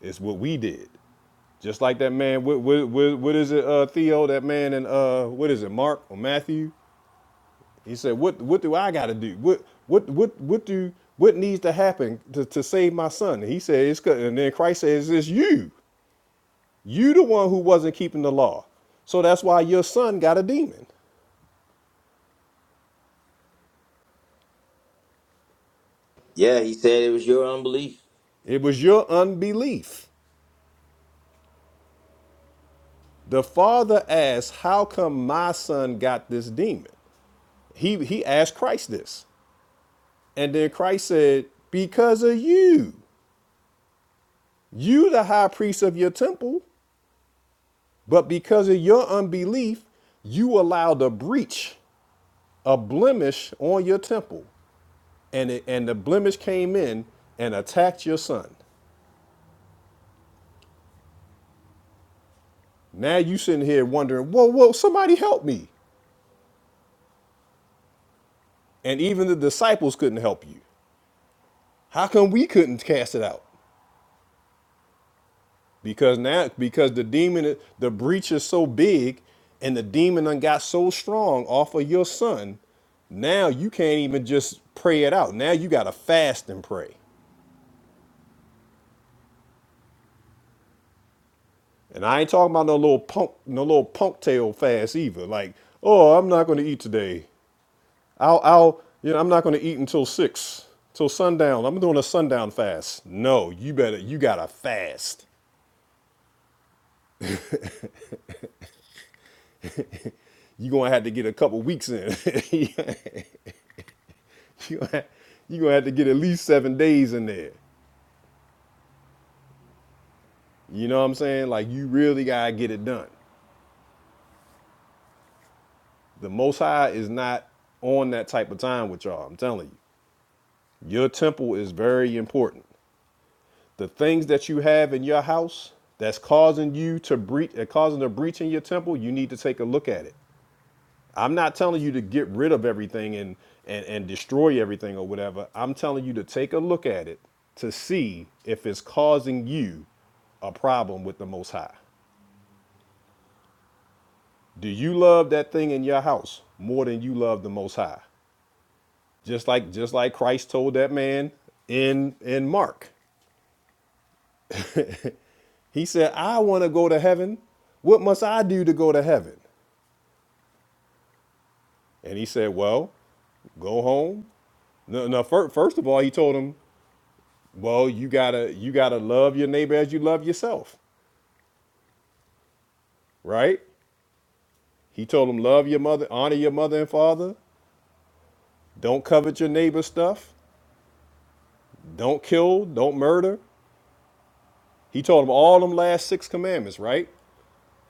Speaker 1: it's what we did. Just like that man. What, what, what, what is it, uh, Theo? That man and uh, what is it, Mark or Matthew? He said, "What what do I got to do? What what what what do what needs to happen to, to save my son?" And he said, "It's 'cause-" and then Christ says, "It's you, you the one who wasn't keeping the law, so that's why your son got a demon.
Speaker 9: Yeah, he said it was your unbelief.
Speaker 1: It was your unbelief." The father asked, "How come my son got this demon?" He he asked Christ this, and then Christ said, "Because of you, you the high priest of your temple." But because of your unbelief, you allowed a breach, a blemish on your temple. And, it, and the blemish came in and attacked your son. Now you sitting here wondering, whoa, whoa, somebody help me. And even the disciples couldn't help you. How come we couldn't cast it out? Because now, because the demon, the breach is so big and the demon done got so strong off of your son, now you can't even just pray it out. Now you got to fast and pray. And I ain't talking about no little punk, no little punk tail fast either. Like, oh, I'm not going to eat today. I'll, I'll, you know, I'm not going to eat until six, till sundown. I'm doing a sundown fast. No, you better, you gotta fast. You gonna have to get a couple weeks in. you gonna have you gonna have to get at least seven days in there. You know what I'm saying? Like, you really gotta get it done. The Most High is not on that type of time with y'all. I'm telling you, your temple is very important. the things that you have in your house that's causing you to breach uh, causing a breach in your temple you need to take a look at it i'm not telling you to get rid of everything and and, and destroy everything or whatever i'm telling you to take a look at it to see if it's causing you a problem with the most high do you love that thing in your house more than you love the most high just like just like christ told that man in in mark he said i want to go to heaven what must i do to go to heaven And he said, "Well, go home." No, no. First, first of all, he told him, "Well, you gotta you gotta love your neighbor as you love yourself, right?" He told him, "Love your mother, honor your mother and father. Don't covet your neighbor's stuff. Don't kill. Don't murder." He told him all them last six commandments, right?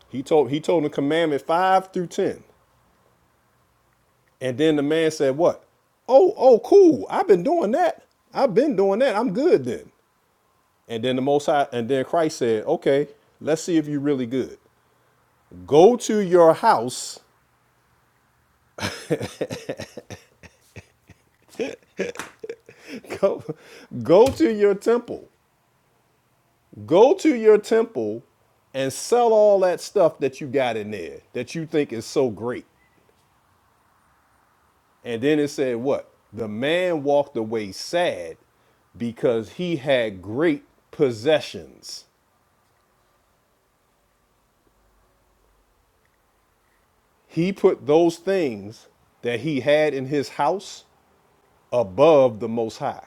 Speaker 1: He told he told him commandment five through ten, and then the man said, "What? Oh, oh, cool. I've been doing that. I've been doing that. I'm good then." And then the Most High, and then Christ said, "Okay, let's see if you're really good. Go to your house, go, go to your temple, go to your temple, and sell all that stuff that you got in there that you think is so great." And then it said, "What? The man walked away sad because he had great possessions. He put those things that he had in his house above the Most High."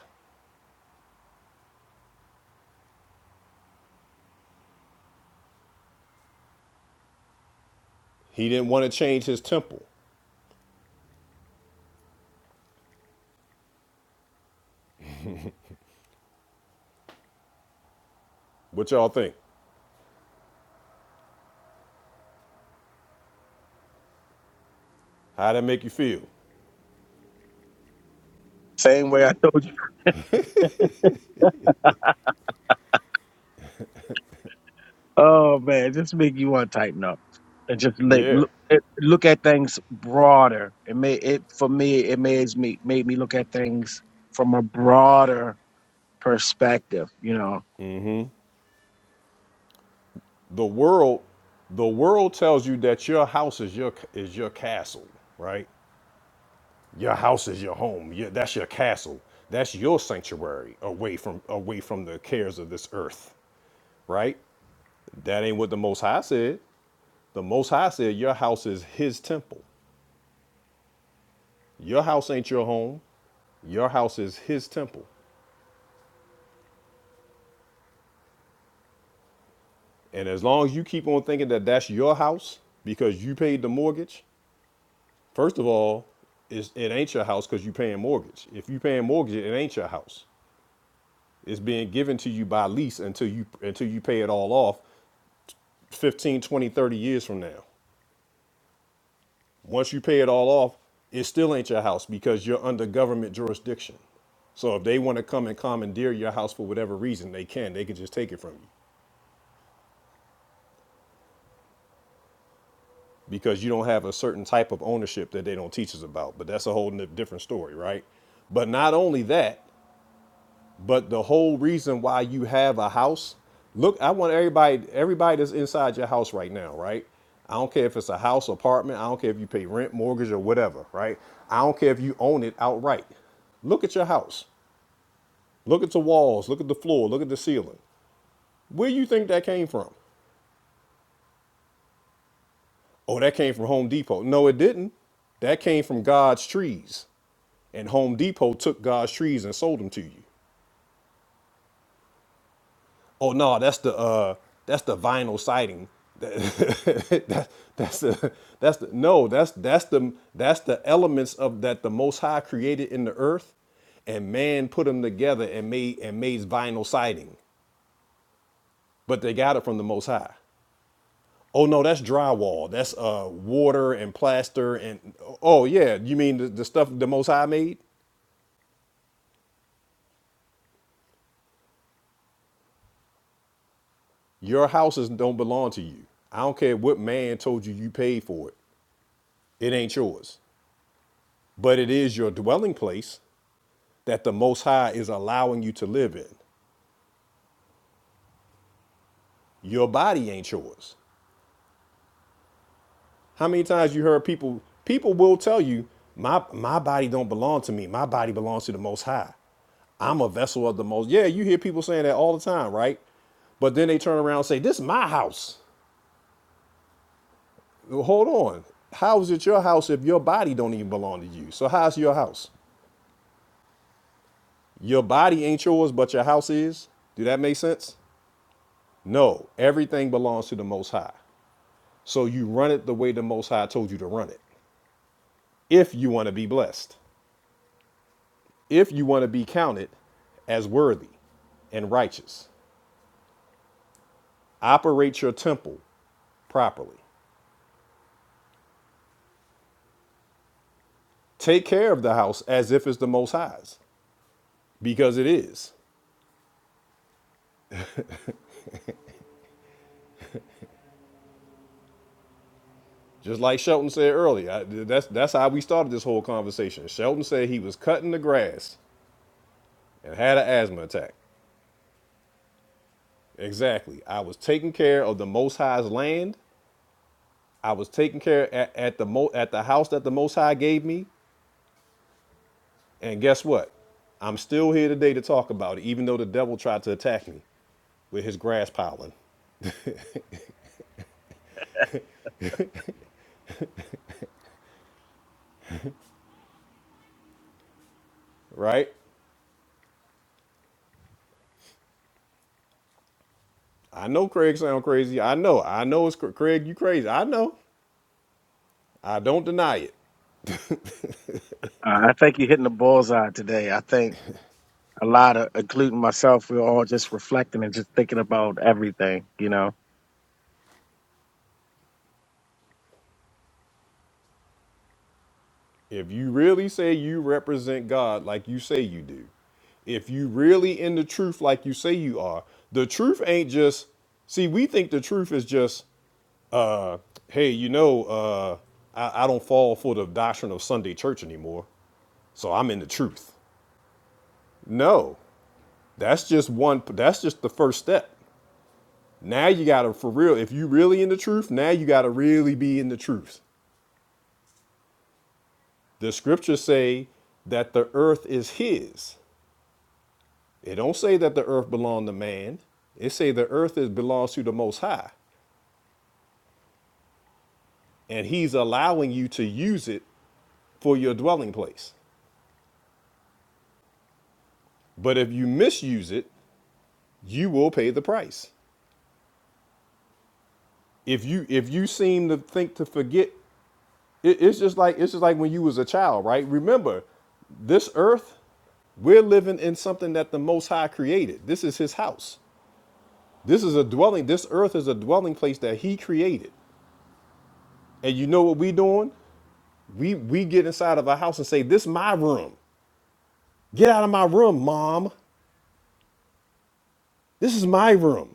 Speaker 1: He didn't want to change his temple. What y'all think? How that make you feel?
Speaker 2: Same way I told you. Oh man, just make you want to tighten up and just like,
Speaker 1: Yeah.
Speaker 2: look it- look at things broader. It made it for me. It made me made me look at things from a broader perspective. You know,
Speaker 1: The world, the world tells you that your house is your is your castle, right? Your house is your home. Your, that's your castle. That's your sanctuary away from away from the cares of this earth, right? That ain't what the Most High said. The Most High said your house is His temple. Your house ain't your home. Your house is his temple. And as long as you keep on thinking that that's your house because you paid the mortgage, First of all, it's, it ain't your house because you are paying mortgage. If you are paying mortgage, it ain't your house. It's being given to you by lease until you until you pay it all off 15, 20, 30 years from now. Once you pay it all off, it still ain't your house because you're under government jurisdiction. So if they want to come and commandeer your house for whatever reason, they can. They can just take it from you because you don't have a certain type of ownership that they don't teach us about. But that's a whole n- different story, right? But not only that, But the whole reason why you have a house, look, I want everybody, everybody that's inside your house right now, right? I don't care if it's a house, apartment, I don't care if you pay rent, mortgage, or whatever, right? I don't care if you own it outright. Look at your house. Look at the walls, look at the floor, look at the ceiling. Where do you think that came from? Oh, that came from Home Depot. No, it didn't. That came from God's trees. And Home Depot took God's trees and sold them to you. Oh no, that's the uh, that's the vinyl siding. That, that's the that's the no, that's that's the that's the elements of that the Most High created in the earth, and man put them together and made and made vinyl siding, but they got it from the Most High. Oh no, that's drywall. That's uh water and plaster and oh yeah, you mean the, the stuff the Most High made? Your houses don't belong to you. I don't care what man told you you paid for it. It ain't yours. but it is your dwelling place that the Most High is allowing you to live in. Your body ain't yours. How many times you heard people? People will tell you, "My my body don't belong to me. My body belongs to the Most High. I'm a vessel of the Most." Yeah, you hear people saying that all the time, right? But then they turn around and say, "This is my house." Well, Hold on. How is it your house if your body don't even belong to you? So how's your house? Your body ain't yours, but your house is. Do that make sense? No, everything belongs to the Most High. So you run it the way the Most High told you to run it. If you want to be blessed, if you want to be counted as worthy and righteous, operate your temple properly. Take care of the house as if it's the Most High's, because it is. Just like Shelton said earlier, I- that's that's how we started this whole conversation. Shelton said he was cutting the grass and had an asthma attack. Exactly. I was taking care of the Most High's land. I was taking care at, at the mo- at the house that the Most High gave me. And guess what? I'm still here today to talk about it, even though the devil tried to attack me with his grass piling, right? I know Craig sound crazy. I know. I know it's cr- Craig, you crazy. I know. I don't deny it.
Speaker 2: uh, I think you're hitting the bullseye today. I think a lot of, including myself, we're all just reflecting and just thinking about everything. You know.
Speaker 1: If you really say you represent God like you say you do, if you really in the truth like you say you are, the truth ain't just see, we think the truth is just uh hey, you know, uh I, I don't fall for the doctrine of Sunday church anymore. So I'm in the truth. No, that's just one. That's just the first step. Now you gotta for real. If you really in the truth, now you gotta really be in the truth. The scriptures say that the earth is His. It don't say that the earth belongs to man. It say the earth is belongs to the Most High, and He's allowing you to use it for your dwelling place. But if you misuse it, you will pay the price. If you if you seem to think to forget It, it's just like it's just like when you was a child, right? Remember, this earth, we're living in something that the Most High created. This is His house. This is a dwelling. This earth is a dwelling place that He created. And you know what we doing? We we get inside of our house and say, "This is my room. Get out of my room, mom. This is my room."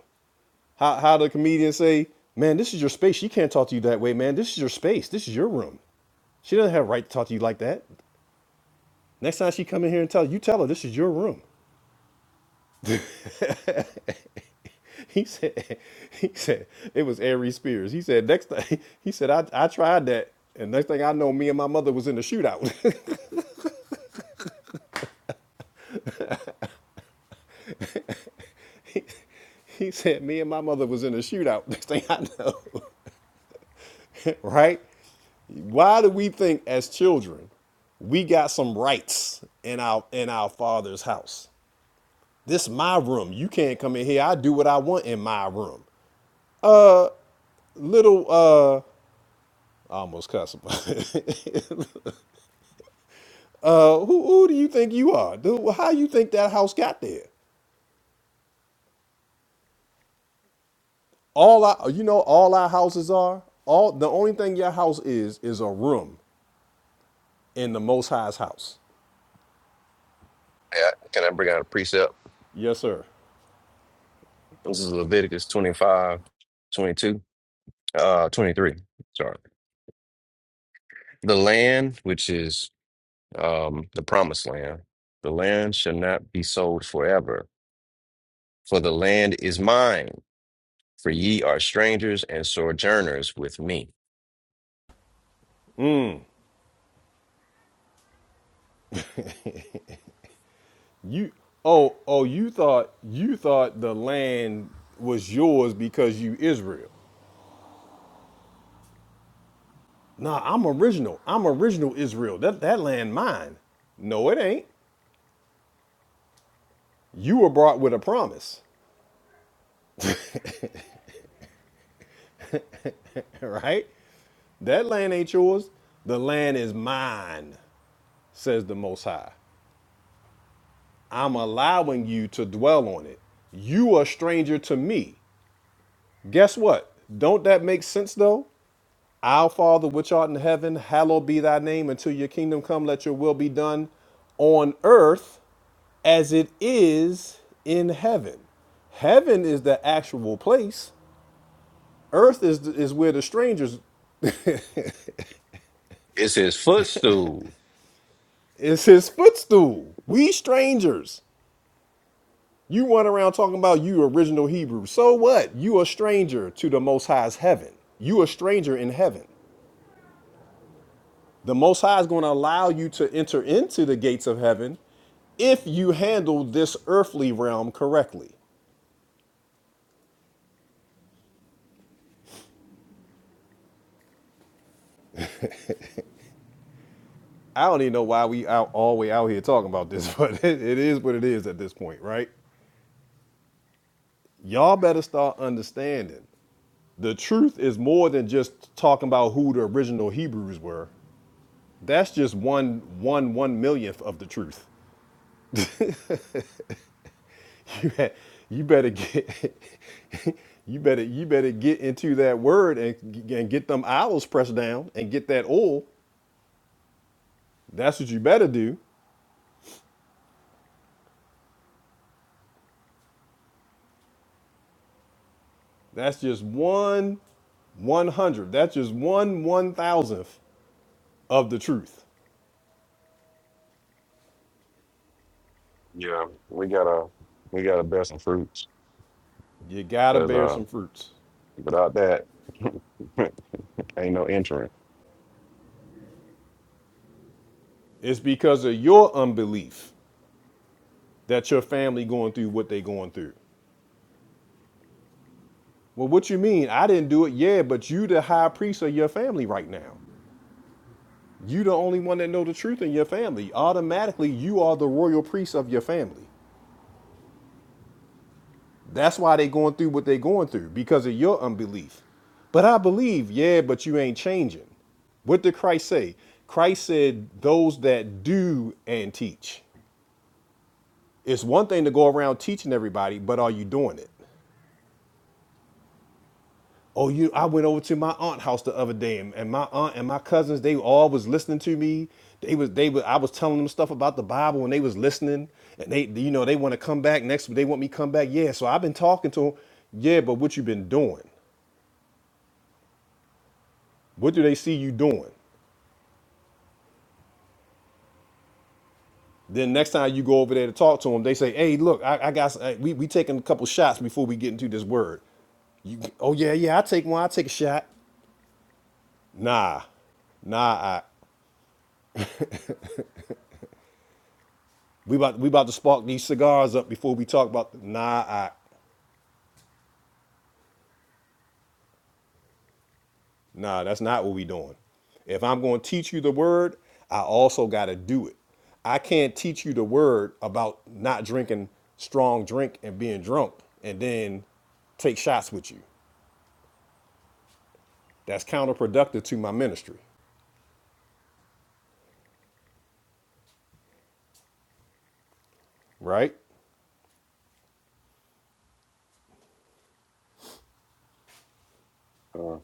Speaker 1: How how the comedian say, "Man, this is your space. She can't talk to you that way, man. This is your space. This is your room." She doesn't have a right to talk to you like that. Next time she come in here and tell you tell her this is your room. He said, he said it was Aries Spears. He said next thing he said I, I tried that, and next thing I know, me and my mother was in a shootout. he said me and my mother was in a shootout. Next thing I know, right? Why do we think as children we got some rights in our in our father's house? This my room. You can't come in here. I do what I want in my room. Little uh, I almost cussed. him. Uh, who, who do you think you are? Dude, how you think that house got there? All our, you know, all our houses are all. The only thing your house is is a room in the Most High's house.
Speaker 11: can I bring out a precept?
Speaker 1: Yes, sir.
Speaker 11: This is Leviticus 25, twenty-two, uh, 23. Sorry. The land, which is um, the promised land, the land shall not be sold forever, for the land is mine, for ye are strangers and sojourners with me.
Speaker 1: You. Oh, oh, you thought you thought the land was yours because you Israel. Nah, I'm original. I'm original Israel. That that land mine. No, it ain't. You were brought with a promise, right? That land ain't yours. The land is mine. says the Most High. I'm allowing you to dwell on it. You are a stranger to me. Guess what? Don't that make sense though? Our Father which art in heaven, hallowed be thy name until your kingdom come, let your will be done on earth as it is in heaven. Heaven is the actual place. Earth is is where the strangers
Speaker 11: It's his footstool.
Speaker 1: is his footstool. We strangers. You run around talking about you original Hebrew. So what? You a stranger to the Most High's heaven. You a stranger in heaven. The Most High is going to allow you to enter into the gates of heaven if you handle this earthly realm correctly. I don't even know why we out all the way out here talking about this, but it, it is what it is at this point, right? Y'all better start understanding. The truth is more than just talking about who the original Hebrews were. That's just one one one millionth of the truth. you, you better get you better you better get into that word and, and get them olives pressed down and get that oil that's what you better do that's just one one hundred that's just one one thousandth of the truth
Speaker 11: Yeah, we got to we got to best some fruits.
Speaker 1: you gotta
Speaker 11: Because
Speaker 1: bear
Speaker 11: uh,
Speaker 1: some fruits
Speaker 11: without that, ain't no entering.
Speaker 1: it's because of your unbelief that your family going through what they going through well what you mean i didn't do it yeah but you the high priest of your family right now You the only one that know the truth in your family. Automatically, you are the royal priest of your family. That's why they going through what they going through because of your unbelief. But I believe, yeah, but you ain't changing. What did Christ say? Christ said those that do and teach. It's one thing to go around teaching everybody, but are you doing it? Oh, you! I went over to my aunt house the other day, and, and my aunt and my cousins they all was listening to me. They was they was, I was telling them stuff about the Bible, and they was listening. And they, you know, they want to come back next. They want me to come back. Yeah, so I've been talking to them. Yeah, but what you been doing? What do they see you doing? Then next time you go over there to talk to them, they say, "Hey, look, I, I got. s- uh, We we taking a couple shots before we get into this word." You, oh yeah, yeah, I take one. I take a shot. Nah, nah. We about we about to spark these cigars up before we talk about the, nah I, nah that's not what we doing. If I'm going to teach you the word, I also got to do it. I can't teach you the word about not drinking strong drink and being drunk and then take shots with you. That's counterproductive to my ministry, right?
Speaker 11: Uh,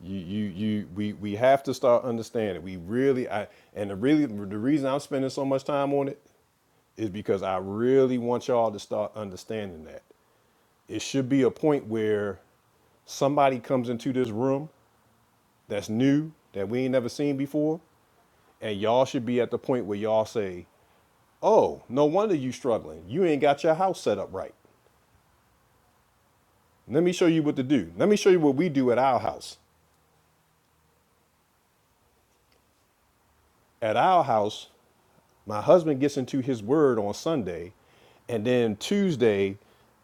Speaker 1: You you you we we have to start understanding. We really I and the really the reason I'm spending so much time on it is because I really want y'all to start understanding that. it should be a point where somebody comes into this room that's new that we ain't never seen before and y'all should be at the point where y'all say oh no wonder you struggling you ain't got your house set up right let me show you what to do let me show you what we do at our house at our house My husband gets into his word on Sunday, and then Tuesday,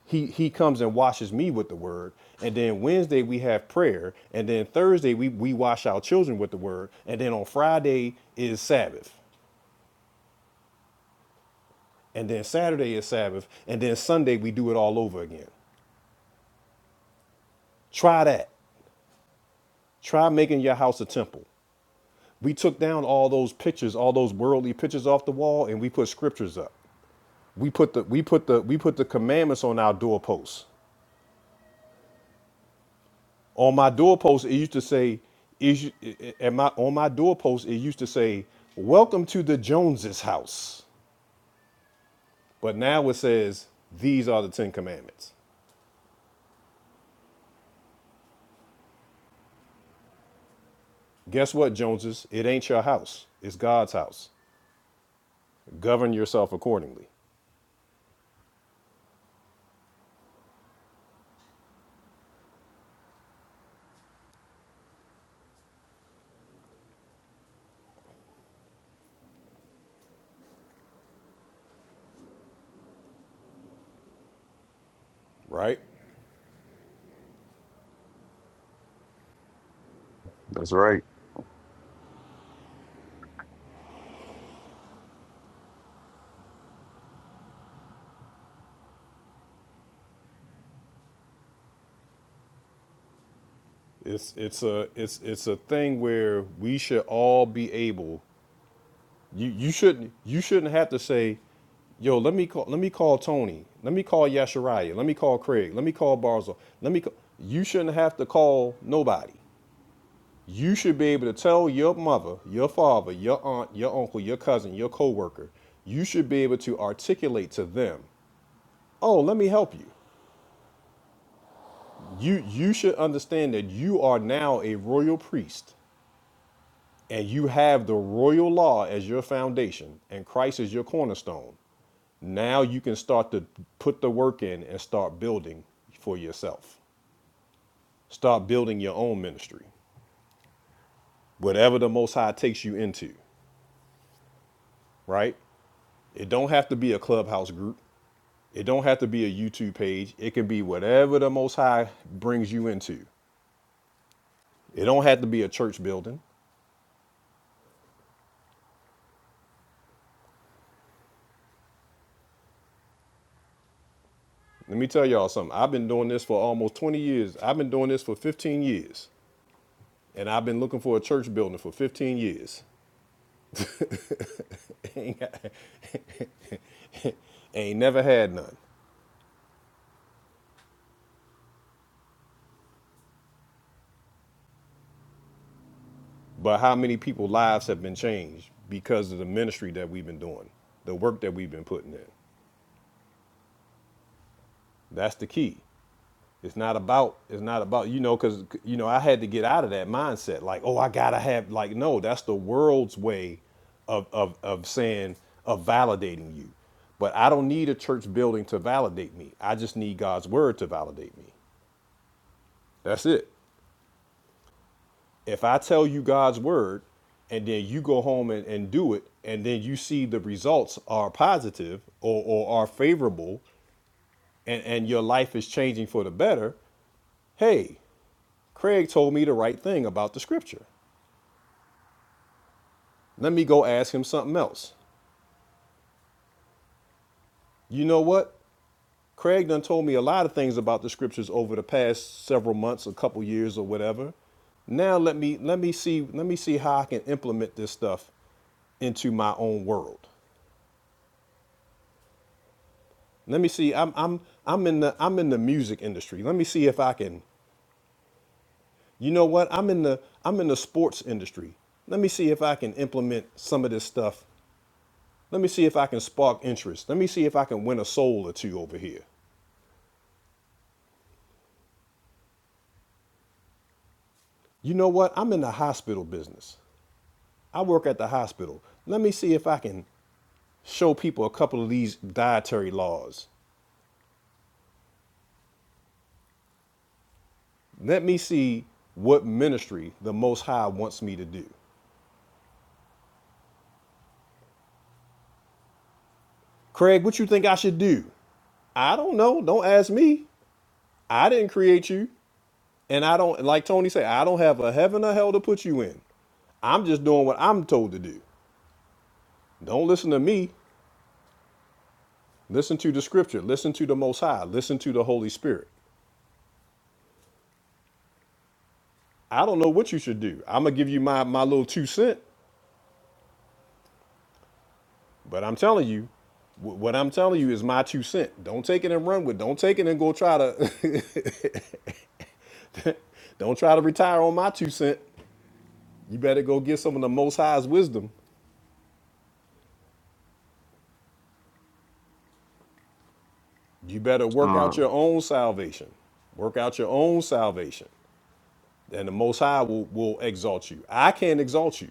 Speaker 1: he he comes and washes me with the word. And then Wednesday we have prayer, and then Thursday we we wash our children with the word, and then on Friday is Sabbath, and then Saturday is Sabbath, and then Sunday we do it all over again. Try that. Try making your house a temple. We took down all those pictures, all those worldly pictures off the wall, and we put scriptures up. We put the we put the we put the commandments on our doorposts. on my doorpost it used to say is you- at my on my doorpost it used to say welcome to the joneses house but now it says these are the 10 commandments guess what joneses it ain't your house it's god's house govern yourself accordingly right
Speaker 11: that's right.
Speaker 1: it's it's a it's it's a thing where we should all be able You you shouldn't you shouldn't have to say, yo, let me call let me call Tony, let me call Yashariah, let me call Craig, let me call Barzo, let me. Call. You shouldn't have to call nobody. You should be able to tell your mother, your father, your aunt, your uncle, your cousin, your coworker. You should be able to articulate to them, oh, let me help you. You you should understand that you are now a royal priest and you have the royal law as your foundation and Christ is your cornerstone. Now you can start to put the work in and start building for yourself. Start building your own ministry, whatever the Most High takes you into, right? It don't have to be a clubhouse group. It don't have to be a YouTube page. It can be whatever the Most High brings you into. It don't have to be a church building. Let me tell y'all something. I've been doing this for almost 20 years. I've been doing this for 15 years. And I've been looking for a church building for 15 years. Ain't never had none. But how many people's lives have been changed because of the ministry that we've been doing, the work that we've been putting in? That's the key. It's not about it's not about you know because you know I had to get out of that mindset like oh I gotta have like no that's the world's way of of of saying of validating you, but I don't need a church building to validate me. I just need God's word to validate me. That's it. if I tell you God's word and then you go home and, and do it, and then you see the results are positive or, or are favorable and, and your life is changing for the better, hey, Craig told me the right thing about the scripture. Let me go ask him something else. You know what? Craig done told me a lot of things about the scriptures over the past several months, a couple years or whatever. Now let me let me see let me see how I can implement this stuff into my own world. Let me see. I'm I'm I'm in the I'm in the music industry. Let me see if I can. You know what? I'm in the I'm in the sports industry. Let me see if I can implement some of this stuff. Let me see if I can spark interest. Let me see if I can win a soul or two over here. You know what? I'm in the hospital business. I work at the hospital. Let me see if I can show people a couple of these dietary laws. Let me see what ministry the Most High wants me to do. Craig, what you think I should do? I don't know. Don't ask me. I didn't create you, and I don't like Tony said. I don't have a heaven or hell to put you in. I'm just doing what I'm told to do. Don't listen to me. Listen to the scripture. Listen to the Most High. Listen to the Holy Spirit. I don't know what you should do. I'm gonna give you my my little two cent, but I'm telling you, wh- what I'm telling you is my two cent. Don't take it and run with. it. Don't take it and go try to. don't try to retire on my two cent. You better go get some of the Most High's wisdom You better work
Speaker 11: Uh,
Speaker 1: out your own salvation. Work out your own salvation. And the Most High will, will exalt you. I can't exalt you.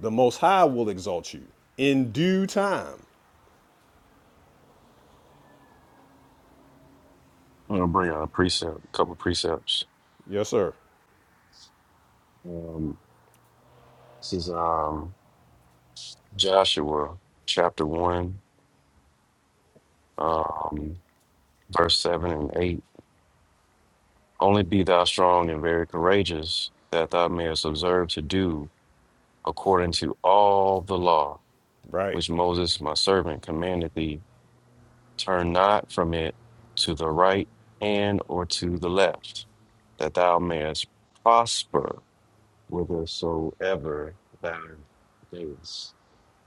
Speaker 1: The Most High will exalt you in due time.
Speaker 11: I'm gonna bring out a precept, a couple precepts.
Speaker 1: Yes, sir.
Speaker 11: Um, this is um, Joshua chapter one, um, verse seven and eight. Only be thou strong and very courageous, that thou mayest observe to do according to all the law
Speaker 1: Right.
Speaker 11: which Moses my servant commanded thee Turn not from it to the right hand or to the left, that thou mayest prosper whithersoever thou goest.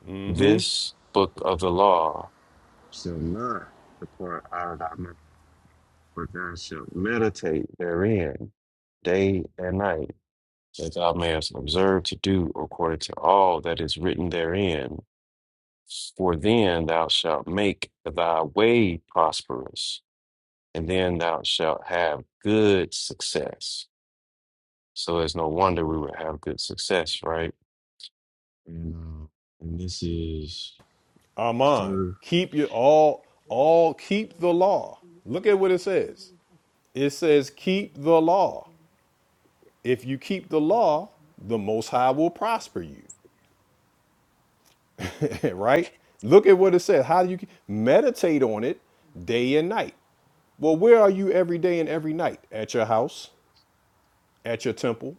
Speaker 1: Mm-hmm.
Speaker 11: This book of the law shall not depart out of thy mouth, but thou shalt meditate therein day and night, that thou mayest observe to do according to all that is written therein. For then thou shalt make thy way prosperous and then thou shalt have good success. So it's no wonder we would have good success, right? And, uh, and this is
Speaker 1: Aman.
Speaker 11: third.
Speaker 1: Keep your all all keep the law. Look at what it says. It says keep the law. If you keep the law, the most high will prosper you. right? Look at what it says. How do you meditate on it day and night? Well, where are you every day and every night? At your house, at your temple.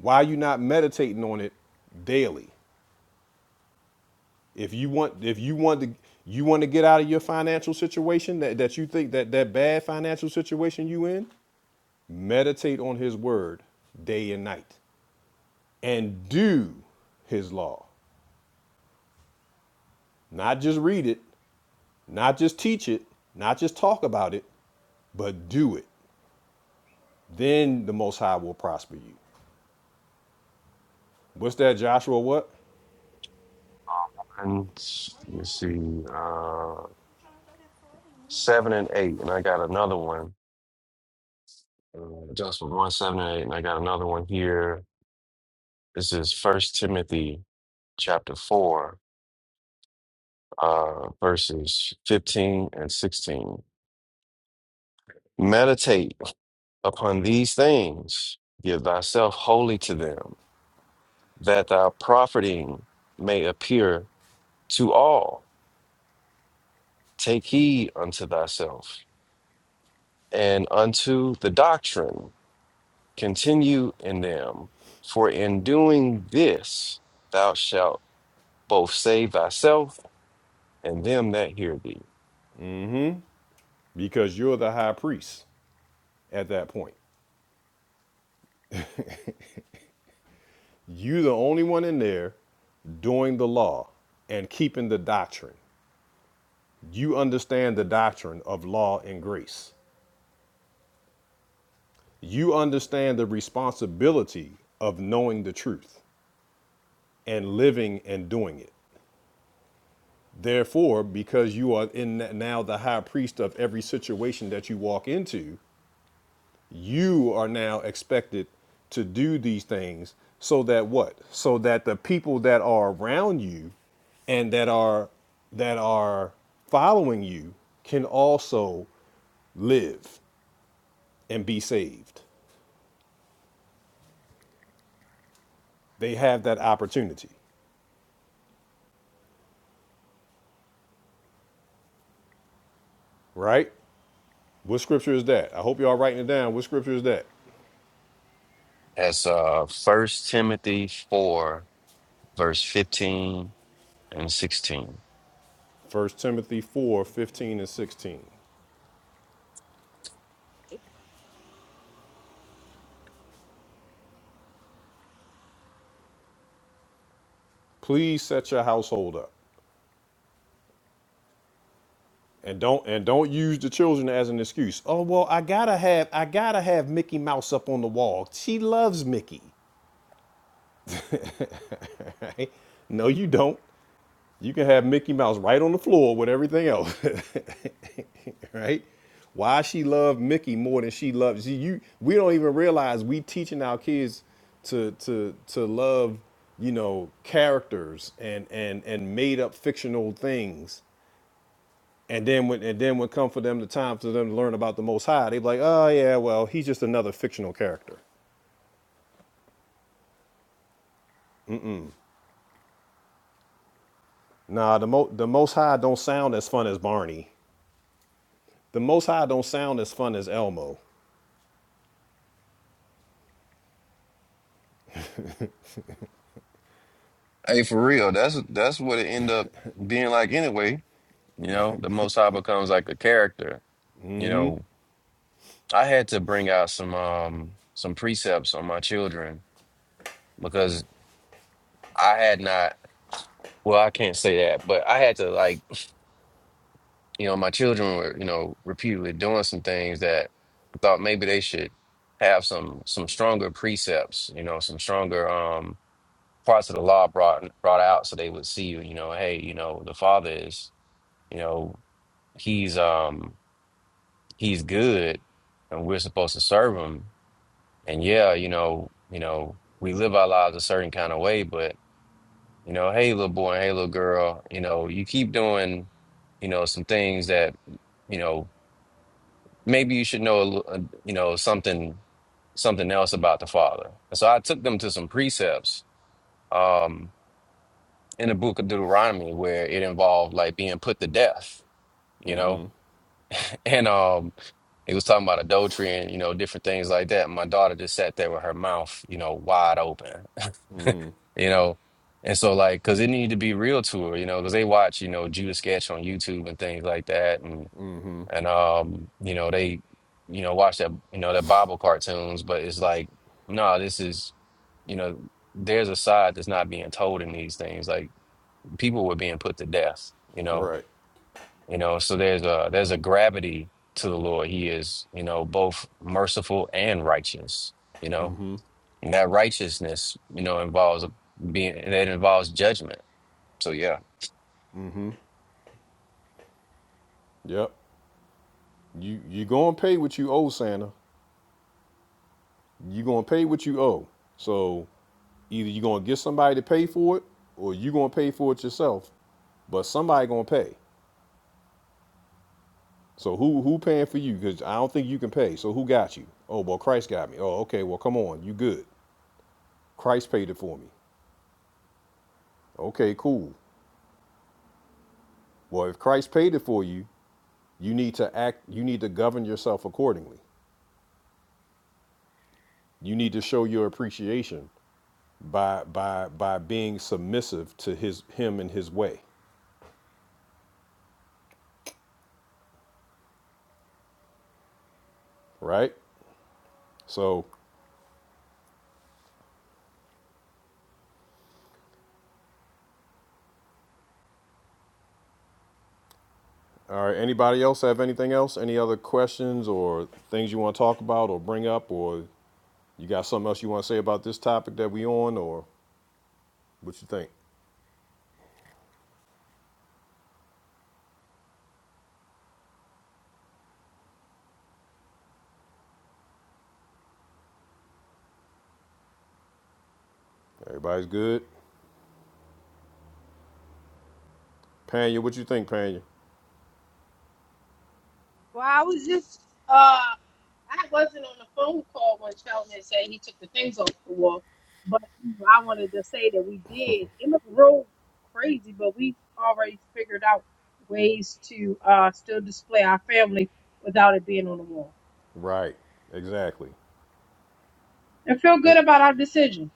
Speaker 1: Why are you not meditating on it daily? If you want, if you want to, you want to get out of your financial situation that, that you think that that bad financial situation you in. Meditate on His Word day and night, and do His law. Not just read it, not just teach it, not just talk about it, but do it. Then the Most High will prosper you. What's that, Joshua? What?
Speaker 11: And let's see, uh, seven and eight, and I got another one. Uh, just for one, seven and eight, and I got another one here. This is First Timothy chapter four. uh, verses 15 and 16. Meditate upon these things, give thyself wholly to them, that thy profiting may appear to all. Take heed unto thyself and unto the doctrine, continue in them, for in doing this thou shalt both save thyself and them that hear thee.
Speaker 1: Because you're the high priest at that point. you the only one in there doing the law and keeping the doctrine. You understand the doctrine of law and grace. You understand the responsibility of knowing the truth and living and doing it. Therefore, because you are in now the high priest of every situation that you walk into, you are now expected to do these things so that what so that the people that are around you and that are that are following you can also live and be saved they have that opportunity right what scripture is that i hope y'all writing it down what scripture is that
Speaker 11: That's uh, 1 Timothy 4, verse 15 and 16.
Speaker 1: First timothy 4 15 and 16 please set your household up And don't and don't use the children as an excuse. Oh well, I gotta have I gotta have Mickey Mouse up on the wall. She loves Mickey. Right? No, you don't. You can have Mickey Mouse right on the floor with everything else. right? Why she loved Mickey more than she loves you, you we don't even realize we teaching our kids to to to love, you know, characters and and and made up fictional things And then when and then when come for them the time for them to learn about the Most High, they be like, oh yeah, well he's just another fictional character. Nah, the Mo, the Most High don't sound as fun as Barney. The Most High don't sound as fun as Elmo.
Speaker 11: Hey, for real, that's that's what it end up being like anyway. You know, the Most High becomes like a character. You know, I had to bring out some um some precepts on my children because I had not. Well, I can't say that, but I had to like you know my children were you know repeatedly doing some things that I thought maybe they should have some some stronger precepts. You know, some stronger um parts of the law brought brought out so they would see you know hey you know the father is You know, he's um he's good and we're supposed to serve him. And yeah, you know, you know, we live our lives a certain kind of way, but you know, hey little boy, hey little girl, you know, you keep doing, you know, some things that, you know, maybe you should know, a lit- uh, you know, something something else about the Father. And so I took them to some precepts um in the book of Deuteronomy where it involved like being put to death, you know. And um, he was talking about adultery and, you know, different things like that. My daughter just sat there with her mouth, you know, wide open, you know. And so, like, because it needed to be real to her, you know, because they watch, you know, Judas Sketch on YouTube and things like that. And, and um, you know, they, you know, watch that, you know, that Bible cartoons, but it's like, no, this is, you know, there's a side that's not being told in these things. Like, people were being put to death, you know
Speaker 1: Right.
Speaker 11: you know, so there's a there's a gravity to the Lord. He is, you know, both merciful and righteous, you know. And that righteousness, you know, involves being that involves judgment. So yeah.
Speaker 1: Yep. You you gonna pay what you owe, Santa. You gonna pay what you owe. So either you gonna get somebody to pay for it, or you gonna pay for it yourself. But somebody gonna pay. So who who paying for you? Because I don't think you can pay. So who got you? Oh well, Christ got me. Oh okay, well come on, you good. Christ paid it for me. Okay, cool. Well, if Christ paid it for you, you need to act you need to govern yourself accordingly. You need to show your appreciation by by by being submissive to his him and his way, right? So, all right, anybody else have anything else? Any other questions or things you want to talk about or bring up or you got something else you want to say about this topic that we on or what you think? Everybody's good? Panya, what you think, Panya?
Speaker 12: Well, I was just uh I wasn't on the phone call when Sheldon had said he took the things off the wall, but I wanted to say that we did. It looked real crazy, but we've already figured out ways to uh still display our family without it being on the wall
Speaker 1: Right, exactly.
Speaker 12: and feel good
Speaker 1: It
Speaker 12: about our decision.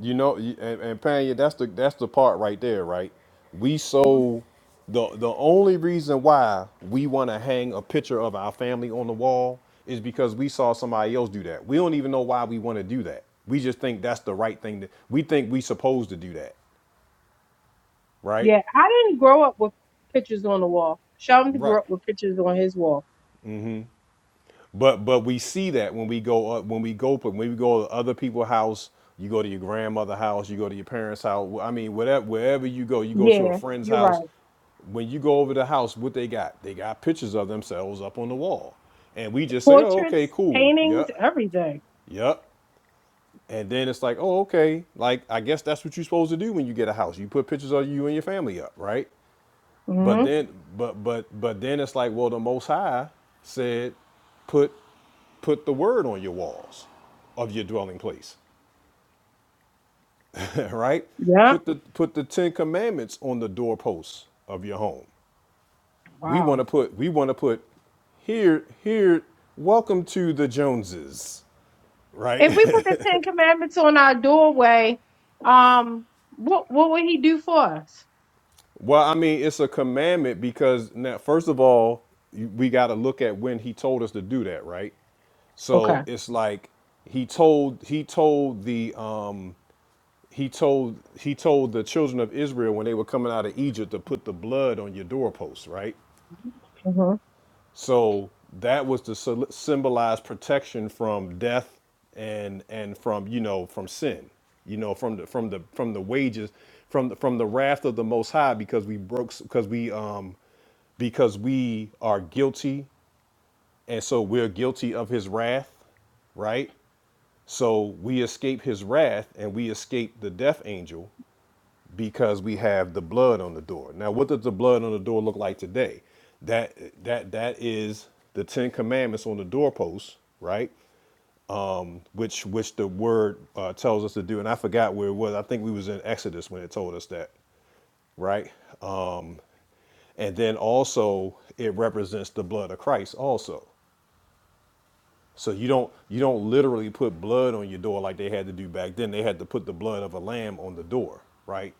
Speaker 1: You know, and, and Panya, that's the that's the part right there, right? We
Speaker 12: Mhm.
Speaker 1: so the the only reason why we want to hang a picture of our family on the wall is because we saw somebody else do that. We don't even know why we want to do that. We just think that's the right thing that we think we supposed to do that, right?
Speaker 12: Yeah, I didn't grow up with pictures on the wall. Sheldon grew
Speaker 1: Right.
Speaker 12: up with pictures on his wall.
Speaker 1: But but we see that when we go uh, when we go when we go to other people's house, you go to your grandmother's house, you go to your parents' house. I mean, whatever wherever you go, you go to a
Speaker 12: Yeah,
Speaker 1: friend's
Speaker 12: you're
Speaker 1: house.
Speaker 12: right.
Speaker 1: When you go over the house, what they got? They got pictures of themselves up on the wall, and we just say, "Oh, okay,
Speaker 12: Portraits,
Speaker 1: cool,
Speaker 12: paintings,
Speaker 1: yep,
Speaker 12: everything.
Speaker 1: yep." And then it's like, "Oh, okay." Like I guess that's what you're supposed to do when you get a house. You put pictures of you and your family up, right? But
Speaker 12: Mm-hmm.
Speaker 1: then, but but but then it's like, well, the Most High said, put Put the word on your walls of your dwelling place, right?
Speaker 12: Yep.
Speaker 1: Put the put the Ten Commandments on the doorposts of your home. We want to
Speaker 12: Wow.
Speaker 1: put we want to put here here. Welcome to the Joneses,
Speaker 12: If
Speaker 1: right?
Speaker 12: we put the Ten Commandments on our doorway, um, what what would he do for us?
Speaker 1: well, I mean, it's a commandment because now, first of all, you- we got to look at when he told us to do that, right? So
Speaker 12: Okay.
Speaker 1: it's like he told he told the um he told he told the children of Israel when they were coming out of Egypt to put the blood on your doorposts, right?
Speaker 12: hmm
Speaker 1: So that was to syl- symbolize protection from death and and from you know from sin, you know from the from the from the wages from the, from the wrath of the Most High because we broke because we um because we are guilty and so we're guilty of His wrath, right? So we escape His wrath and we escape the death angel because we have the blood on the door. Now, what does the blood on the door look like today? That that that is the Ten Commandments on the doorpost, right? Which which the word uh, tells us to do. And I forgot where it was. I think we was in Exodus when it told us that, right? Um, and then also it represents the blood of Christ also. So you don't you don't literally put blood on your door like they had to do back then. They had to put the blood of a lamb on the door, right?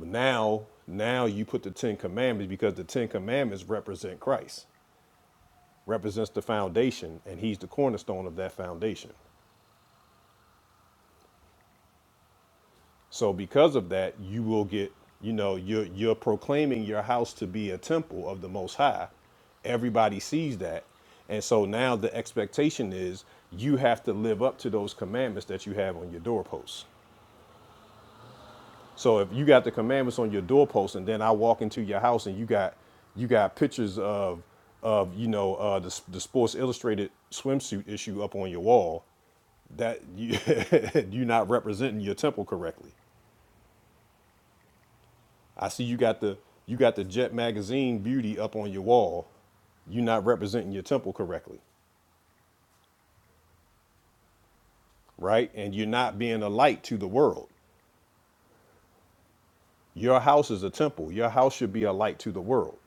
Speaker 1: now now you put the ten commandments because the ten commandments represent christ represents the foundation and he's the cornerstone of that foundation so because of that you will get you know you're you're proclaiming your house to be a temple of the most high everybody sees that and so now the expectation is you have to live up to those commandments that you have on your doorposts So if you got the commandments on your doorpost, and then I walk into your house, and you got you got pictures of of you know uh, the the Sports Illustrated swimsuit issue up on your wall, that you you're not representing your temple correctly. I see you got the you got the Jet magazine beauty up on your wall. You're not representing your temple correctly, right? And you're not being a light to the world. Your house is a temple. Your house should be a light to the world.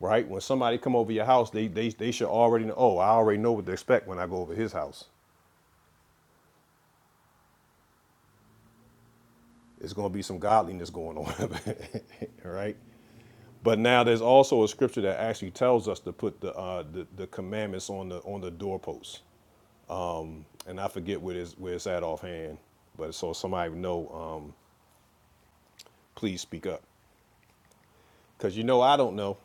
Speaker 1: right? When somebody come over your house, they they they should already know. Oh, I already know what to expect when I go over his house. It's gonna be some godliness going on, right? But now there's also a scripture that actually tells us to put the uh, the, the commandments on the on the doorposts, and I forget where it's where it's at offhand. But so somebody would know, um, please speak up, because you know I don't know.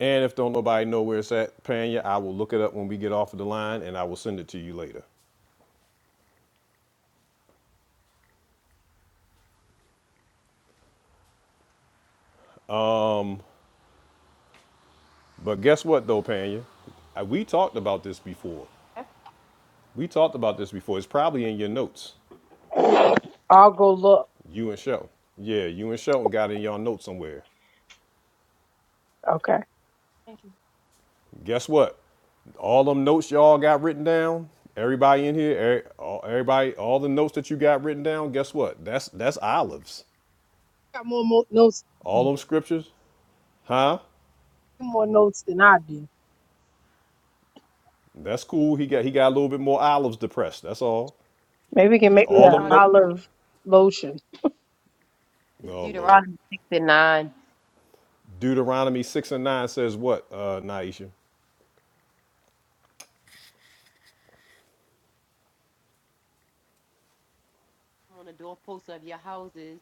Speaker 1: And if don't nobody know where it's at, Panya, I will look it up when we get off of the line, and I will send it to you later. But guess what, though, Panya? Uh, We talked about this before. We talked about this before. It's probably in your notes.
Speaker 12: I'll go look.
Speaker 1: You and Shelton. Yeah, you and Shelton got in your notes somewhere.
Speaker 12: Okay. Thank you.
Speaker 1: Guess what? All them notes y'all got written down. Everybody in here, er- everybody, all the notes that you got written down. Guess what? That's that's olives.
Speaker 12: Got more, more notes,
Speaker 1: All them scriptures, huh?
Speaker 12: more notes than I do.
Speaker 1: That's cool. He got he got a little bit more olives depressed. That's all.
Speaker 12: Maybe we can
Speaker 1: It's
Speaker 12: make me
Speaker 1: all
Speaker 12: an
Speaker 1: them
Speaker 5: Deuteronomy
Speaker 1: note.
Speaker 12: olive lotion.
Speaker 5: is
Speaker 1: Oh Lord.
Speaker 5: Deuteronomy six and nine.
Speaker 1: Deuteronomy six and nine says what, uh, Naisha?
Speaker 5: On the doorposts of your houses,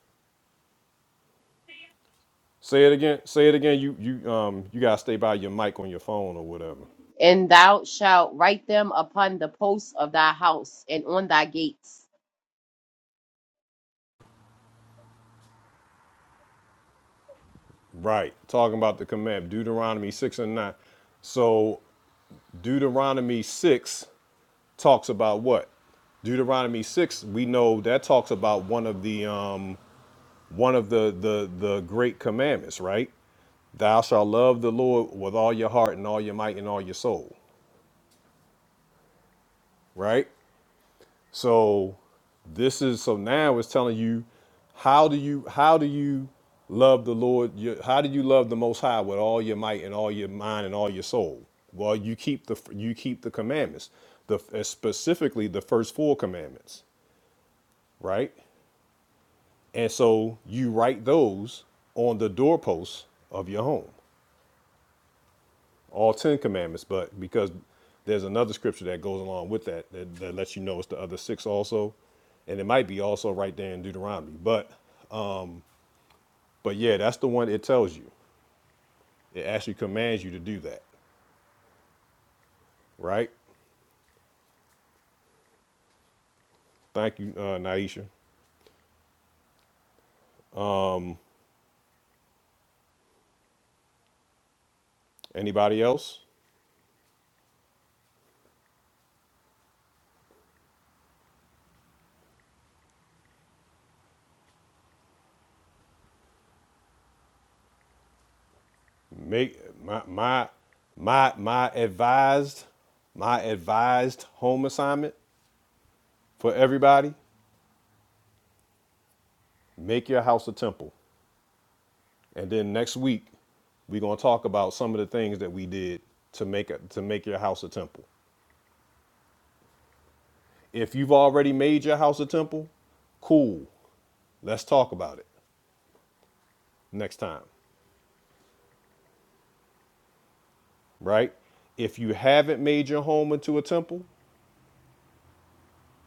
Speaker 1: Say it again. Say it again. You you um you gotta stay by your mic on your phone or whatever.
Speaker 5: and thou shalt write them upon the posts of thy house and on thy gates.
Speaker 1: Right. Talking about the command, Deuteronomy six and nine. So Deuteronomy six talks about what? Deuteronomy six, we know that talks about one of the um one of the the the great commandments, right? Thou shalt love the Lord with all your heart and all your might and all your soul, right? So this is so now it's telling you how do you how do you love the Lord? your- How do you love the Most High with all your might and all your mind and all your soul? Well, you keep the you keep the commandments, the uh, specifically the first four commandments, right? And so you write those on the doorposts of your home. all ten commandments, but because there's another scripture that goes along with that that, that lets you know it's the other six also, and it might be also right there in Deuteronomy. But but yeah, that's the one it tells you. It actually commands you to do that, right? Thank you, uh, Naisha. Anybody else? Make my my my my advised my advised home assignment for everybody. Make your house a temple. And then next week, we're gonna talk about some of the things that we did to make it to make your house a temple. If you've already made your house a temple, cool. Let's talk about it next time, right? If you haven't made your home into a temple,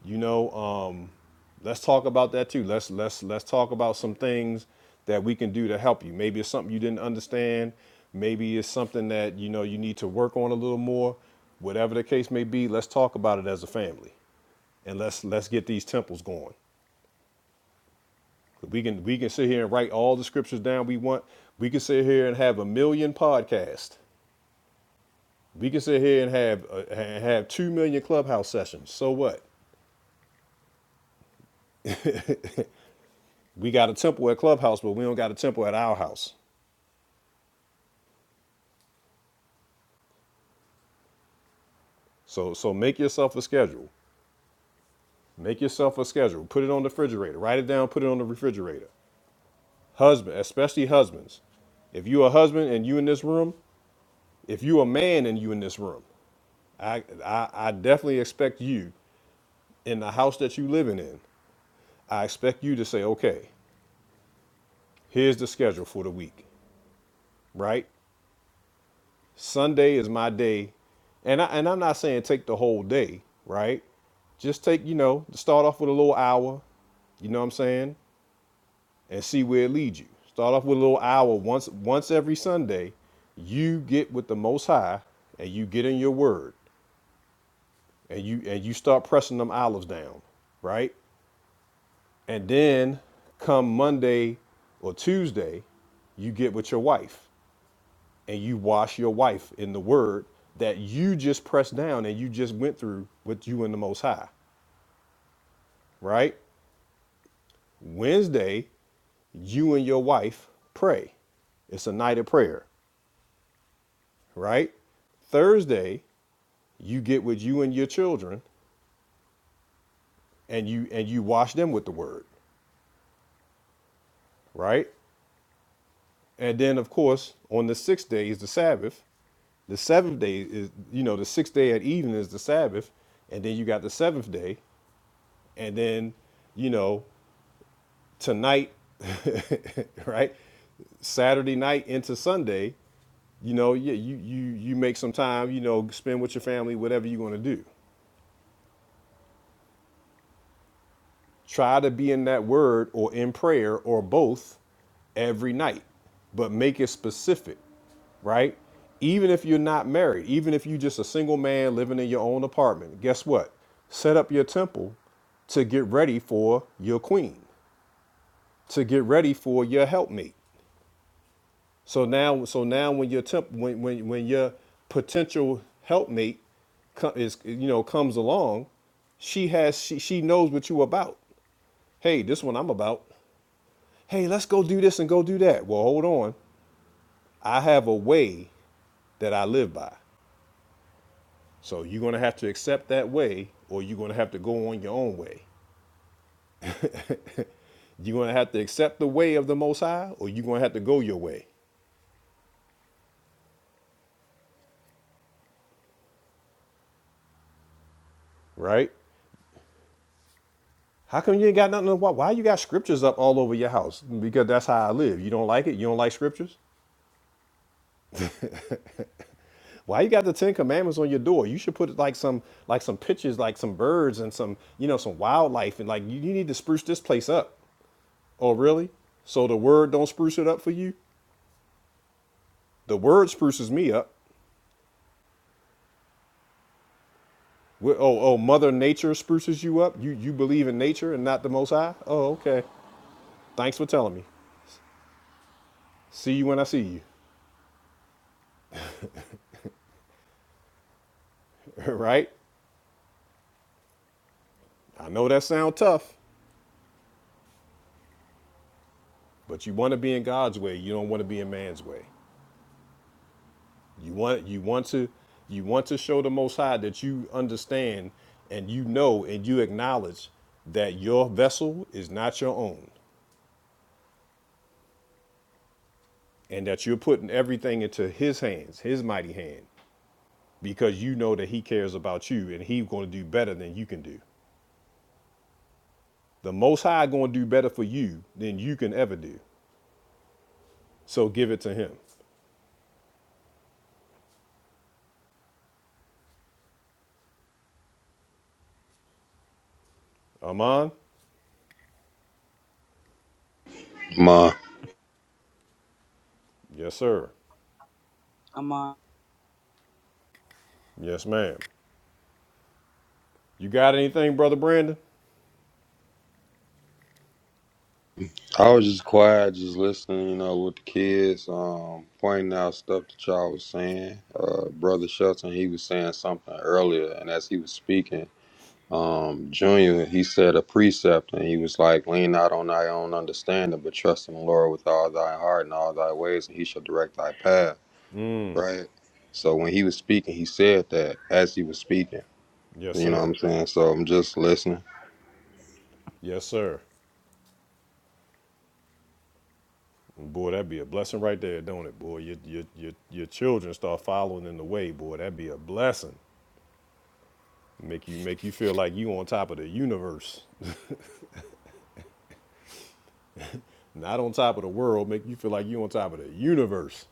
Speaker 1: You know, um, let's talk about that too. Let's let's let's talk about some things that we can do to help you. Maybe it's something you didn't understand. Maybe it's something that you know you need to work on a little more. Whatever the case may be, let's talk about it as a family, and let's let's get these temples going. We can we can sit here and write all the scriptures down we want. We can sit here and have a million podcasts. We can sit here and have uh, have two million clubhouse sessions. So what? We got a temple at clubhouse, but we don't got a temple at our house. So so make yourself a schedule. Make yourself a schedule. Put it on the refrigerator. Write it down, put it on the refrigerator. Husband, especially husbands. If you are a husband and you in this room, if you are a man and you in this room, I, I I definitely expect you in the house that you living in. I expect you to say, okay, here's the schedule for the week, right? Sunday is my day, and I and I'm not saying take the whole day, right? Just take you know start off with a little hour, you know what I'm saying? and see where it leads you. Start off with a little hour once once every Sunday. You get with the Most High and you get in your Word and you and you start pressing them olives down, right? And then come Monday or Tuesday, you get with your wife and you wash your wife in the Word that you just pressed down and you just went through with you and the Most High, right? Wednesday, you and your wife pray. It's a night of prayer. right? Thursday, you get with you and your children and you and you wash them with the word, right? And then of course, on the sixth day is the Sabbath. The seventh day is you know, the sixth day at evening is the Sabbath, and then you got the seventh day, and then, you know, tonight, right? Saturday night into Sunday, you know, yeah, you you you make some time, you know, spend with your family, whatever you're gonna do. Try to be in that word or in prayer or both every night, but make it specific, right? Even if you're not married, even if you're just a single man living in your own apartment, guess what? Set up your temple to get ready for your queen, to get ready for your helpmate. So now, so now when your temp, when, when, when your potential helpmate co- is, you know, comes along, she has, she, she knows what you about. Hey, this one I'm about. hey, let's go do this and go do that. Well, hold on. I have a way that I live by. So you're going to have to accept that way, or you're going to have to go on your own way. You're going to have to accept the way of the Most High, or you're going to have to go your way, right? How come you ain't got nothing? to- Why, why you got scriptures up all over your house? Because that's how I live. You don't like it? You don't like scriptures? Why you got the Ten Commandments on your door? You should put like some like some pictures, like some birds and some you know some wildlife, and like you, you need to spruce this place up. Oh, really? So the word don't spruce it up for you? The word spruces me up. Oh, oh, Mother Nature spruces you up? You, you believe in nature and not the Most High? Oh, okay. Thanks for telling me. See you when I see you. right? I know that sound tough, but you want to be in God's way. You don't want to be in man's way. You want, you want to, you want to show the Most High that you understand and you know and you acknowledge that your vessel is not your own. and that you're putting everything into his hands, his mighty hand, because you know that he cares about you and he's going to do better than you can do. The Most High going to do better for you than you can ever do. So give it to him. Aman?
Speaker 13: Ma,
Speaker 1: Yes, sir.
Speaker 4: Amon,
Speaker 1: Yes, ma'am. You got anything, Brother Brandon?
Speaker 13: I was just quiet, just listening, you know, with the kids, um, pointing out stuff that y'all was saying. Uh, Brother Shelton, he was saying something earlier, and as he was speaking, um, Junior, he said a precept, and he was like, lean not on thy own understanding, but trust in the Lord with all thy heart and all thy ways, and he shall direct thy path, right? So when he was speaking, he said that as he was speaking,
Speaker 1: Yes,
Speaker 13: you know what
Speaker 1: sir.
Speaker 13: I'm saying? So I'm just listening.
Speaker 1: Yes, sir. Boy, that'd be a blessing right there, don't it, boy? Your, your, your, your children start following in the way, boy. That'd be a blessing. Make you make you feel like you on top of the universe. Not on top of the world, make you feel like you on top of the universe.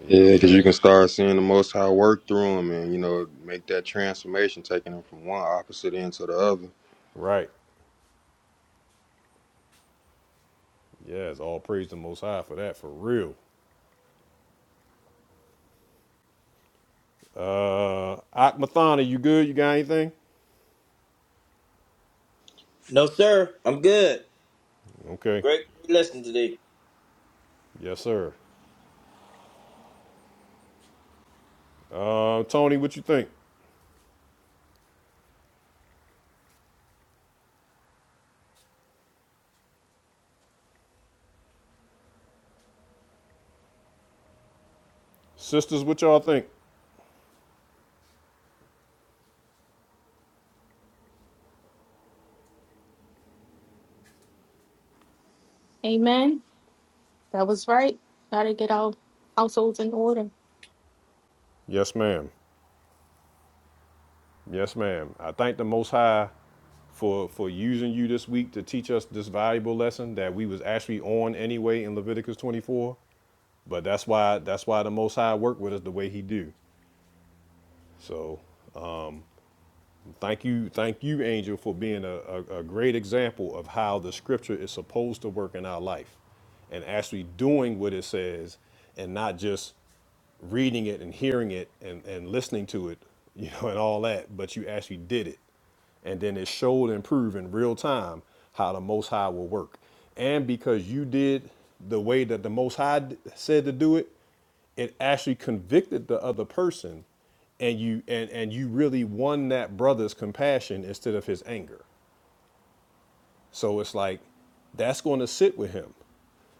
Speaker 1: You know what
Speaker 13: Yeah,
Speaker 1: I'm
Speaker 13: because you
Speaker 1: saying?
Speaker 13: can start seeing the Most High work through them, and you know make that transformation, taking them from one opposite end to the other.
Speaker 1: Right. Yes, all praise the most high for that, for real. Uh Akmathana, you good? You got anything? Okay. Yes, sir. Uh Tony, what you think? Sisters, what y'all think?
Speaker 14: Amen. That was right. Gotta get our households in order.
Speaker 1: Yes, ma'am. Yes, ma'am. I thank the most high for for using you this week to teach us this valuable lesson that we was actually on anyway in Leviticus 24. But that's why that's why the Most High worked with us the way He do. So Thank you, thank you, Angel, for being a, a, a great example of how the scripture is supposed to work in our life and actually doing what it says and not just reading it and hearing it and, and listening to it, you know, and all that, but you actually did it. And then it showed and proved in real time how the Most High will work. And because you did the way that the Most High d- said to do it, it actually convicted the other person and you and and you really won that brother's compassion instead of his anger so it's like that's going to sit with him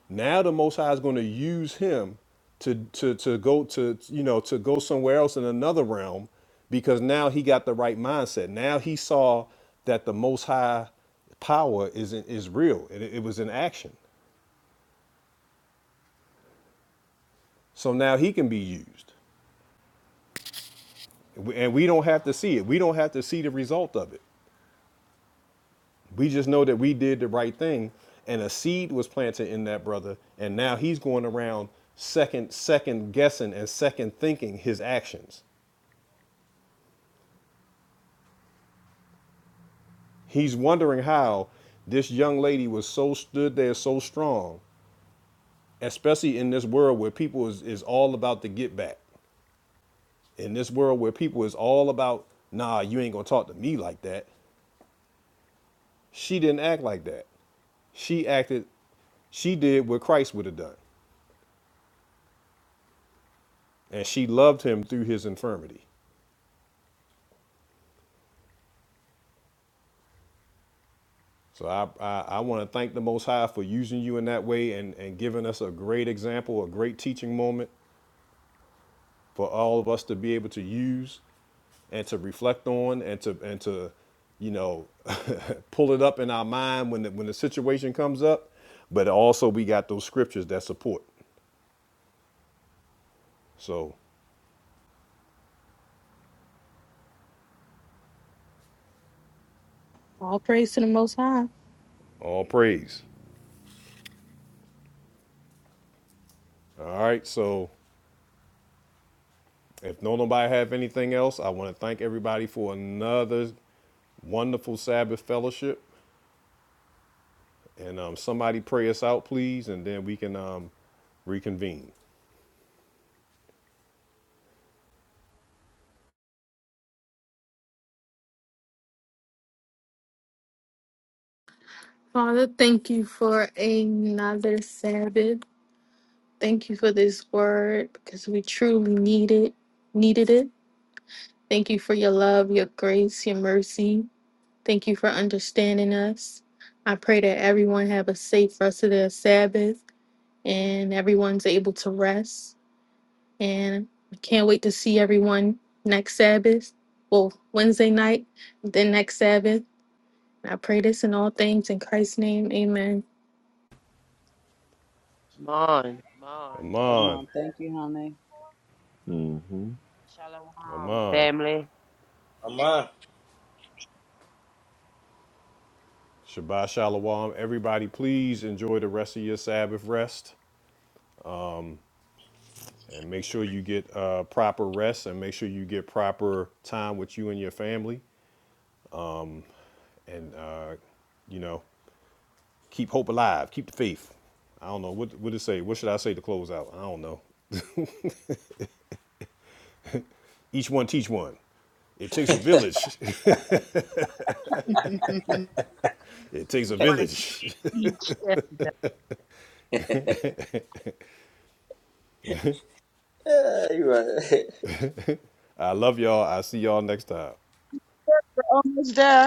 Speaker 1: now the most high is going to use him to to to go to you know to go somewhere else in another realm because now he got the right mindset now he saw that the most high power is is real it, it was in action so now he can be used and we don't have to see it we don't have to see the result of it We just know that we did the right thing, and a seed was planted in that brother, and now he's going around second second guessing and second thinking his actions. He's wondering how this young lady was so stood there so strong, especially in this world where people is, is all about the get back. In this world where people is all about, nah, you ain't gonna talk to me like that. She didn't act like that. She acted she did what Christ would have done, and she loved him through his infirmity. So I, I, I want to thank the Most High for using you in that way and, and giving us a great example, a great teaching moment for all of us to be able to use and to reflect on and to and to you know pull it up in our mind when the, when the situation comes up. But also we got those scriptures that support. So
Speaker 14: All praise to the Most High.
Speaker 1: all praise. All right. So if no nobody have anything else, I want to thank everybody for another wonderful Sabbath fellowship. And um, somebody pray us out, please, and then we can um, reconvene.
Speaker 14: Father, thank you for another Sabbath. Thank you for this word because we truly need it, needed it. Thank you for your love, your grace, your mercy. Thank you for understanding us. I pray that everyone have a safe rest of their Sabbath and everyone's able to rest. and I can't wait to see everyone next Sabbath. Well, Wednesday night, then next Sabbath. I pray this in all things in Christ's name. Amen.
Speaker 5: Come on, come on.
Speaker 1: Aman,
Speaker 4: Amon, thank you, honey.
Speaker 15: hmm
Speaker 5: Shalom,
Speaker 1: Aman.
Speaker 5: family.
Speaker 9: I'm mine.
Speaker 1: Shabbat Shalom. Everybody, please enjoy the rest of your Sabbath rest and make sure you get uh, proper rest and make sure you get proper time with you and your family. And, uh, you know, keep hope alive, keep the faith. I don't know. What, what it say? What should I say to close out? I don't know. Each one teach one. It takes a village.
Speaker 5: You,
Speaker 1: it takes a
Speaker 5: you want to
Speaker 1: village.
Speaker 5: teach this?
Speaker 9: Yeah, you're right.
Speaker 1: I love y'all. I see y'all next time.
Speaker 6: Almost there.